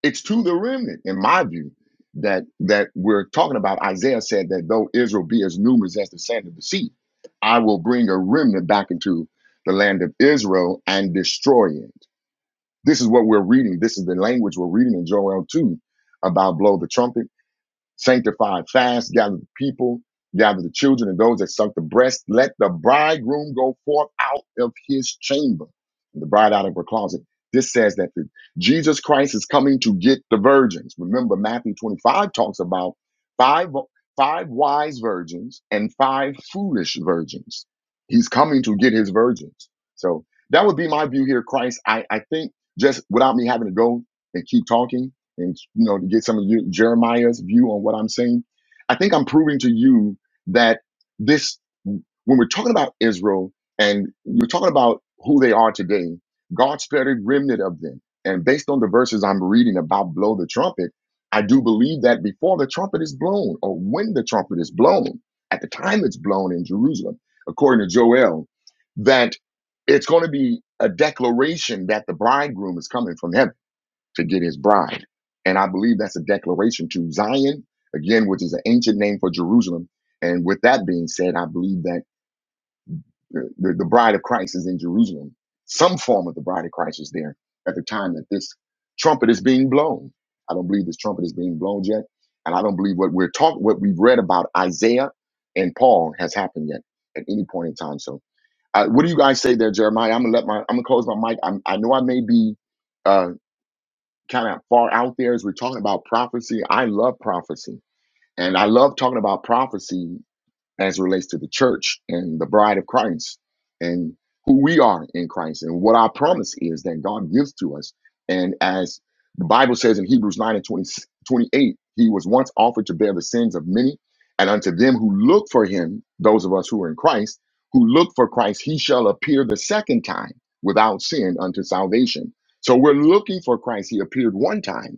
[SPEAKER 1] it's to the remnant, in my view, that that we're talking about. Isaiah said that though Israel be as numerous as the sand of the sea, I will bring a remnant back into the land of Israel and destroy it. This is what we're reading. This is the language we're reading in Joel 2 about blow the trumpet Sanctified, fast, gather the people, gather the children and those that suck the breast. Let the bridegroom go forth out of his chamber, and the bride out of her closet. This says that the, Jesus Christ is coming to get the virgins. Remember, Matthew 25 talks about five, five wise virgins and five foolish virgins. He's coming to get his virgins. So that would be my view here, Christ. I, I think just without me having to go and keep talking, and you know to get some of you, Jeremiah's view on what I'm saying. I think I'm proving to you that this, when we're talking about Israel and you're talking about who they are today, God spared a remnant of them. And based on the verses I'm reading about blow the trumpet, I do believe that before the trumpet is blown or when the trumpet is blown, at the time it's blown in Jerusalem, according to Joel, that it's going to be a declaration that the bridegroom is coming from heaven to get his bride. And I believe that's a declaration to Zion, again, which is an ancient name for Jerusalem. And with that being said, I believe that uh, the, the bride of Christ is in Jerusalem. Some form of the bride of Christ is there at the time that this trumpet is being blown. I don't believe this trumpet is being blown yet. And I don't believe what we're talking, what we've read about Isaiah and Paul has happened yet at any point in time. So, uh, what do you guys say there, Jeremiah? I'm gonna let my, I'm gonna close my mic. I'm, I know I may be uh, kind of far out there as we're talking about prophecy. I love prophecy. And I love talking about prophecy as it relates to the church and the bride of Christ and who we are in Christ and what our promise is that God gives to us. And as the Bible says in Hebrews 9 and 20 28, he was once offered to bear the sins of many. And unto them who look for him, those of us who are in Christ, who look for Christ, he shall appear the second time without sin unto salvation. So we're looking for Christ. He appeared one time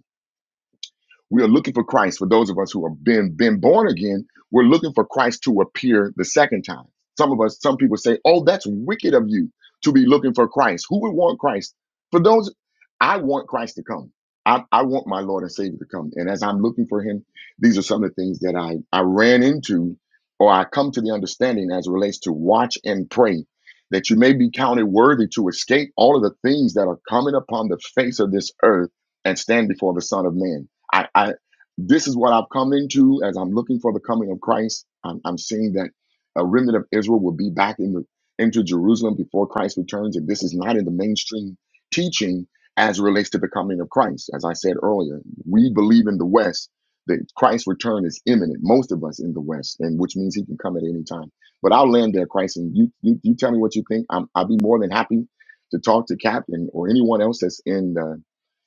[SPEAKER 1] we are looking for Christ. For those of us who have been been born again, we're looking for Christ to appear the second time. Some of us, some people say, "Oh, that's wicked of you to be looking for Christ." Who would want Christ? For those, I want Christ to come. I, I want my Lord and Savior to come. And as I'm looking for Him, these are some of the things that I I ran into, or I come to the understanding as it relates to watch and pray, that you may be counted worthy to escape all of the things that are coming upon the face of this earth and stand before the Son of Man. I, I this is what I've come into as I'm looking for the coming of Christ. I'm, I'm seeing that a remnant of Israel will be back in the, into Jerusalem before Christ returns, and this is not in the mainstream teaching as it relates to the coming of Christ. As I said earlier, we believe in the West that Christ's return is imminent. Most of us in the West, and which means He can come at any time. But I'll land there, Christ, and you you, you tell me what you think. I'm, I'll be more than happy to talk to Cap and or anyone else that's in. uh,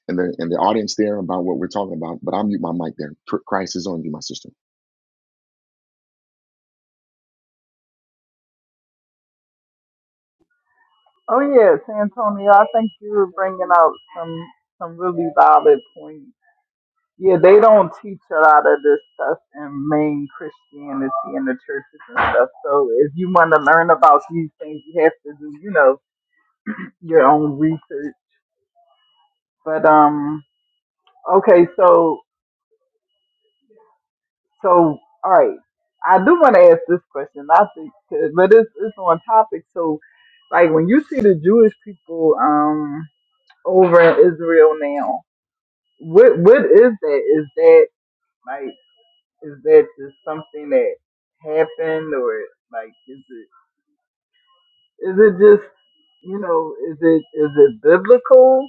[SPEAKER 1] and the and the audience there about what we're talking about. But I'll mute my mic there. Cr- Christ is on you, my sister.
[SPEAKER 2] Oh yes, Antonio, I think you were bringing out some, some really valid points. Yeah, they don't teach a lot of this stuff in main Christianity in the churches and stuff. So if you want to learn about these things, you have to do, you know, your own research. But um, okay, so so all right, I do want to ask this question. I think, but it's it's on topic. So, like when you see the Jewish people um over in Israel now, what what is that? Is that like is that just something that happened, or like is it is it just you know is it is it biblical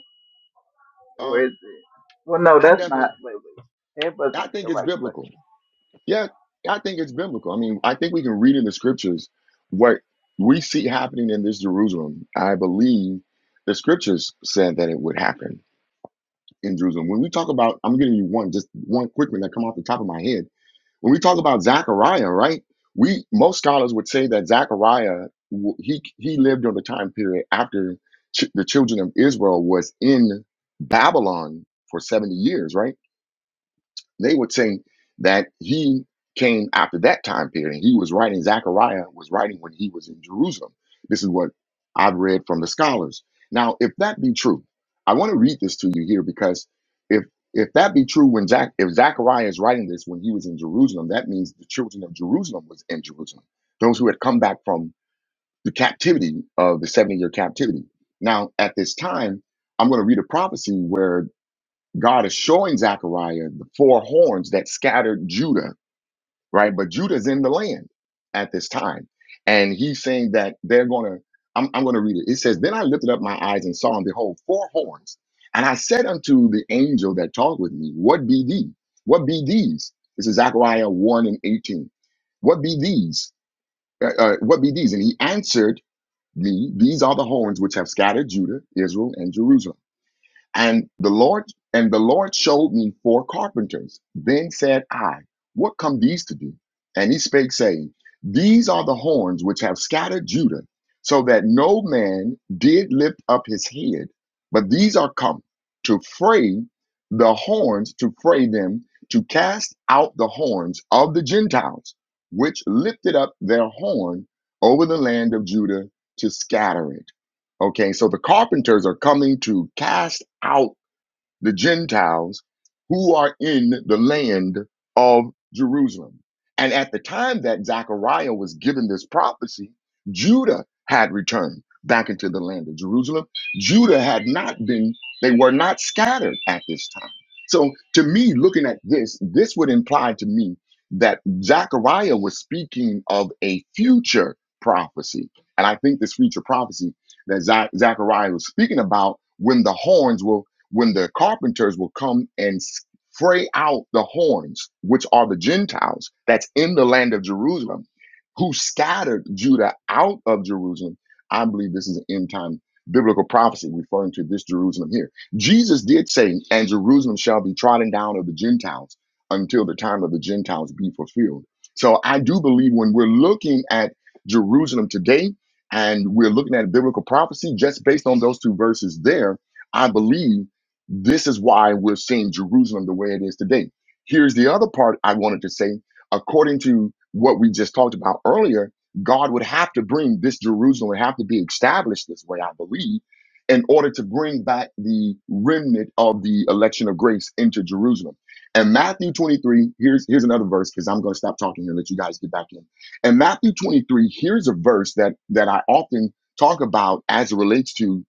[SPEAKER 2] or
[SPEAKER 1] Um,
[SPEAKER 2] is it well no
[SPEAKER 1] I
[SPEAKER 2] that's not
[SPEAKER 1] definitely,
[SPEAKER 2] wait wait that
[SPEAKER 1] I
[SPEAKER 2] wasn't the
[SPEAKER 1] think it's
[SPEAKER 2] right question
[SPEAKER 1] biblical. Yeah, I think it's biblical. I mean, I think we can read in the scriptures what we see happening in this Jerusalem. I believe the scriptures said that it would happen in Jerusalem. When we talk about, I'm giving you one, just one quick one that come off the top of my head When we talk about Zechariah, right? We most scholars would say that Zechariah w- he he lived during the time period after ch- the children of Israel was in Babylon for 70 years, right? They would say that he came after that time period and he was writing, Zechariah was writing when he was in Jerusalem. This is what I've read from the scholars. Now, if that be true, I want to read this to you here because if if that be true when Zach if Zechariah is writing this when he was in Jerusalem, that means the children of Jerusalem was in Jerusalem. Those who had come back from the captivity of the 70 year captivity. Now, at this time, I'm going to read a prophecy where God is showing Zechariah the four horns that scattered Judah, right? But Judah's in the land at this time. And he's saying that they're going to, I'm, I'm going to read it. It says, Then I lifted up my eyes and saw, and behold, four horns. And I said unto the angel that talked with me, What be thee? What be these? This is Zechariah 1 and 18. What be these? Uh, uh, what be these? And he answered me, These are the horns which have scattered Judah, Israel, and Jerusalem. And the Lord and the Lord showed me four carpenters. Then said I, What come these to do? And he spake, saying, These are the horns which have scattered Judah, so that no man did lift up his head. But these are come to fray the horns, to fray them, to cast out the horns of the Gentiles, which lifted up their horn over the land of Judah to scatter it. Okay, so the carpenters are coming to cast out the Gentiles who are in the land of Jerusalem. And at the time that Zechariah was given this prophecy, Judah had returned back into the land of Jerusalem. Judah had not been, they were not scattered at this time. So to me, looking at this, this would imply to me that Zechariah was speaking of a future prophecy. And I think this future prophecy that Zach- Zechariah was speaking about when the horns will when the carpenters will come and fray out the horns, which are the Gentiles that's in the land of Jerusalem, who scattered Judah out of Jerusalem. I believe this is an end time biblical prophecy referring to this Jerusalem here. Jesus did say, And Jerusalem shall be trodden down of the Gentiles until the time of the Gentiles be fulfilled. So I do believe when we're looking at Jerusalem today and we're looking at biblical prophecy just based on those two verses there, I believe. This is why we're seeing Jerusalem the way it is today. Here's the other part I wanted to say. According to what we just talked about earlier, God would have to bring this Jerusalem, would have to be established this way, I believe, in order to bring back the remnant of the election of grace into Jerusalem. And Matthew 23, here's, here's another verse because I'm going to stop talking and let you guys get back in. And Matthew 23, here's a verse that, that I often talk about as it relates to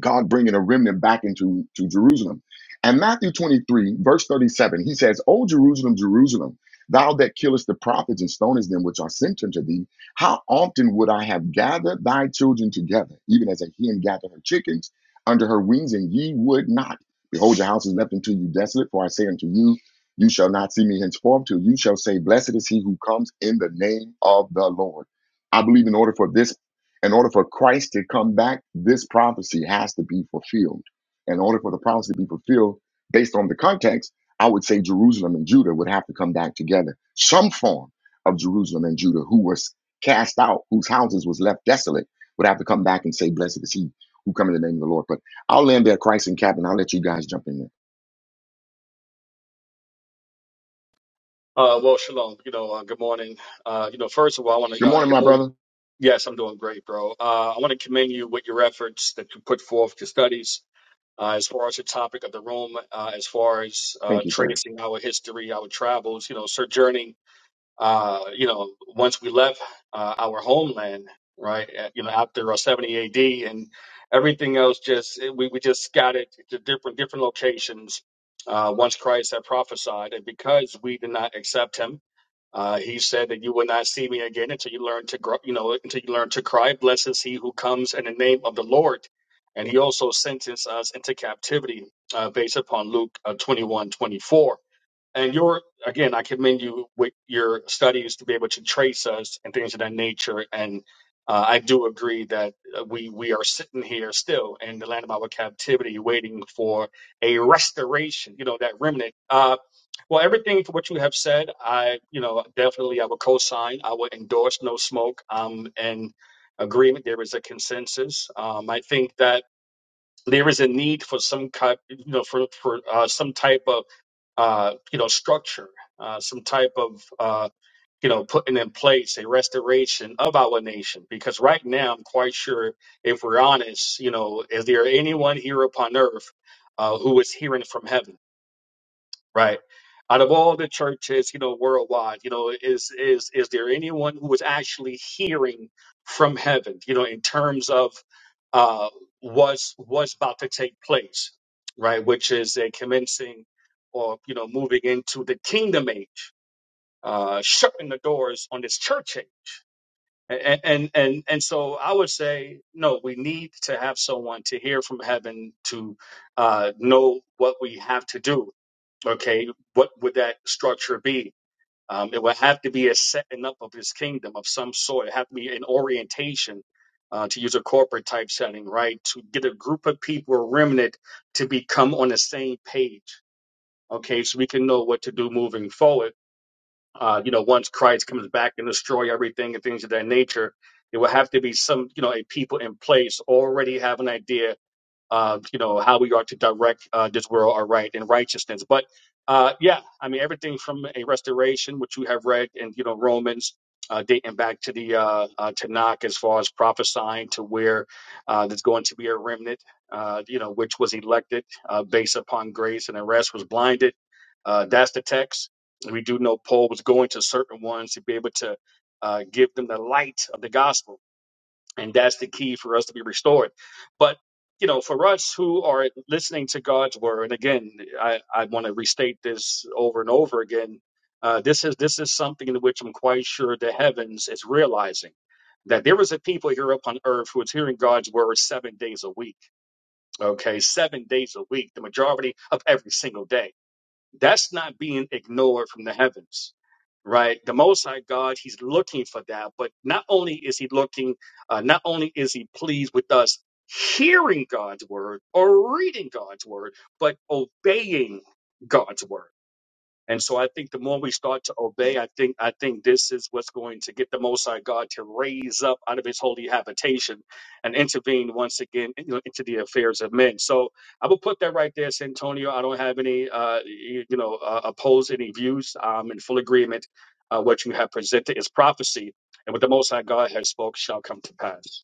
[SPEAKER 1] God bringing a remnant back into to Jerusalem. And Matthew 23, verse 37, he says, O Jerusalem, Jerusalem, thou that killest the prophets and stonest them which are sent unto thee, how often would I have gathered thy children together, even as a hen gathereth her chickens under her wings, and ye would not. Behold, your house is left unto you desolate, for I say unto you, you shall not see me henceforth till you shall say, Blessed is he who comes in the name of the Lord. I believe in order for this in order for Christ to come back, this prophecy has to be fulfilled. In order for the prophecy to be fulfilled, based on the context, I would say Jerusalem and Judah would have to come back together. Some form of Jerusalem and Judah, who was cast out, whose houses was left desolate, would have to come back and say, "Blessed is he who come in the name of the Lord." But I'll land there, Christ and Cap, and I'll let you guys jump in there.
[SPEAKER 3] Uh, well, shalom. You know, uh, good morning. Uh, you know, first of all, I want
[SPEAKER 1] Good
[SPEAKER 3] to uh,
[SPEAKER 1] morning, my
[SPEAKER 3] commend.
[SPEAKER 1] brother.
[SPEAKER 3] Yes, I'm doing great, bro. Uh, I want to commend you with your efforts that you put forth your studies uh, as far as the topic of the room, uh, as far as uh,
[SPEAKER 1] Thank you, sir.
[SPEAKER 3] tracing our history, our travels. You know, sojourning. Uh, you know, once we left uh, our homeland, right? uh, You know, after uh, 70 A.D. and everything else, just we we just scattered to different different locations. Uh, once Christ had prophesied, and because we did not accept Him uh, he said that you will not see me again until you learn to grow, you know, until you learn to cry. Blessed is he who comes in the name of the Lord. And he also sentenced us into captivity uh, based upon Luke uh, 21 twenty-four and your again i commend you with your studies to be able to trace us and things of that nature and uh, i do agree that uh, we we are sitting here still in the land of our captivity waiting for a restoration you know that remnant uh well everything for what you have said i you know definitely i would co-sign i would endorse no smoke um and agreement there is a consensus um i think that there is a need for some kind, you know, for for uh, some type of, uh, you know, structure, uh, some type of, uh, you know, putting in place a restoration of our nation. Because right now, I'm quite sure, if we're honest, you know, is there anyone here upon earth uh, who is hearing from heaven? Right. Out of all the churches, you know, worldwide, you know, is is is there anyone who is actually hearing from heaven, you know, in terms of uh what's what's about to take place, right? Which is a commencing or you know, moving into the kingdom age, uh shutting the doors on this church age. And and and, and so I would say no, we need to have someone to hear from heaven to uh know what we have to do Okay, what would that structure be? Um, it would have to be a setting up of his kingdom of some sort. It have to be an orientation, uh, to use a corporate type setting, right? To get a group of people, a remnant, to become on the same page. Okay, so we can know what to do moving forward. Uh, you know, once Christ comes back and destroy everything and things of that nature, it will have to be some, you know, a people in place already have an idea uh, you know, how we are to direct uh, this world aright in righteousness. But uh, yeah, I mean, everything from a restoration, which you have read in, you know, Romans, uh, dating back to the uh, uh, Tanakh as far as prophesying to where uh, there's going to be a remnant, uh, you know, which was elected uh, based upon grace and the rest was blinded. Uh, that's the text. We do know Paul was going to certain ones to be able to uh, give them the light of the gospel and that's the key for us to be restored but you know for us who are listening to god's word and again i, I want to restate this over and over again uh, this is this is something in which i'm quite sure the heavens is realizing that there is a people here upon earth who is hearing god's word seven days a week okay seven days a week the majority of every single day that's not being ignored from the heavens, right? The Most High God, He's looking for that. But not only is He looking, uh, not only is He pleased with us hearing God's word or reading God's word, but obeying God's word. And so I think the more we start to obey, I think I think this is what's going to get the Most High God to raise up out of His holy habitation and intervene once again you know, into the affairs of men. So I will put that right there, Santonio. I don't have any, uh, you, you know, uh, oppose any views. I'm in full agreement. Uh, what you have presented is prophecy, and what the Most High God has spoke shall come to pass.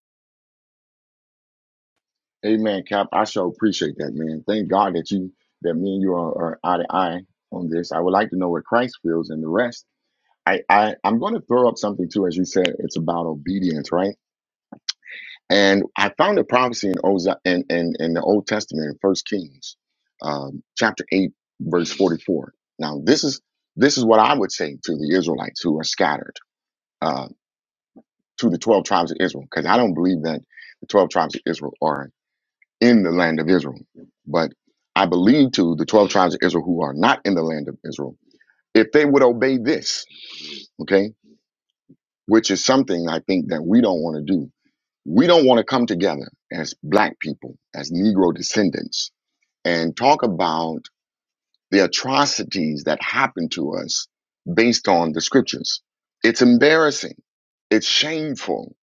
[SPEAKER 1] Amen, Cap. I sure appreciate that, man. Thank God that you, that me and you are, are eye to eye on this. I would like to know what Christ feels and the rest. I, I, I'm going to throw up something too, as you said, it's about obedience, right? And I found a prophecy in Oza, in, in, in the Old Testament, in First Kings, um, chapter eight, verse 44. Now, this is this is what I would say to the Israelites who are scattered, uh, to the 12 tribes of Israel, because I don't believe that the 12 tribes of Israel are in the land of Israel. But I believe to the 12 tribes of Israel who are not in the land of Israel, if they would obey this, okay, which is something I think that we don't want to do, we don't want to come together as black people, as Negro descendants, and talk about the atrocities that happen to us based on the scriptures. It's embarrassing. It's shameful.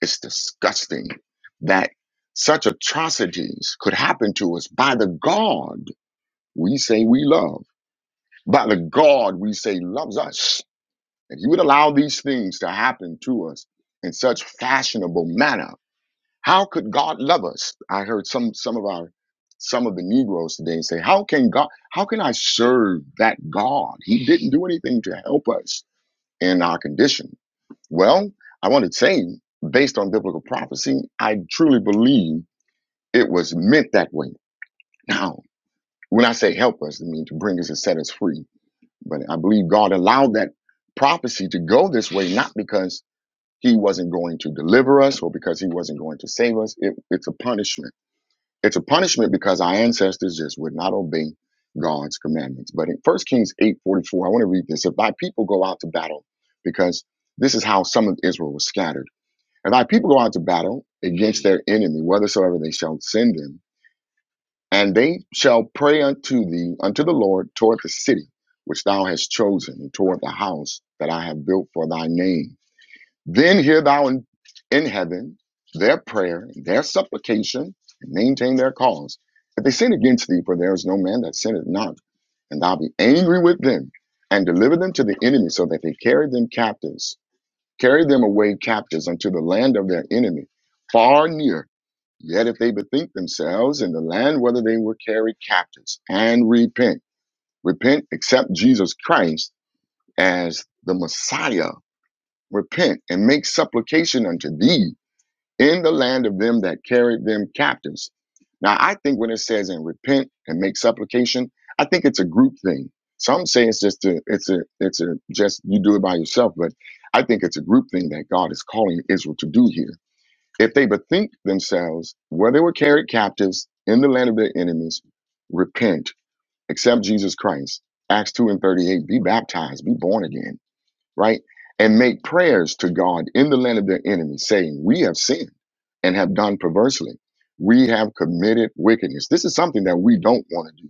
[SPEAKER 1] It's disgusting that such atrocities could happen to us by the God we say we love. By the God we say loves us. If He would allow these things to happen to us in such fashionable manner, how could God love us? I heard some some of our some of the Negroes today say, How can God how can I serve that God? He didn't do anything to help us in our condition. Well, I want to say, based on biblical prophecy, I truly believe it was meant that way. Now, when I say help us, I mean to bring us and set us free But I believe God allowed that prophecy to go this way, not because he wasn't going to deliver us or because he wasn't going to save us. It, it's a punishment. It's a punishment because our ancestors just would not obey God's commandments. But in 1 Kings 8:44, I want to read this. If thy people go out to battle, because this is how some of Israel was scattered. If thy people go out to battle against their enemy, whithersoever they shall send them, and they shall pray unto thee, unto the Lord, toward the city which thou hast chosen, and toward the house that I have built for thy name. Then hear thou in, in heaven their prayer, their supplication, and maintain their cause. If they sin against thee, for there is no man that sinneth not, and thou be angry with them, and deliver them to the enemy, so that they carry them captives, carry them away captives unto the land of their enemy, far near Yet if they bethink themselves in the land whether they were carried captives and repent, repent, accept Jesus Christ as the Messiah, repent and make supplication unto thee in the land of them that carried them captives. Now, I think when it says and repent and make supplication, I think it's a group thing. Some say it's just a, it's a, it's a, just you do it by yourself, but I think it's a group thing that God is calling Israel to do here if they bethink themselves where they were carried captives in the land of their enemies, repent, accept Jesus Christ, Acts 2 and 38, be baptized, be born again, right? And make prayers to God in the land of their enemies, saying, We have sinned and have done perversely. We have committed wickedness. This is something that we don't want to do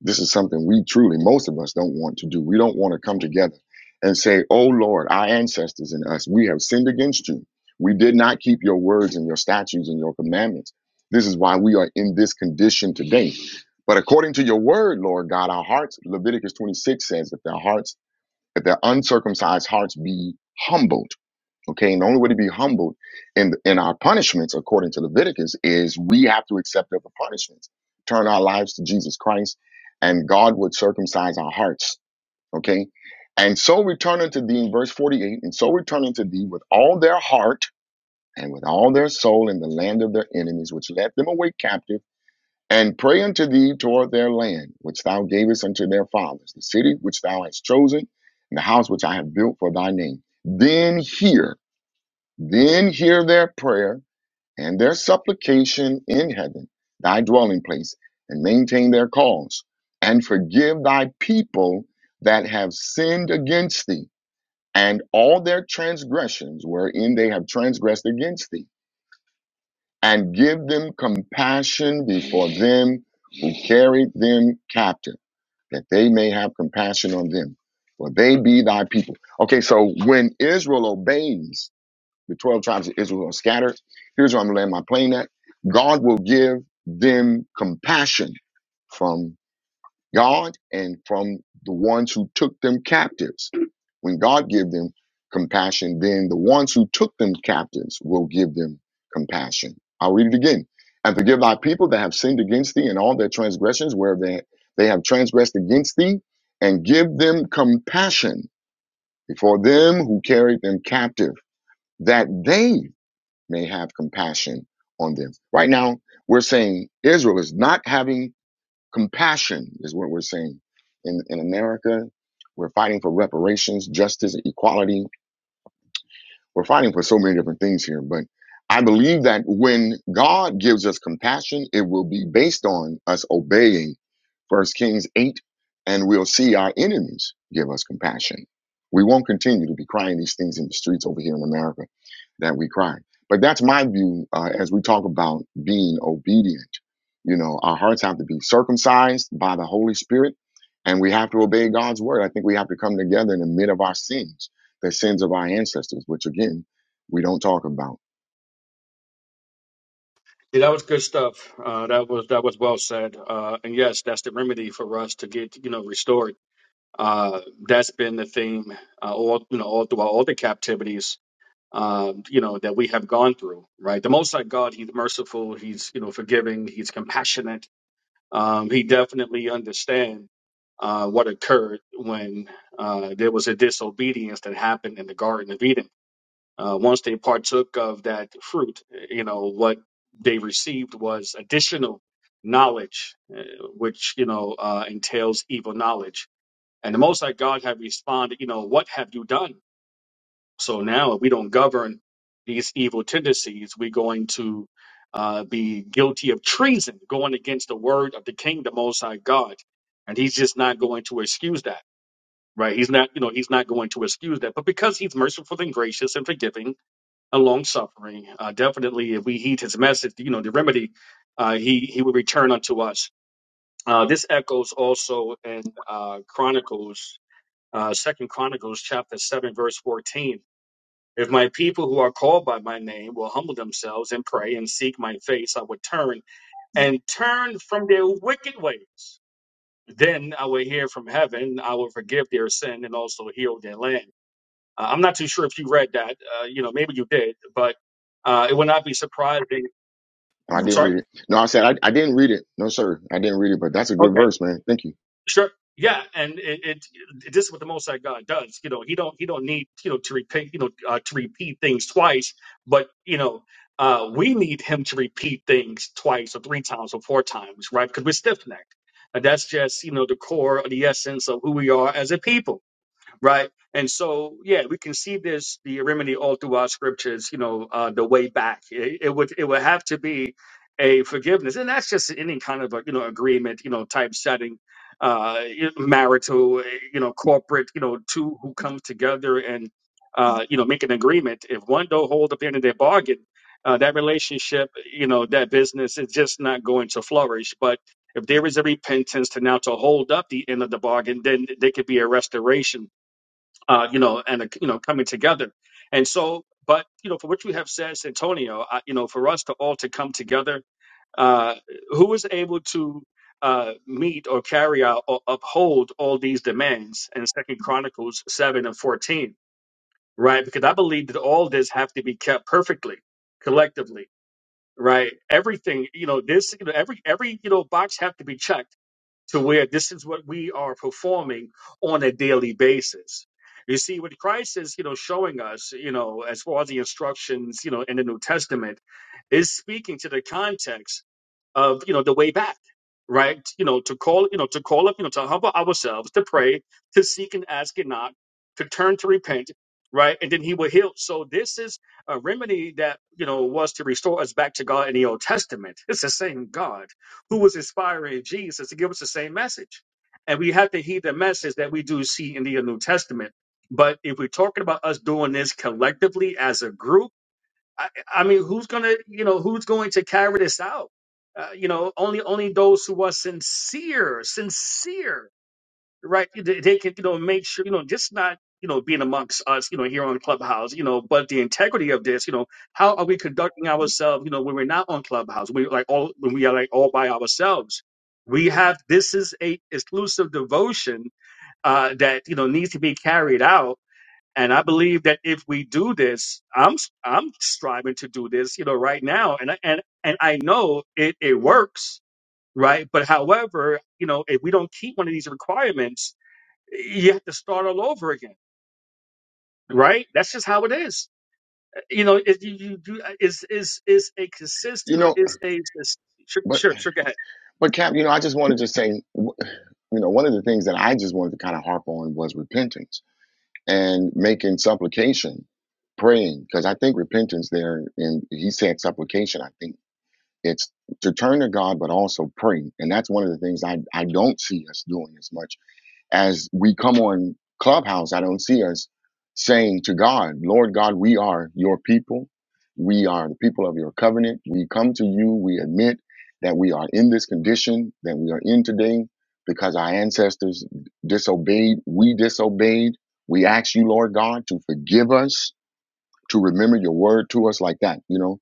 [SPEAKER 1] this is something we truly, most of us, don't want to do. We don't want to come together and say, Oh Lord, our ancestors and us, we have sinned against you. We did not keep your words and your statutes and your commandments. This is why we are in this condition today. But according to your word, Lord God, our hearts, Leviticus 26 says, if their hearts, if their uncircumcised hearts be humbled Okay, and the only way to be humbled in in our punishments, according to Leviticus, is we have to accept other punishments, turn our lives to Jesus Christ, and God would circumcise our hearts. Okay, and so return unto thee in verse forty-eight, and so return unto thee with all their heart and with all their soul in the land of their enemies, which led them away captive, and pray unto thee toward their land, which thou gavest unto their fathers, the city which thou hast chosen, and the house which I have built for thy name. Then hear. Then hear their prayer and their supplication in heaven, thy dwelling place, and maintain their cause, and forgive thy people that have sinned against thee, and all their transgressions wherein they have transgressed against thee, and give them compassion before them who carried them captive, that they may have compassion on them, for they be thy people. Okay, so when Israel obeys, the 12 tribes of Israel are scattered. Here's where I'm going to land my plane at. God will give them compassion from God and from the ones who took them captives. When God give them compassion, then the ones who took them captives will give them compassion. I'll read it again. And forgive thy people that have sinned against thee and all their transgressions where they, they have transgressed against thee, and give them compassion before them who carried them captive, that they may have compassion on them. Right now, we're saying Israel is not having compassion, is what we're saying. In, in America, we're fighting for reparations, justice, equality we're fighting for so many different things here, but I believe that when God gives us compassion, it will be based on us obeying First Kings 8, and we'll see our enemies give us compassion. We won't continue to be crying these things in the streets over here in America that we cry. But that's my view uh, as we talk about being obedient. You know, our hearts have to be circumcised by the Holy Spirit, and we have to obey God's word. I think we have to come together in the midst of our sins the sins of our ancestors, which again, we don't talk about.
[SPEAKER 3] Yeah, that was good stuff. Uh, that was that was well said. Uh, and yes, that's the remedy for us to get you know restored uh, that's been the theme uh, all you know all throughout all the captivities um, you know that we have gone through. Right, the Most High God, He's merciful, He's you know forgiving, He's compassionate. Um, he definitely understands uh, what occurred when uh, there was a disobedience that happened in the Garden of Eden. Uh, once they partook of that fruit, you know what they received was additional knowledge, uh, which you know uh, entails evil knowledge and the Most High God had responded, you know, what have you done? So now, if we don't govern these evil tendencies, we're going to uh, be guilty of treason, going against the word of the King, the Most High God. And he's just not going to excuse that, right? He's not, you know, he's not going to excuse that. But because he's merciful and gracious and forgiving and long suffering, uh, definitely, if we heed his message, you know, the remedy, uh, he he will return unto us. Uh, this echoes also in uh, Chronicles uh, Second Chronicles chapter seven verse fourteen. If my people who are called by my name will humble themselves and pray and seek my face, I will turn and turn from their wicked ways. Then I will hear from heaven. I will forgive their sin and also heal their land. Uh, I'm not too sure if you read that. Uh, you know, maybe you did, but uh, it would not be surprising.
[SPEAKER 1] No, I
[SPEAKER 3] I'm
[SPEAKER 1] didn't
[SPEAKER 3] sorry.
[SPEAKER 1] read it. No, I said I, I didn't read it. No, sir, I didn't read it. But that's a good verse, man. Thank you.
[SPEAKER 3] Sure. Yeah, and it, it, it this is what the Most High God does. You know, he don't he don't need you know to repeat you know uh, to repeat things twice, but you know uh, we need him to repeat things twice or three times or four times, right? Because we're stiff necked, and that's just you know the core of the essence of who we are as a people right? And so, yeah, we can see this the remedy all throughout scriptures. You know, uh, the way back it, it would it would have to be a forgiveness, and that's just any kind of a you know agreement, you know, type setting, uh, marital, eh, you know, corporate, you know, two who come together and uh, you know make an agreement. If one don't hold up the end of their bargain. Uh, that relationship, you know, that business is just not going to flourish. But if there is a repentance to now to hold up the end of the bargain, then there could be a restoration uh, you know, and uh, you know, coming together. And so, but you know, for which we have said, Santonio, uh, you know, for us to all to come together, uh, who is able to uh, meet or carry out or uphold all these demands in Second Chronicles seven and fourteen, right? Because I believe that all this have to be kept perfectly, collectively, right? Everything, you know, this, you know, every every you know box have to be checked to where this is what we are performing on a daily basis. You see, what Christ is, you know, showing us, you know, as far as the instructions, you know, in the New Testament, is speaking to the context of you know the way back right you know to call you know to call up you know to humble ourselves to pray to seek and ask and knock to turn to repent right and then he will heal so this is a remedy that you know was to restore us back to god in the old testament it's the same god who was inspiring jesus to give us the same message and we have to heed the message that we do see in the new testament but if we're talking about us doing this collectively as a group I, I mean, who's gonna, you know, who's going to carry this out? Uh, you know, only only those who are sincere, sincere, right? They they can, you know, make sure, you know, just not, you know, being amongst us, you know, here on Clubhouse, you know, but the integrity of this, you know, how are we conducting ourselves, you know, when we're not on Clubhouse, we like all when we are like all by ourselves. We have this is a exclusive devotion uh, that you know needs to be carried out and I believe that if we do this, I'm I'm striving to do this, you know, right now, and I- and and I know it it works, right? But however, you know, if we don't keep one of these requirements, you have to start all over again, right? That's just how it is. You know, if you, you do is is is a consist,
[SPEAKER 1] You
[SPEAKER 3] you know,
[SPEAKER 1] know,
[SPEAKER 3] is a is, sure,
[SPEAKER 1] but
[SPEAKER 3] sure, sure, go ahead,
[SPEAKER 1] but Cap, you know, I just wanted to say, w- you know, one of the things that I just wanted to kind of harp on was repentance and making supplication, praying, because I think repentance there, and he said supplication. I think it's to turn to God, but also pray, and that's one of the things I I don't see us doing as much as we come on Clubhouse, I don't see us saying to God, Lord God, we are your people. We are the people of your covenant. We come to you. We admit that we are in this condition that we are in today because our ancestors disobeyed. We disobeyed. We ask you, Lord God, to forgive us, to remember your word to us like that, you know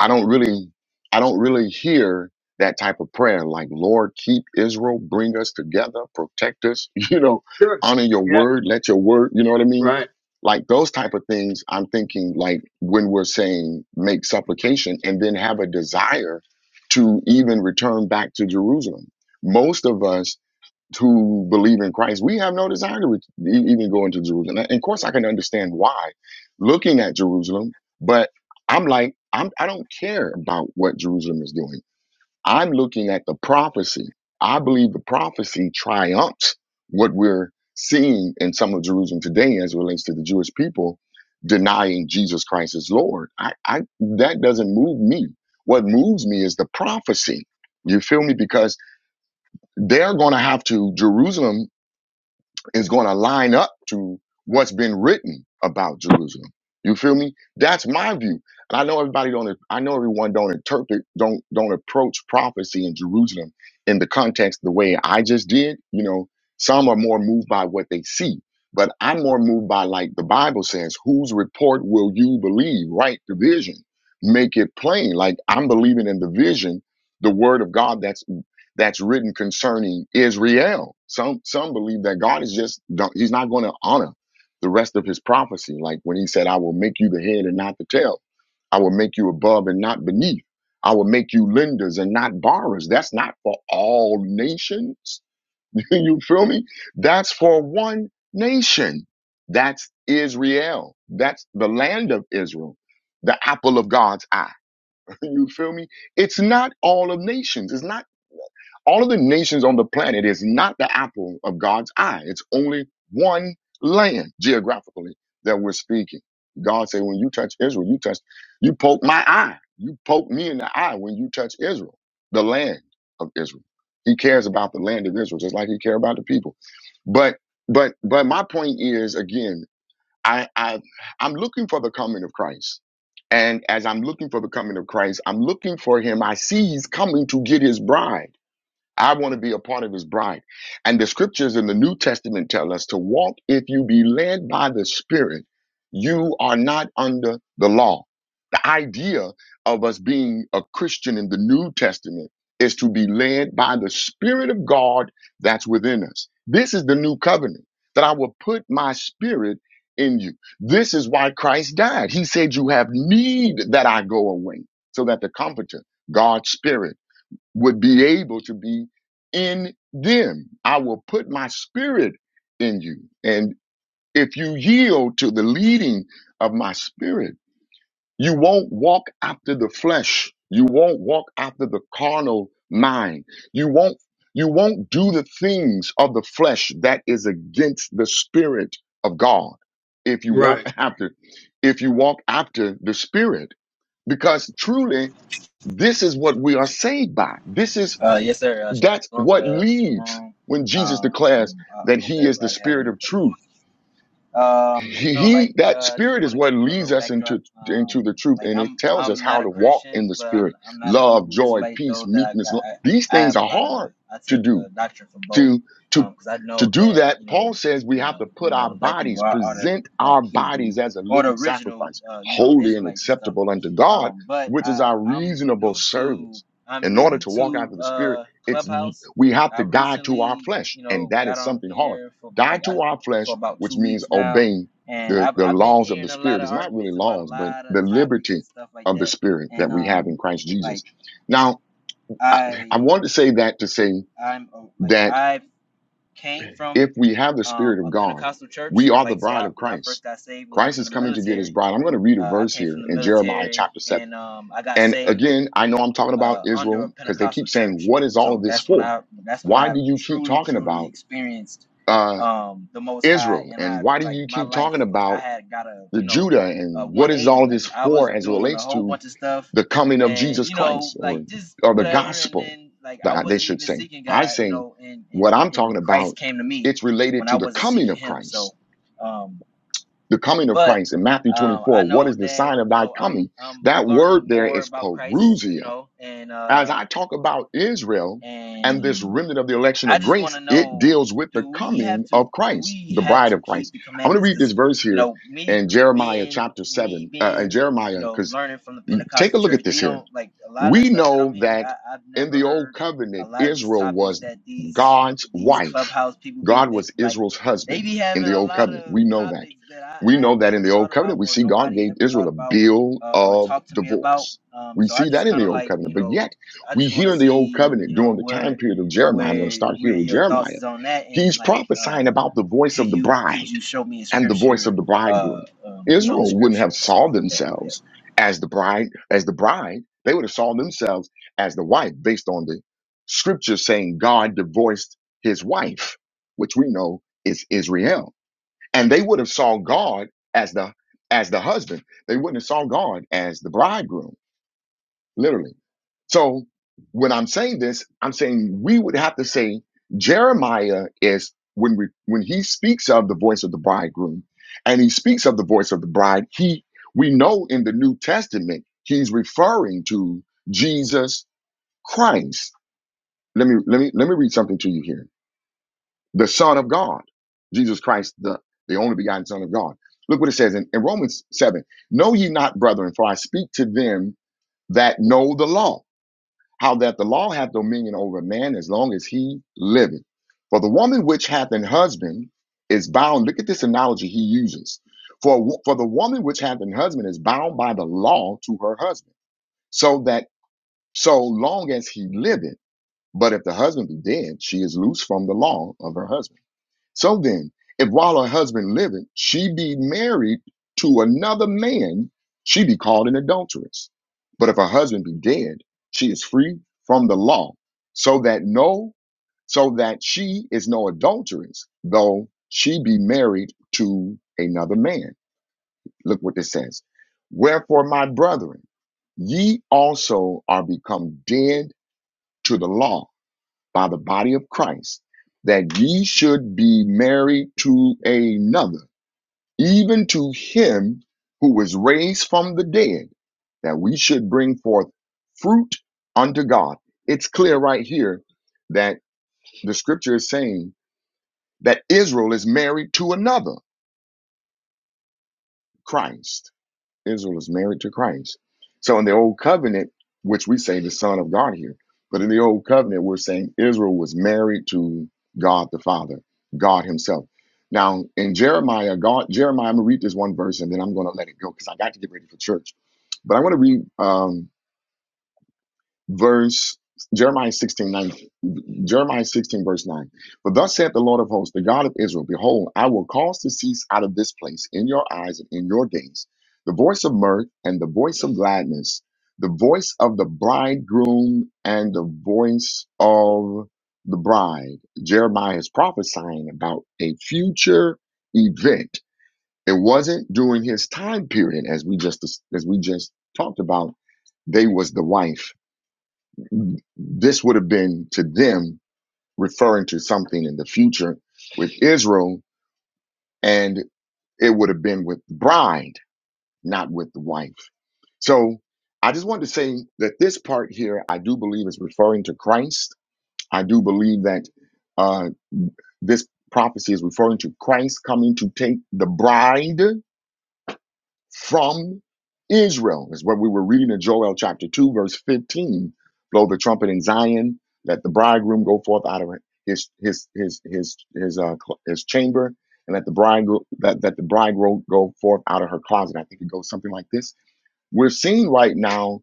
[SPEAKER 1] I don't really I don't really hear that type of prayer like Lord keep Israel, bring us together, protect us, you know,
[SPEAKER 3] sure,
[SPEAKER 1] honor your
[SPEAKER 3] yeah,
[SPEAKER 1] word, let your word, you know what I mean?
[SPEAKER 3] right,
[SPEAKER 1] Like those type of things I'm thinking like when we're saying make supplication and then have a desire to even return back to Jerusalem. Most of us to believe in Christ, we have no desire to re- e- even go into Jerusalem. And of course, I can understand why, looking at Jerusalem, but I'm like, I'm, I don't care about what Jerusalem is doing. I'm looking at the prophecy. I believe the prophecy triumphs what we're seeing in some of Jerusalem today as it relates to the Jewish people denying Jesus Christ as Lord. I, I that doesn't move me. What moves me is the prophecy. You feel me? Because they're going to have to Jerusalem is going to line up to what's been written about Jerusalem. You feel me? That's my view. And I know everybody don't. I know everyone don't interpret, don't don't approach prophecy in Jerusalem in the context the way I just did. You know, some are more moved by what they see, but I'm more moved by like the Bible says, "Whose report will you believe?" Write The vision, make it plain. Like I'm believing in the vision, the word of God. That's that's written concerning Israel. Some some believe that God is just don't, he's not going to honor the rest of his prophecy, like when he said, "I will make you the head and not the tail. I will make you above and not beneath. I will make you lenders and not borrowers." That's not for all nations. you feel me? That's for one nation. That's Israel. That's the land of Israel, the apple of God's eye you feel me? It's not all of nations. It's not all of the nations on the planet is not the apple of God's eye. It's only one land geographically that we're speaking. God said, when you touch Israel, you touch, you poke my eye. You poke me in the eye when you touch Israel, the land of Israel. He cares about the land of Israel, just like he cares about the people. But, but, but my point is again, I, I I'm looking for the coming of Christ. And as I'm looking for the coming of Christ, I'm looking for him. I see he's coming to get his bride. I want to be a part of his bride. And the scriptures in the New Testament tell us to walk if you be led by the Spirit, you are not under the law idea of us being a Christian in the New Testament is to be led by the Spirit of God that's within us. This is the new covenant that I will put my spirit in you. This is why Christ died. He said, You have need that I go away, so that the Comforter, God's Spirit, would be able to be in them. I will put my spirit in you. And if you yield to the leading of my spirit, you won't walk after the flesh. You won't walk after the carnal mind. You won't you won't do the things of the flesh that is against the spirit of God if you walk
[SPEAKER 3] right.
[SPEAKER 1] after if you walk after the spirit because truly this is what we are saved by. This is
[SPEAKER 4] Uh, yes, sir. Uh,
[SPEAKER 1] that's
[SPEAKER 4] shalom to
[SPEAKER 1] what
[SPEAKER 4] the to the
[SPEAKER 1] leads
[SPEAKER 4] room.
[SPEAKER 1] when Jesus
[SPEAKER 4] Um,
[SPEAKER 1] declares
[SPEAKER 4] I
[SPEAKER 1] that
[SPEAKER 4] hope
[SPEAKER 1] he is the
[SPEAKER 4] everybody having
[SPEAKER 1] spirit
[SPEAKER 4] a
[SPEAKER 1] of
[SPEAKER 4] good
[SPEAKER 1] truth
[SPEAKER 4] um,
[SPEAKER 1] he
[SPEAKER 4] so
[SPEAKER 1] he-
[SPEAKER 4] like,
[SPEAKER 1] that
[SPEAKER 4] uh, I just
[SPEAKER 1] spirit is
[SPEAKER 4] want to
[SPEAKER 1] what
[SPEAKER 4] give you a
[SPEAKER 1] leads
[SPEAKER 4] little
[SPEAKER 1] us into
[SPEAKER 4] backdrop.
[SPEAKER 1] into the
[SPEAKER 4] Um,
[SPEAKER 1] truth
[SPEAKER 4] like
[SPEAKER 1] and it
[SPEAKER 4] I'm,
[SPEAKER 1] tells us
[SPEAKER 4] I'm
[SPEAKER 1] how
[SPEAKER 4] not a
[SPEAKER 1] to walk in
[SPEAKER 4] Christian,
[SPEAKER 1] the
[SPEAKER 4] but I'm,
[SPEAKER 1] spirit
[SPEAKER 4] I'm not a
[SPEAKER 1] love
[SPEAKER 4] Hebrew
[SPEAKER 1] joy
[SPEAKER 4] Israelite
[SPEAKER 1] peace
[SPEAKER 4] though. That I
[SPEAKER 1] meekness
[SPEAKER 4] got,
[SPEAKER 1] lo-
[SPEAKER 4] I,
[SPEAKER 1] these
[SPEAKER 4] I
[SPEAKER 1] things
[SPEAKER 4] have a
[SPEAKER 1] are
[SPEAKER 4] lot of,
[SPEAKER 1] hard
[SPEAKER 4] I
[SPEAKER 1] to
[SPEAKER 4] take
[SPEAKER 1] do
[SPEAKER 4] uh doctrine from both,
[SPEAKER 1] to to
[SPEAKER 4] um, because I
[SPEAKER 1] to
[SPEAKER 4] know
[SPEAKER 1] do
[SPEAKER 4] that
[SPEAKER 1] that
[SPEAKER 4] you know,
[SPEAKER 1] paul says we have
[SPEAKER 4] uh,
[SPEAKER 1] to put
[SPEAKER 4] you know,
[SPEAKER 1] our
[SPEAKER 4] the black people
[SPEAKER 1] bodies
[SPEAKER 4] are, are the
[SPEAKER 1] present
[SPEAKER 4] black
[SPEAKER 1] our
[SPEAKER 4] Hebrew
[SPEAKER 1] bodies as a
[SPEAKER 4] or the
[SPEAKER 1] living
[SPEAKER 4] original,
[SPEAKER 1] sacrifice
[SPEAKER 4] uh, you know,
[SPEAKER 1] holy and
[SPEAKER 4] Israelites and stuff.
[SPEAKER 1] acceptable unto god
[SPEAKER 4] Um, but
[SPEAKER 1] which is
[SPEAKER 4] I,
[SPEAKER 1] our
[SPEAKER 4] I'm
[SPEAKER 1] reasonable
[SPEAKER 4] new to,
[SPEAKER 1] service
[SPEAKER 4] I'm
[SPEAKER 1] in order
[SPEAKER 4] new
[SPEAKER 1] to walk
[SPEAKER 4] to
[SPEAKER 1] after the spirit
[SPEAKER 4] uh
[SPEAKER 1] it's
[SPEAKER 4] Clubhouse.
[SPEAKER 1] we have
[SPEAKER 4] I
[SPEAKER 1] to die to our
[SPEAKER 4] recently,
[SPEAKER 1] flesh
[SPEAKER 4] you
[SPEAKER 1] and
[SPEAKER 4] know,
[SPEAKER 1] that
[SPEAKER 4] got
[SPEAKER 1] is
[SPEAKER 4] on
[SPEAKER 1] something hard
[SPEAKER 4] here for
[SPEAKER 1] die
[SPEAKER 4] like I
[SPEAKER 1] to our
[SPEAKER 4] for
[SPEAKER 1] flesh
[SPEAKER 4] about
[SPEAKER 1] which
[SPEAKER 4] two
[SPEAKER 1] means
[SPEAKER 4] weeks now,
[SPEAKER 1] obeying
[SPEAKER 4] and
[SPEAKER 1] the,
[SPEAKER 4] I've
[SPEAKER 1] the
[SPEAKER 4] I've been
[SPEAKER 1] laws of the
[SPEAKER 4] hearing a lot
[SPEAKER 1] spirit
[SPEAKER 4] of
[SPEAKER 1] it's not really
[SPEAKER 4] arguments about a
[SPEAKER 1] laws but
[SPEAKER 4] lot of
[SPEAKER 1] the
[SPEAKER 4] topics
[SPEAKER 1] liberty
[SPEAKER 4] and stuff like
[SPEAKER 1] of the
[SPEAKER 4] that.
[SPEAKER 1] spirit that
[SPEAKER 4] And
[SPEAKER 1] we have in
[SPEAKER 4] um,
[SPEAKER 1] christ jesus
[SPEAKER 4] like
[SPEAKER 1] now i, I
[SPEAKER 4] I
[SPEAKER 1] want to say that to say
[SPEAKER 4] I'm a- like
[SPEAKER 1] that
[SPEAKER 4] I came
[SPEAKER 1] if
[SPEAKER 4] from
[SPEAKER 1] we have the Spirit
[SPEAKER 4] um
[SPEAKER 1] of
[SPEAKER 4] a
[SPEAKER 1] God,
[SPEAKER 4] Pentecostal
[SPEAKER 1] we
[SPEAKER 4] church.
[SPEAKER 1] are the
[SPEAKER 4] Like so,
[SPEAKER 1] bride
[SPEAKER 4] I
[SPEAKER 1] of
[SPEAKER 4] when I
[SPEAKER 1] Christ.
[SPEAKER 4] first got saved, when I
[SPEAKER 1] Christ
[SPEAKER 4] was in
[SPEAKER 1] is
[SPEAKER 4] the
[SPEAKER 1] coming to get his
[SPEAKER 4] military,
[SPEAKER 1] bride. I'm going to read a
[SPEAKER 4] uh, I
[SPEAKER 1] verse
[SPEAKER 4] came
[SPEAKER 1] here
[SPEAKER 4] from the
[SPEAKER 1] in Jeremiah
[SPEAKER 4] military,
[SPEAKER 1] chapter 7.
[SPEAKER 4] and um, I got
[SPEAKER 1] And
[SPEAKER 4] saved
[SPEAKER 1] again, I know I'm talking about
[SPEAKER 4] uh, under
[SPEAKER 1] Israel
[SPEAKER 4] a
[SPEAKER 1] because they
[SPEAKER 4] Pentecostal
[SPEAKER 1] keep saying,
[SPEAKER 4] church.
[SPEAKER 1] What is all of
[SPEAKER 4] So
[SPEAKER 1] this
[SPEAKER 4] that's when
[SPEAKER 1] for?
[SPEAKER 4] I that's when
[SPEAKER 1] Why
[SPEAKER 4] I
[SPEAKER 1] do you keep
[SPEAKER 4] truly
[SPEAKER 1] talking
[SPEAKER 4] truly
[SPEAKER 1] about
[SPEAKER 4] experienced
[SPEAKER 1] uh,
[SPEAKER 4] um, the Most High,
[SPEAKER 1] Israel?
[SPEAKER 4] and
[SPEAKER 1] And
[SPEAKER 4] I
[SPEAKER 1] why do
[SPEAKER 4] like
[SPEAKER 1] you
[SPEAKER 4] my
[SPEAKER 1] keep
[SPEAKER 4] life
[SPEAKER 1] talking
[SPEAKER 4] like I
[SPEAKER 1] about
[SPEAKER 4] had got a
[SPEAKER 1] the
[SPEAKER 4] you know
[SPEAKER 1] Judah?
[SPEAKER 4] a
[SPEAKER 1] And what is all
[SPEAKER 4] 180.
[SPEAKER 1] of
[SPEAKER 4] Like
[SPEAKER 1] this
[SPEAKER 4] I was
[SPEAKER 1] for as it
[SPEAKER 4] doing a
[SPEAKER 1] relates
[SPEAKER 4] whole
[SPEAKER 1] to
[SPEAKER 4] bunch of stuff,
[SPEAKER 1] the coming of
[SPEAKER 4] and
[SPEAKER 1] Jesus
[SPEAKER 4] you know
[SPEAKER 1] Christ or,
[SPEAKER 4] like just
[SPEAKER 1] or the
[SPEAKER 4] whatever. And
[SPEAKER 1] gospel,
[SPEAKER 4] then like I
[SPEAKER 1] that they
[SPEAKER 4] wasn't
[SPEAKER 1] should
[SPEAKER 4] even
[SPEAKER 1] say?
[SPEAKER 4] seeking
[SPEAKER 1] I
[SPEAKER 4] God, you
[SPEAKER 1] say,
[SPEAKER 4] know, and
[SPEAKER 1] What
[SPEAKER 4] and
[SPEAKER 1] I'm
[SPEAKER 4] and
[SPEAKER 1] talking
[SPEAKER 4] Christ
[SPEAKER 1] about,
[SPEAKER 4] came to me
[SPEAKER 1] it's
[SPEAKER 4] when
[SPEAKER 1] related
[SPEAKER 4] I
[SPEAKER 1] to the
[SPEAKER 4] wasn't
[SPEAKER 1] coming
[SPEAKER 4] seeking
[SPEAKER 1] of
[SPEAKER 4] Him.
[SPEAKER 1] Christ
[SPEAKER 4] So. Um,
[SPEAKER 1] the coming of
[SPEAKER 4] but
[SPEAKER 1] Christ in Matthew
[SPEAKER 4] um, I
[SPEAKER 1] 24, what
[SPEAKER 4] know
[SPEAKER 1] is the
[SPEAKER 4] that
[SPEAKER 1] sign of
[SPEAKER 4] you
[SPEAKER 1] thy
[SPEAKER 4] know I'm
[SPEAKER 1] coming?
[SPEAKER 4] I'm
[SPEAKER 1] That word
[SPEAKER 4] learning
[SPEAKER 1] there
[SPEAKER 4] more
[SPEAKER 1] is
[SPEAKER 4] about Christ, you
[SPEAKER 1] perusia.
[SPEAKER 4] know, and
[SPEAKER 1] As
[SPEAKER 4] uh,
[SPEAKER 1] I talk about Israel and this
[SPEAKER 4] and
[SPEAKER 1] remnant of the election
[SPEAKER 4] I
[SPEAKER 1] of
[SPEAKER 4] just want
[SPEAKER 1] grace,
[SPEAKER 4] to
[SPEAKER 1] it
[SPEAKER 4] know:
[SPEAKER 1] deals with the
[SPEAKER 4] Do we have
[SPEAKER 1] coming
[SPEAKER 4] to?
[SPEAKER 1] of
[SPEAKER 4] Do
[SPEAKER 1] Christ,
[SPEAKER 4] we
[SPEAKER 1] the
[SPEAKER 4] have
[SPEAKER 1] bride
[SPEAKER 4] to
[SPEAKER 1] of Christ.
[SPEAKER 4] keep the
[SPEAKER 1] I'm going to
[SPEAKER 4] commandments?
[SPEAKER 1] read this
[SPEAKER 4] Because
[SPEAKER 1] verse
[SPEAKER 4] you
[SPEAKER 1] here
[SPEAKER 4] know, me
[SPEAKER 1] in
[SPEAKER 4] g-
[SPEAKER 1] Jeremiah
[SPEAKER 4] being
[SPEAKER 1] chapter
[SPEAKER 4] me
[SPEAKER 1] 7, uh, in
[SPEAKER 4] being you
[SPEAKER 1] Jeremiah,
[SPEAKER 4] know
[SPEAKER 1] because
[SPEAKER 4] learning from the
[SPEAKER 1] take
[SPEAKER 4] Pentecostal
[SPEAKER 1] a look
[SPEAKER 4] church,
[SPEAKER 1] at this
[SPEAKER 4] they
[SPEAKER 1] here.
[SPEAKER 4] don't like a lot of the
[SPEAKER 1] We
[SPEAKER 4] stuff that I'm
[SPEAKER 1] know
[SPEAKER 4] hearing.
[SPEAKER 1] that
[SPEAKER 4] I, I've
[SPEAKER 1] in
[SPEAKER 4] never
[SPEAKER 1] the old
[SPEAKER 4] heard a
[SPEAKER 1] covenant,
[SPEAKER 4] lot of these
[SPEAKER 1] Israel
[SPEAKER 4] topics
[SPEAKER 1] was
[SPEAKER 4] that these
[SPEAKER 1] God's
[SPEAKER 4] these
[SPEAKER 1] wife.
[SPEAKER 4] clubhouse people be
[SPEAKER 1] God
[SPEAKER 4] make
[SPEAKER 1] was
[SPEAKER 4] like
[SPEAKER 1] Israel's
[SPEAKER 4] they
[SPEAKER 1] husband
[SPEAKER 4] be
[SPEAKER 1] in
[SPEAKER 4] having
[SPEAKER 1] the
[SPEAKER 4] a
[SPEAKER 1] old
[SPEAKER 4] lot
[SPEAKER 1] covenant.
[SPEAKER 4] of
[SPEAKER 1] We know that.
[SPEAKER 4] topics that
[SPEAKER 1] We
[SPEAKER 4] I, I've
[SPEAKER 1] know that in
[SPEAKER 4] never
[SPEAKER 1] the old
[SPEAKER 4] thought
[SPEAKER 1] covenant,
[SPEAKER 4] about
[SPEAKER 1] we
[SPEAKER 4] or
[SPEAKER 1] see God
[SPEAKER 4] nobody
[SPEAKER 1] gave
[SPEAKER 4] ever
[SPEAKER 1] Israel
[SPEAKER 4] thought
[SPEAKER 1] a
[SPEAKER 4] about
[SPEAKER 1] bill
[SPEAKER 4] uh, or
[SPEAKER 1] of
[SPEAKER 4] talked to me about.
[SPEAKER 1] divorce.
[SPEAKER 4] Um,
[SPEAKER 1] We
[SPEAKER 4] so I
[SPEAKER 1] see that
[SPEAKER 4] just
[SPEAKER 1] in
[SPEAKER 4] kind
[SPEAKER 1] the
[SPEAKER 4] of
[SPEAKER 1] old
[SPEAKER 4] like
[SPEAKER 1] covenant.
[SPEAKER 4] you
[SPEAKER 1] But
[SPEAKER 4] know
[SPEAKER 1] yet,
[SPEAKER 4] I
[SPEAKER 1] we
[SPEAKER 4] just want
[SPEAKER 1] hear
[SPEAKER 4] to
[SPEAKER 1] in the old
[SPEAKER 4] see,
[SPEAKER 1] covenant
[SPEAKER 4] you know,
[SPEAKER 1] during the
[SPEAKER 4] where
[SPEAKER 1] time period of Jeremiah, I'm going to
[SPEAKER 4] where
[SPEAKER 1] start here
[SPEAKER 4] where
[SPEAKER 1] with
[SPEAKER 4] your thoughts
[SPEAKER 1] Jeremiah,
[SPEAKER 4] is on that and
[SPEAKER 1] he's
[SPEAKER 4] like
[SPEAKER 1] prophesying
[SPEAKER 4] uh
[SPEAKER 1] about the voice
[SPEAKER 4] could
[SPEAKER 1] of the
[SPEAKER 4] you
[SPEAKER 1] bride
[SPEAKER 4] could you show me in
[SPEAKER 1] and the voice
[SPEAKER 4] scripture
[SPEAKER 1] of the bridegroom.
[SPEAKER 4] uh um, you know in
[SPEAKER 1] Israel wouldn't
[SPEAKER 4] scripture
[SPEAKER 1] have
[SPEAKER 4] and stuff
[SPEAKER 1] saw
[SPEAKER 4] like that yeah
[SPEAKER 1] themselves as the bride, as the bride. They would have saw themselves as the wife based on the scripture saying God divorced his wife, which we know is Israel. And they would have saw God as the as the husband. They wouldn't have saw God as the bridegroom literally. So when I'm saying this, I'm saying we would have to say Jeremiah is when we when he speaks of the voice of the bridegroom and he speaks of the voice of the bride, he we know in the New Testament he's referring to Jesus Christ. Let me let me let me read something to you here. The Son of God, Jesus Christ, the, the only begotten Son of God. Look what it says in, in Romans 7. Know ye not, brethren, for I speak to them that know the law how that the law hath dominion over a man as long as he liveth. For the woman which hath an husband is bound. Look at this analogy he uses. For for the woman which hath an husband is bound by the law to her husband, so that so long as he liveth. But if the husband be dead, she is loose from the law of her husband. So then, if while her husband liveth, she be married to another man, she be called an adulteress. But if her husband be dead, she is free from the law, so that no, so that she is no adulteress, though she be married to another man. Look what this says. Wherefore, my brethren, ye also are become dead to the law by the body of Christ that ye should be married to another, even to him who was raised from the dead, that we should bring forth fruit unto God. It's clear right here that the scripture is saying that Israel is married to another, Christ. Israel is married to Christ. So in the old covenant, which we say the Son of God here, but in the old covenant, we're saying Israel was married to God the Father, God Himself. Now in Jeremiah, God Jeremiah, I'm gonna read this one verse and then I'm gonna let it go because I got to get ready for church. But I want to read. um, verse Jeremiah 16 9 Jeremiah 16, verse 9. For thus saith the Lord of hosts, the God of Israel, Behold, I will cause to cease out of this place in your eyes and in your days the voice of mirth and the voice of gladness, the voice of the bridegroom and the voice of the bride. Jeremiah is prophesying about a future event. It wasn't during his time period, as we just as we just talked about. They was the wife this would have been to them referring to something in the future with Israel, and it would have been with the bride, not with the wife. So I just wanted to say that this part here, I do believe is referring to Christ. I do believe that uh, this prophecy is referring to Christ coming to take the bride from Israel, is what we were reading in Joel chapter 2, verse 15. Blow the trumpet in Zion, let the bridegroom go forth out of his his his his his uh cl- his chamber, and let the bride go, that that the bridegroom go forth out of her closet. I think it goes something like this. We're seeing right now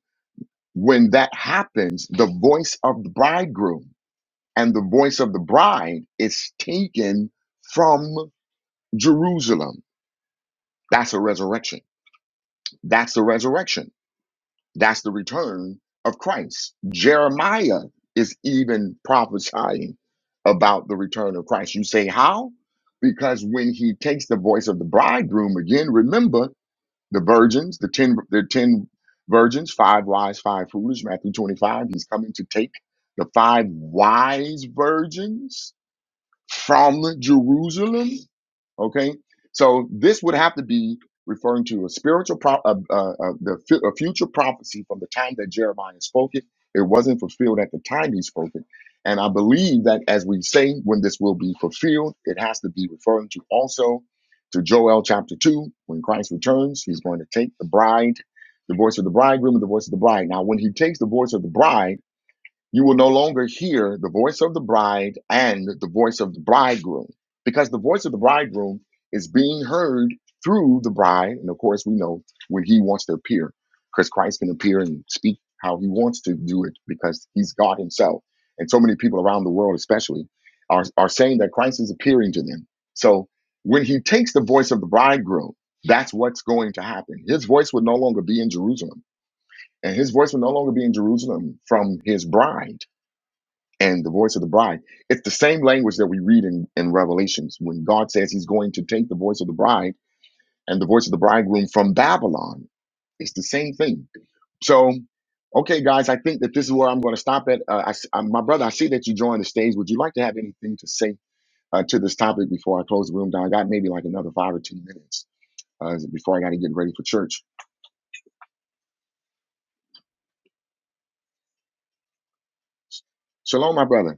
[SPEAKER 1] when that happens, the voice of the bridegroom and the voice of the bride is taken from Jerusalem. That's a resurrection. That's the resurrection That's the return of Christ. Jeremiah is even prophesying about the return of Christ. You say, how? Because when he takes the voice of the bridegroom again, remember the virgins, the 10, the 10 virgins, five wise, five foolish, Matthew 25, he's coming to take the five wise virgins from Jerusalem. Okay, so this would have to be referring to a spiritual, pro- uh, uh, uh, the fu- a future prophecy from the time that Jeremiah spoke it. It wasn't fulfilled at the time he spoke it, and I believe that as we say when this will be fulfilled, it has to be referring to also to Joel chapter two when Christ returns. He's going to take the bride, the voice of the bridegroom, and the voice of the bride. Now, when he takes the voice of the bride you will no longer hear the voice of the bride and the voice of the bridegroom, because the voice of the bridegroom is being heard through the bride. And of course, we know when he wants to appear, because Christ can appear and speak how he wants to do it, because he's God himself. And so many people around the world, especially, are, are saying that Christ is appearing to them. So when he takes the voice of the bridegroom, that's what's going to happen. His voice would no longer be in Jerusalem, and his voice would no longer be in Jerusalem from his bride and the voice of the bride. It's the same language that we read in, in Revelations when God says he's going to take the voice of the bride and the voice of the bridegroom from Babylon. It's the same thing. So, okay, guys, I think that this is where I'm going to stop at. Uh, I s uh, my brother, I see that you joined the stage. Would you like to have anything to say uh, to this topic before I close the room down? I got maybe like another five or 10 minutes uh, before I got to get ready for church. Shalom, my brother.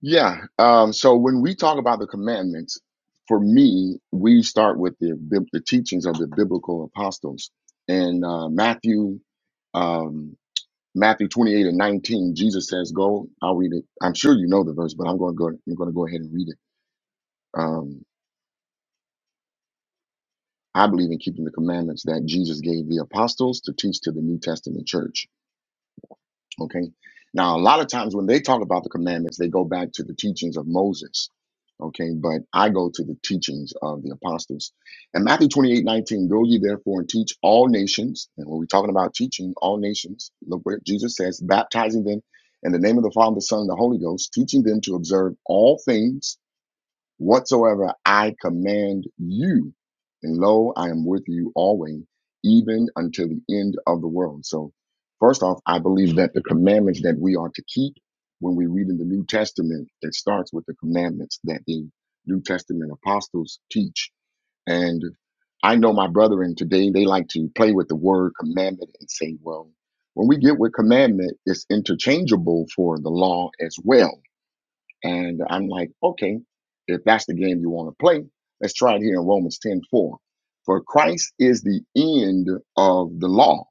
[SPEAKER 1] Yeah. Um, so when we talk about the commandments, for me, we start with the bib- the teachings of the biblical apostles. In uh, Matthew, um, Matthew twenty eight and nineteen, Jesus says, "Go." I'll read it. I'm sure you know the verse, but I'm going to go. I'm going to go ahead and read it. Um, I believe in keeping the commandments that Jesus gave the apostles to teach to the New Testament church. Okay. Now, a lot of times when they talk about the commandments, they go back to the teachings of Moses. Okay. But I go to the teachings of the apostles. And Matthew 28 19, go ye therefore and teach all nations. And when we're talking about teaching all nations, look where Jesus says, baptizing them in the name of the Father, the Son, and the Holy Ghost, teaching them to observe all things whatsoever I command you. And lo, I am with you always, even until the end of the world. So, first off, I believe that the commandments that we are to keep when we read in the New Testament, it starts with the commandments that the New Testament apostles teach. And I know my brethren today, they like to play with the word commandment and say, well, when we get with commandment, it's interchangeable for the law as well. And I'm like, okay, if that's the game you want to play, let's try it here in Romans 10:4. For Christ is the end of the law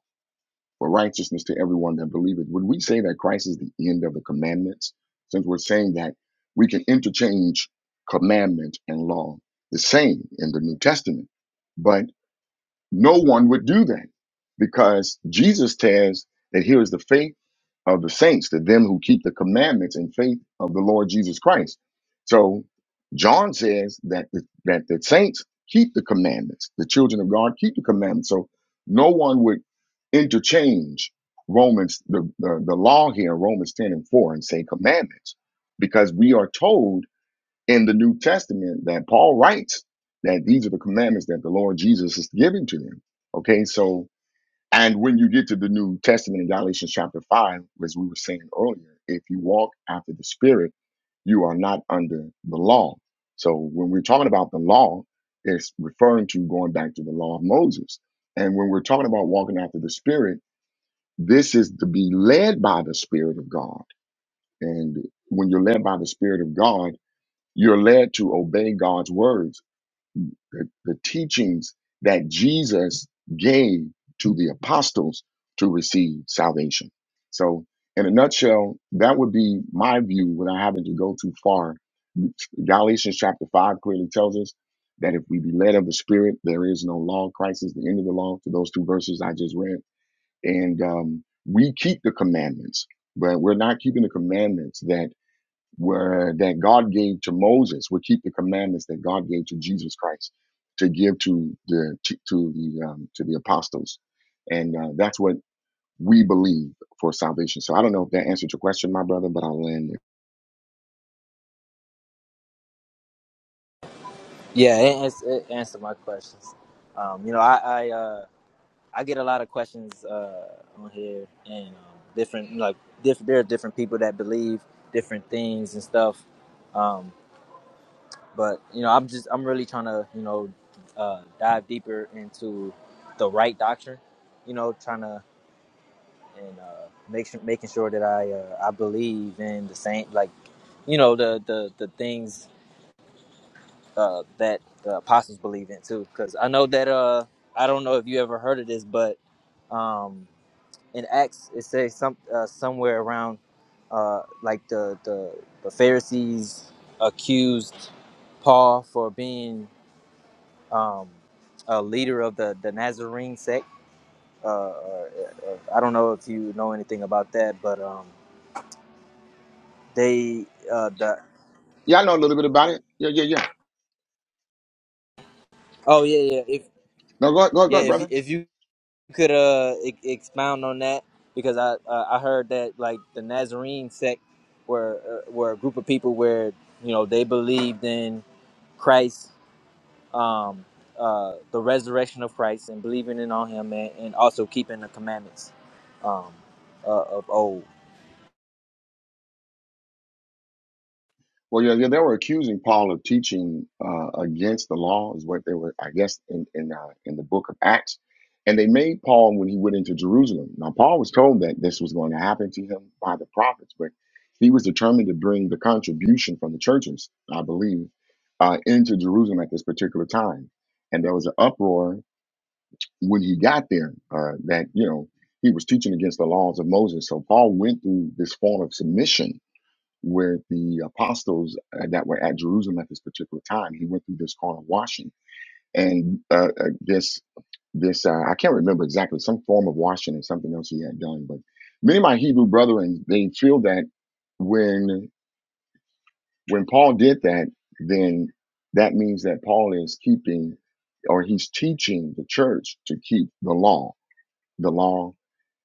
[SPEAKER 1] for righteousness to everyone that believeth. Would we say that Christ is the end of the commandments? Since we're saying that we can interchange commandment and law the same in the New Testament. but. No one would do that because Jesus says that here is the faith of the saints, to them who keep the commandments and faith of the Lord Jesus Christ. So John says that the, that the saints keep the commandments, the children of God keep the commandments. So no one would interchange Romans, the, the, the law here, Romans 10 and 4, and say commandments, because we are told in the New Testament that Paul writes that these are the commandments that the Lord Jesus is giving to them. Okay, so and when you get to the New Testament in Galatians chapter five, as we were saying earlier, if you walk after the Spirit, you are not under the law. So when we're talking about the law, it's referring to going back to the law of Moses. And when we're talking about walking after the Spirit, this is to be led by the Spirit of God. And when you're led by the Spirit of God you're led to obey God's words, the, the teachings that Jesus gave to the apostles to receive salvation. So, in a nutshell, that would be my view without having to go too far. Galatians chapter 5 clearly tells us that if we be led of the Spirit, there is no law. Christ is the end of the law, to those two verses I just read. And um, we keep the commandments, but we're not keeping the commandments that where that God gave to Moses would keep the commandments that God gave to Jesus Christ to give to the to, to the um, to the apostles, and uh, that's what we believe for salvation. So I don't know if that answered your question, my brother, but I'll land there.
[SPEAKER 4] Yeah, it, ans- it answered my questions. Um, you know, I I, uh, I get a lot of questions uh, on here, and um, different like diff- there are different people that believe different things and stuff. Um, but you know, I'm just I'm really trying to you know uh, dive deeper into the right doctrine. You know, trying to and uh, make sure, making sure that I uh, I believe in the same like you know the the the things uh, that the apostles believe in too. Because I know that uh I don't know if you ever heard of this, but um in Acts it says some uh, somewhere around uh like the the the Pharisees accused Paul for being um a leader of the the Nazarene sect. Uh, or, or, I don't know if you know anything about that, but um They uh the
[SPEAKER 1] Yeah, I know a little bit about it. Yeah, yeah, yeah.
[SPEAKER 4] oh yeah yeah if
[SPEAKER 1] No, go ahead, go ahead, go
[SPEAKER 4] yeah
[SPEAKER 1] ahead,
[SPEAKER 4] if
[SPEAKER 1] brother.
[SPEAKER 4] you- if you could uh e- expound on that because I uh, I heard that like the Nazarene sect were uh, were a group of people where you know they believed in Christ um uh the resurrection of Christ and believing in on him and, and also keeping the commandments um uh, of old.
[SPEAKER 1] Well, yeah, yeah, they were accusing Paul of teaching uh, against the law, is what they were, I guess, in in uh, in the book of Acts. And they made Paul when he went into Jerusalem. Now, Paul was told that this was going to happen to him by the prophets, but he was determined to bring the contribution from the churches, I believe, uh, into Jerusalem at this particular time. And there was an uproar when he got there uh, that you know he was teaching against the laws of Moses. So Paul went through this form of submission with the apostles uh, that were at Jerusalem at this particular time, he went through this carnal washing and uh, uh, this this uh, I can't remember exactly some form of washing and something else he had done, but many of my Hebrew brethren they feel that when when Paul did that, then that means that Paul is keeping or he's teaching the church to keep the law, the law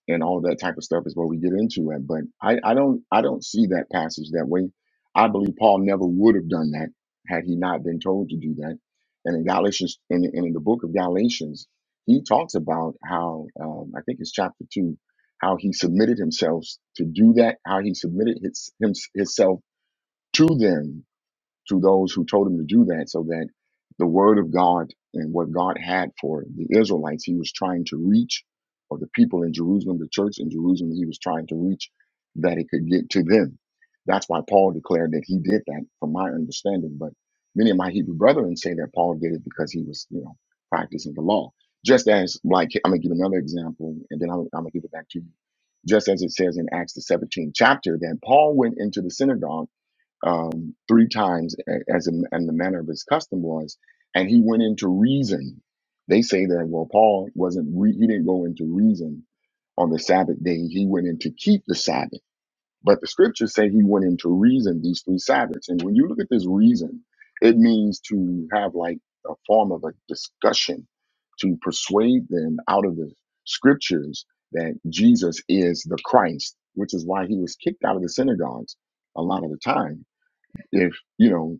[SPEAKER 1] and all that type of stuff is what we get into it. But I, I don't I don't see that passage that way. I believe Paul never would have done that had he not been told to do that. And in Galatians in, in the book of Galatians, he talks about how um, I think it's chapter two, how he submitted himself to do that, how he submitted his, him, himself to them to those who told him to do that so that the word of God and what God had for the Israelites, he was trying to reach, or the people in Jerusalem, the church in Jerusalem, he was trying to reach, that it could get to them. That's why Paul declared that he did that, from my understanding. But many of my Hebrew brethren say that Paul did it because he was, you know, practicing the law. Just as, like, I'm going to give another example, and then I'm, I'm going to give it back to you. Just as it says in Acts, the 17th chapter, that Paul went into the synagogue um, three times a- as in, and the manner of his custom was and he went into reason they say that well paul wasn't re- he didn't go into reason on the sabbath day he went in to keep the sabbath but the scriptures say he went into reason these three sabbaths and when you look at this reason it means to have like a form of a discussion to persuade them out of the scriptures that jesus is the christ which is why he was kicked out of the synagogues a lot of the time if you know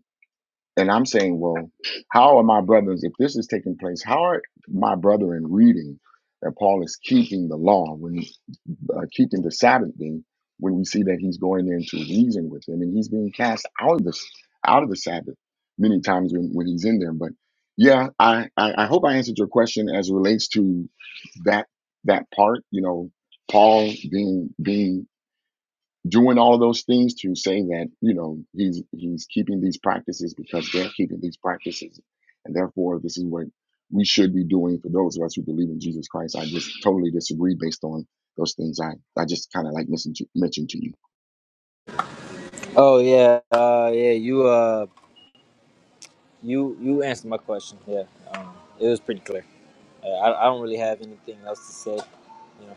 [SPEAKER 1] and i'm saying well how are my brothers if this is taking place how are my brethren reading that paul is keeping the law when uh, keeping the sabbath thing when we see that he's going in to reason with him and he's being cast out of this out of the sabbath many times when, when he's in there but yeah I, I i hope i answered your question as it relates to that that part you know paul being being doing all of those things to saying that you know he's he's keeping these practices because they're keeping these practices and therefore this is what we should be doing for those of us who believe in jesus christ i just totally disagree based on those things i i just kind of like mentioned to, mentioned to you
[SPEAKER 4] Oh yeah, uh yeah you uh. You you answered my question. Yeah, um, it was pretty clear. Uh, I I don't really have anything else to say. You know.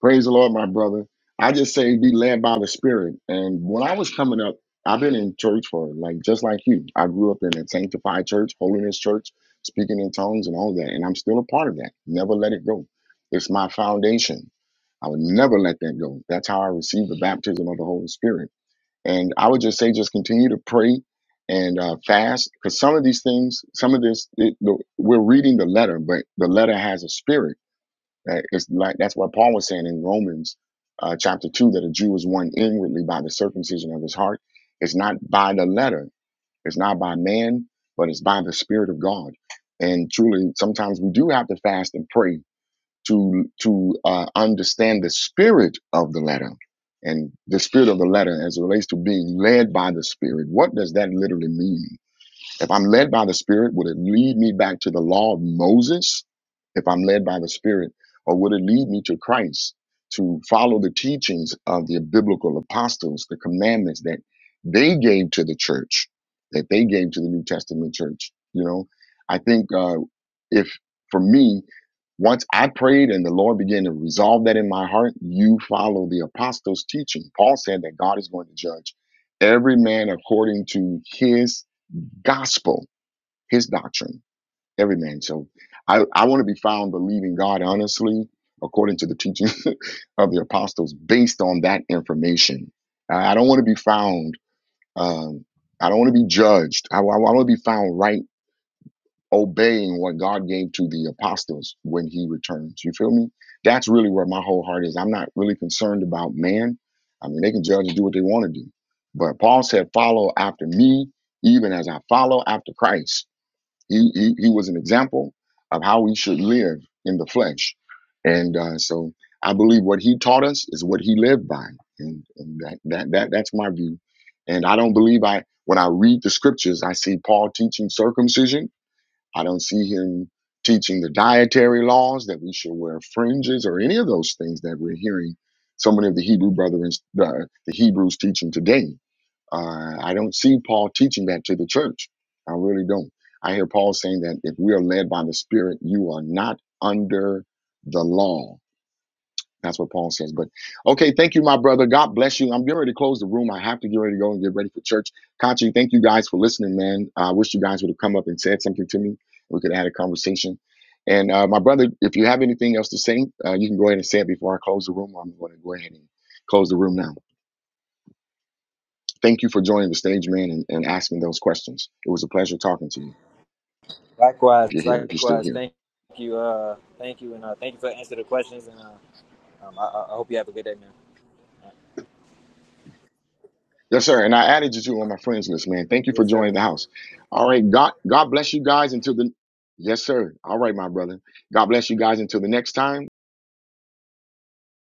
[SPEAKER 1] Praise the Lord, my brother. I just say be led by the Spirit. And when I was coming up, I've been in church for like just like you. I grew up in a sanctified church, holiness church, speaking in tongues and all that. And I'm still a part of that. Never let it go. It's my foundation. I would never let that go. That's how I received the baptism of the Holy Spirit. And I would just say, just continue to pray and uh, fast because some of these things, some of this, it, the, we're reading the letter, but the letter has a spirit that is like that's what Paul was saying in Romans uh, chapter two that a Jew is one inwardly by the circumcision of his heart. It's not by the letter, it's not by man, but it's by the Spirit of God. And truly, sometimes we do have to fast and pray to to uh, understand the spirit of the letter and the spirit of the letter as it relates to being led by the Spirit. What does that literally mean? If I'm led by the Spirit, would it lead me back to the law of Moses? If I'm led by the Spirit, or would it lead me to Christ to follow the teachings of the biblical apostles, the commandments that they gave to the church, that they gave to the New Testament church? You know, I think uh, if for me, once I prayed and the Lord began to resolve that in my heart, you follow the apostles' teaching. Paul said that God is going to judge every man according to his gospel his doctrine, every man. So I, I want to be found believing God honestly, according to the teaching of the apostles, based on that information. I, I don't want to be found, um, I don't want to be judged. I, I, I want to be found right obeying what God gave to the apostles when he returns. You feel me? That's really where my whole heart is. I'm not really concerned about man. I mean, they can judge and do what they want to do. But Paul said, follow after me, even as I follow after Christ. He, he, he was an example of how we should live in the flesh. And uh, so I believe what he taught us is what he lived by. And, and that, that, that, that's my view. And I don't believe I, when I read the scriptures, I see Paul teaching circumcision. I don't see him teaching the dietary laws that we should wear fringes or any of those things that we're hearing so many of the Hebrew brethren, uh, the Hebrews teaching today. Uh, I don't see Paul teaching that to the church. I really don't. I hear Paul saying that if we are led by the Spirit, you are not under the law. That's what Paul says. But okay, thank you, my brother. God bless you. I'm getting ready to close the room. I have to get ready to go and get ready for church. Kachi, thank you guys for listening, man. I wish you guys would have come up and said something to me. We could have had a conversation. And uh, my brother, if you have anything else to say, uh, you can go ahead and say it before I close the room. I'm going to go ahead and close the room now. Thank you for joining the stage, man, and, and asking those questions. It was a pleasure talking to you.
[SPEAKER 4] Likewise,
[SPEAKER 1] If you're here, if you're still
[SPEAKER 4] likewise.
[SPEAKER 1] here,
[SPEAKER 4] Thank you. Uh, thank you, and uh, thank you for answering the questions. And uh, um, I, I I hope you have a good day, man.
[SPEAKER 1] yes, sir. And I added you to on my friends list, man. Thank you for
[SPEAKER 4] Yes, sir.
[SPEAKER 1] joining the house. All right, God, God bless you guys until the yes, sir. All right, my brother. God bless you guys until the next time.